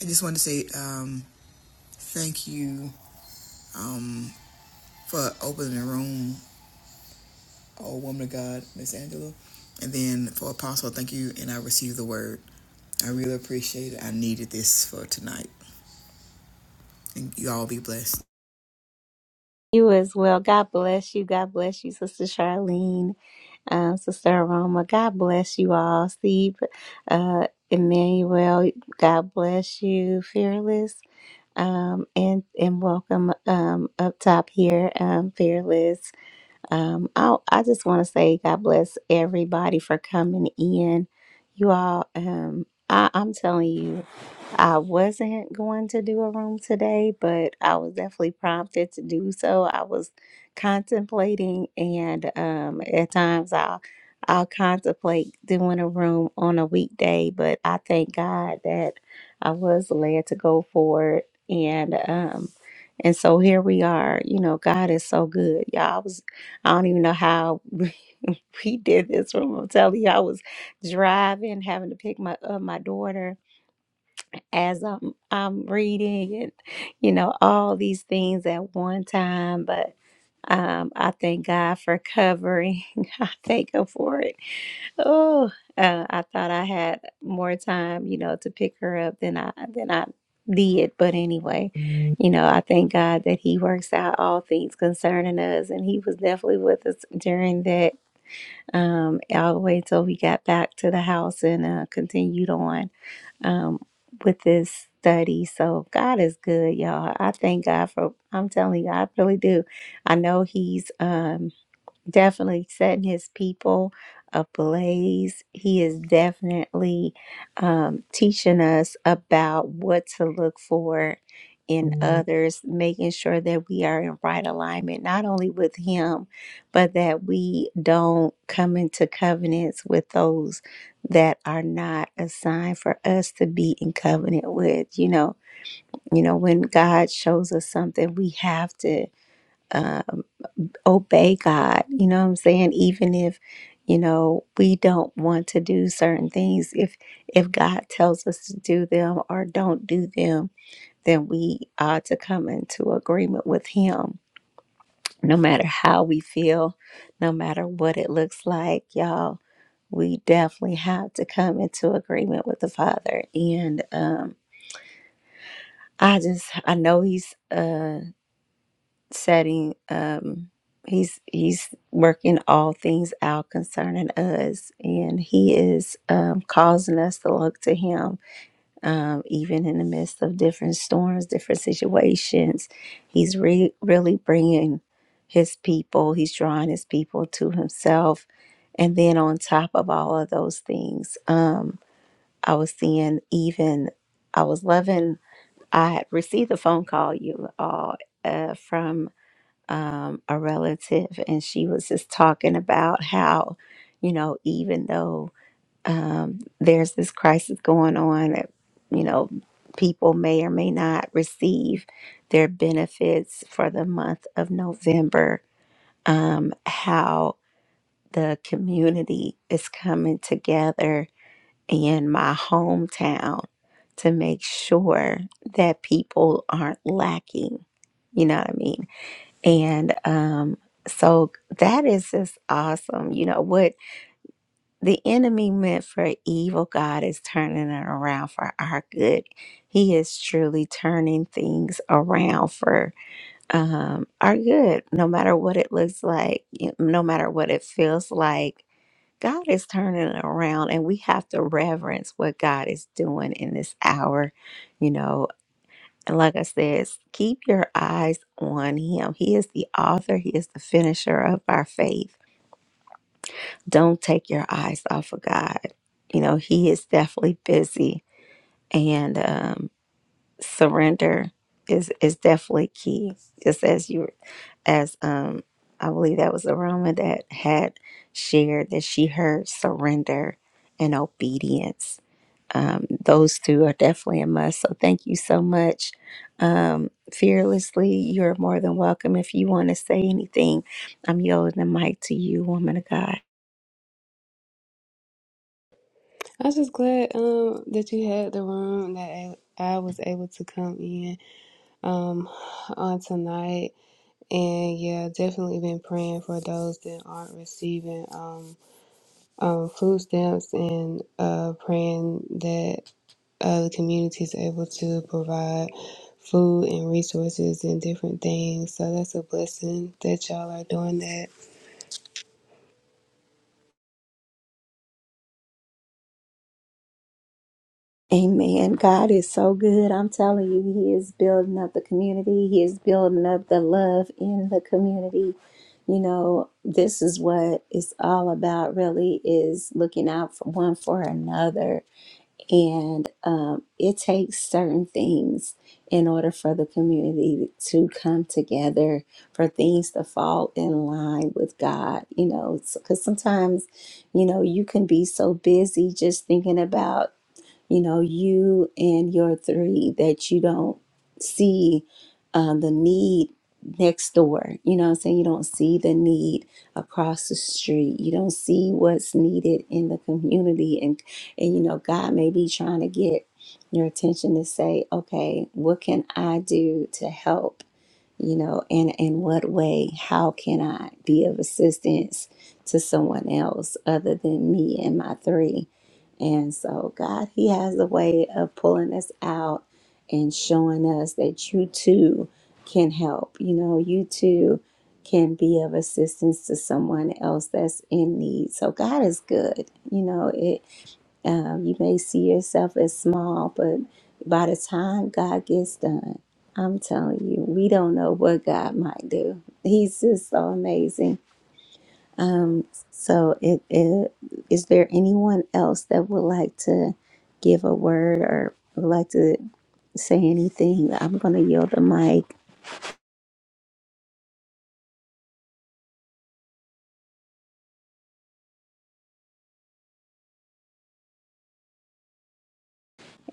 [SPEAKER 5] I just wanted to say um, thank you um, for opening the room, oh woman of God, Miss Angela. And then for Apostle, thank you. And I received the word. I really appreciate it. I needed this for tonight. And you all be blessed.
[SPEAKER 1] You as well. God bless you. God bless you, Sister Charlene, um, Sister Aroma. God bless you all. Steve, uh, Emmanuel, God bless you, fearless um, and and welcome um, up top here, um, fearless. Um, I I just want to say God bless everybody for coming in. You all, um, I, I'm telling you. I wasn't going to do a room today, but I was definitely prompted to do so. I was contemplating, and um, at times I'll I'll contemplate doing a room on a weekday, but I thank God that I was led to go for it, and um, and so here we are. You know, God is so good, y'all. I was I don't even know how. We we did this room. I'm telling you, I was driving, having to pick my up my daughter, as I'm I'm reading and you know all these things at one time, but um, I thank God for covering. I thank Him for it. Oh, uh, I thought I had more time, you know, to pick her up than I than I did. But anyway, Mhm. you know, I thank God that He works out all things concerning us, and He was definitely with us during that um all the way till we got back to the house and uh, continued on um, with this study. So God is good, y'all. I thank God for. I'm telling you, I really do. I know He's. Um, definitely setting his people ablaze. He is definitely um, teaching us about what to look for in Mhm. others, making sure that we are in right alignment, not only with him, but that we don't come into covenants with those that are not assigned for us to be in covenant with. You know, you know, when God shows us something, we have to um, obey God. You know what I'm saying? Even if, you know, we don't want to do certain things, if if God tells us to do them or don't do them, then we ought to come into agreement with him. No matter how we feel, no matter what it looks like, y'all, we definitely have to come into agreement with the Father. And um I just I know he's uh setting um he's he's working all things out concerning us and he is um causing us to look to him um even in the midst of different storms different situations he's re- really bringing his people he's drawing his people to himself and then on top of all of those things um i was seeing even i was loving i had received a phone call you all uh from um, a relative, and she was just talking about how, you know, even though um, there's this crisis going on, that, you know, people may or may not receive their benefits for the month of November, um, how the community is coming together in my hometown to make sure that people aren't lacking. You know what I mean? And um, so that is just awesome. You know, what the enemy meant for evil, God is turning it around for our good. He is truly turning things around for um, our good, no matter what it looks like, you- no matter what it feels like. God is turning it around, and we have to reverence what God is doing in this hour. You know, and like I said, keep your eyes on Him. He is the author, He is the finisher of our faith. Don't take your eyes off of God. You know, He is definitely busy, and um, surrender is, is definitely key. Just as you, as um, I believe that was Aroma that had shared that she heard surrender and obedience um, those two are definitely a must. So thank you so much. Um, fearlessly, you're more than welcome. If you want to say anything, I'm yielding the mic to you, woman of God.
[SPEAKER 7] I was just glad um that you had the room that I, I was able to come in um on tonight, and yeah, definitely been praying for those that aren't receiving um um food stamps and uh praying that. uh, the community is able to provide food and resources and different things. So that's a blessing that y'all are doing that.
[SPEAKER 1] Amen. God is so good. I'm telling you, He is building up the community. He is building up the love in the community. You know, this is what it's all about, really, is looking out for one for another And um, it takes certain things in order for the community to come together, for things to fall in line with God, you know, because sometimes, you know, you can be so busy just thinking about you know, you and your three that you don't see um, the need next door. You know what I'm saying? You don't see the need across the street. You don't see what's needed in the community. And, and you know, God may be trying to get your attention to say, okay, what can I do to help? you know and in what way how can i be of assistance to someone else other than me and my three and so god he has a way of pulling us out and showing us that you too can help you know you too can be of assistance to someone else that's in need so god is good you know it um, you may see yourself as small, but by the time God gets done, I'm telling you, we don't know what God might do. He's just so amazing. Um, so, it, it, is there anyone else that would like to give a word or would like to say anything? I'm going to yield the mic.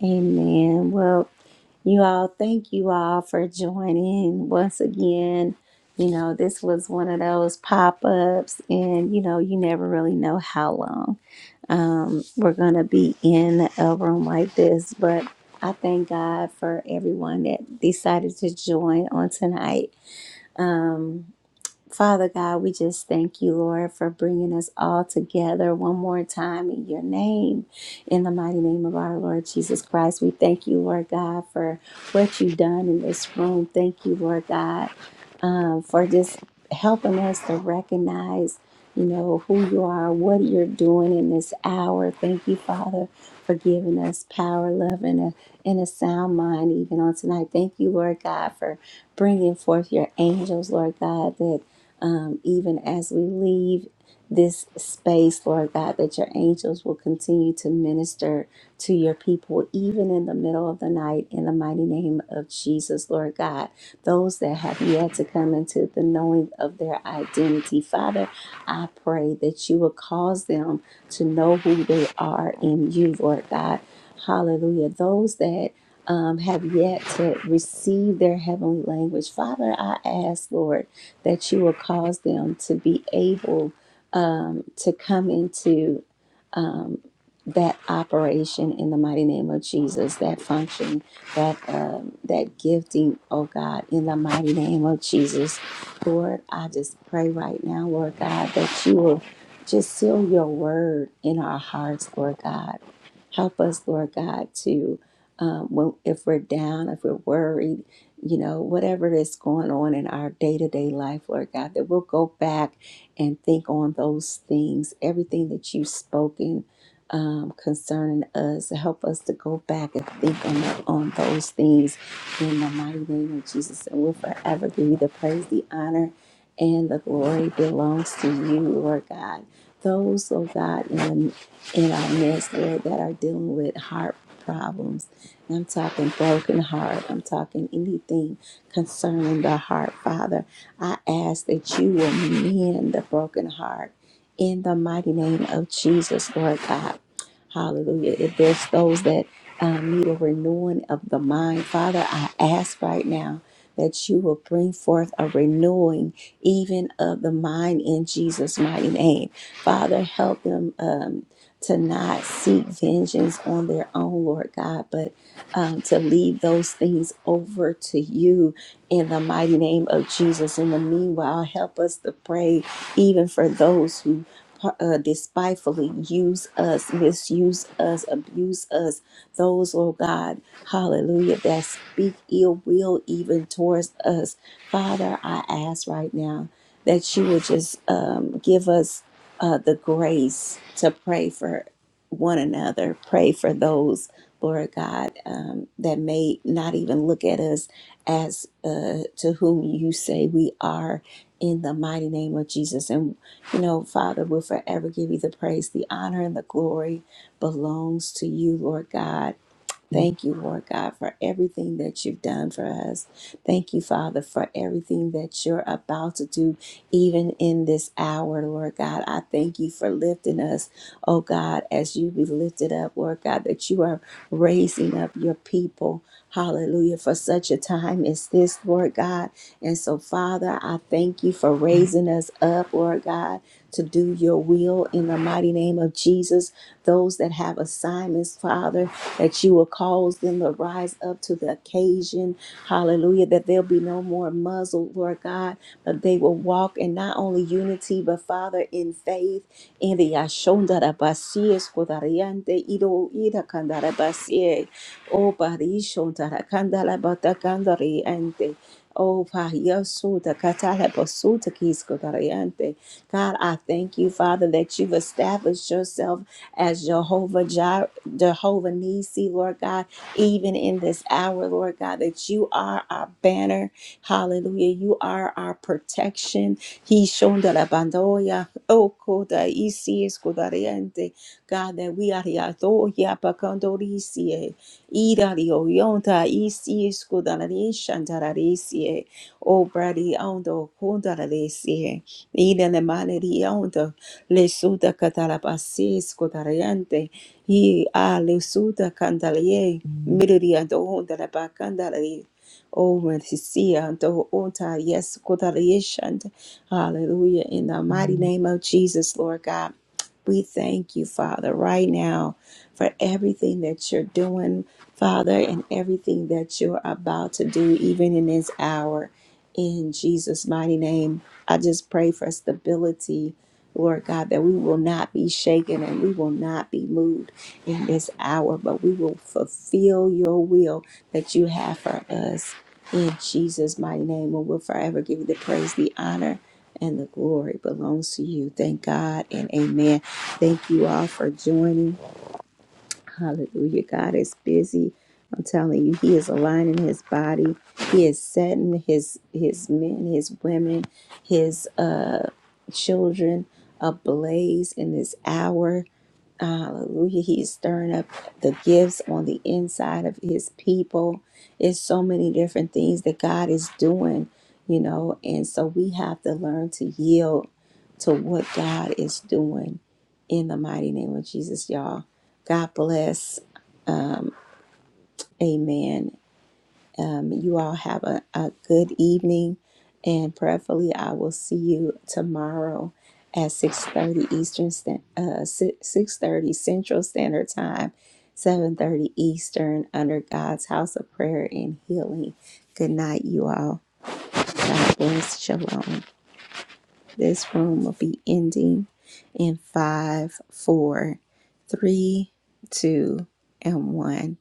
[SPEAKER 1] Amen. Well, you all, thank you all for joining once again. You know, this was one of those pop ups, and you know, you never really know how long um, we're going to be in a room like this. But I thank God for everyone that decided to join on tonight. Um, Father God, we just thank you, Lord, for bringing us all together one more time in your name, in the mighty name of our Lord Jesus Christ. We thank you, Lord God, for what you've done in this room. Thank you, Lord God, um, for just helping us to recognize, you know, who you are, what you're doing in this hour. Thank you, Father, for giving us power, love, and a, and a sound mind even on tonight. Thank you, Lord God, for bringing forth your angels, Lord God, that um, even as we leave this space, Lord God, that your angels will continue to minister to your people, even in the middle of the night, in the mighty name of Jesus, Lord God. Those that have yet to come into the knowing of their identity, Father, I pray that you will cause them to know who they are in you, Lord God. Hallelujah. Those that um, have yet to receive their heavenly language. Father, I ask, Lord, that you will cause them to be able um, to come into um, that operation in the mighty name of Jesus, that function, that um, that gifting, oh God, in the mighty name of Jesus, Lord, I just pray right now, Lord God, that you will just seal your word in our hearts, Lord God. Help us, Lord God, to um, when if we're down, if we're worried, you know, whatever is going on in our day to day life, Lord God, that we'll go back and think on those things, everything that you've spoken um, concerning us. Help us to go back and think on, on those things in the mighty name of Jesus. And we'll forever give you the praise, the honor, and the glory belongs to you, Lord God. Those, oh God, in, in our midst, Lord, that are dealing with heart problems I'm talking broken heart. I'm talking anything concerning the heart, Father. I ask that you will mend the broken heart in the mighty name of Jesus, Lord God. Hallelujah. If there's those that um, need a renewing of the mind, Father, I ask right now that you will bring forth a renewing even of the mind in Jesus' mighty name. Father, help them um, to not seek vengeance on their own, Lord God, but um, to leave those things over to you in the mighty name of Jesus. In the meanwhile, help us to pray even for those who uh, despitefully use us, misuse us, abuse us. Those, oh God, hallelujah, that speak ill will even towards us. Father, I ask right now that you would just um, give us uh, the grace to pray for one another, pray for those Lord God, um, that may not even look at us as uh, to whom you say we are in the mighty name of Jesus. And, you know, Father, we'll forever give you the praise, the honor, and the glory belongs to you, Lord God. Thank you, Lord God, for everything that you've done for us. Thank you, Father, for everything that you're about to do, even in this hour, Lord God. I thank you for lifting us, oh God, as you be lifted up, Lord God, that you are raising up your people. Hallelujah, for such a time as this, Lord God. And so, Father, I thank you for raising us up, Lord God, to do your will in the mighty name of Jesus. Those that have assignments, Father that you will cause them to rise up to the occasion. Hallelujah. That there'll be no more muzzled, Lord God, but they will walk in not only unity, but Father, in faith. In the Ashondarabasi, Escodariante, Ido, Ida Candarabasi, O Parishondara, Candalabata, Candariante. Oh, Pahiyasuta, Katalabasuta, Kiskotariante. God, I thank you, Father, that you've established yourself as Jehovah Jireh. Jehovah Nisi, Lord God, even in this hour, Lord God, that you are our banner. Hallelujah. You are our protection. He shonda la bandoya. Oh, koda isi es kodariente. God, that we are the Adoya Bakandorisie, Ida the Oyonta, Isi Scudarishan Tararisie, O Brady Ondo, Kundarisie, Ida the Maneri Ondo, Lesuda Catalabasis, Scudariante. He a le suda candalier, miriri and onda la bacandali. Oh, when he see and ota, yes, kodalieshand. Hallelujah. In the mighty name of Jesus, Lord God. We thank you, Father, right now for everything that you're doing, Father, and everything that you're about to do, even in this hour. In Jesus' mighty name, I just pray for stability, Lord God, that we will not be shaken and we will not be moved in this hour, but we will fulfill your will that you have for us. In Jesus' mighty name, we'll forever give you the praise, the honor, and the glory belongs to you. Thank God and amen. Thank you all for joining. Hallelujah. God is busy. I'm telling you, He is aligning His body. He is setting His His men, His women, His uh, children ablaze in this hour Hallelujah. He's stirring up the gifts on the inside of his people. It's so many different things that God is doing, you know, and so we have to learn to yield to what God is doing in the mighty name of Jesus, y'all. God bless. Amen. Um, you all have a, a good evening, and prayerfully, I will see you tomorrow at 6.30 Eastern, Stan- uh, si- 6.30 Central Standard Time, 7.30 Eastern under God's House of Prayer and Healing. Good night, you all. God bless. Shalom. This room will be ending in five, four, three, two, and one.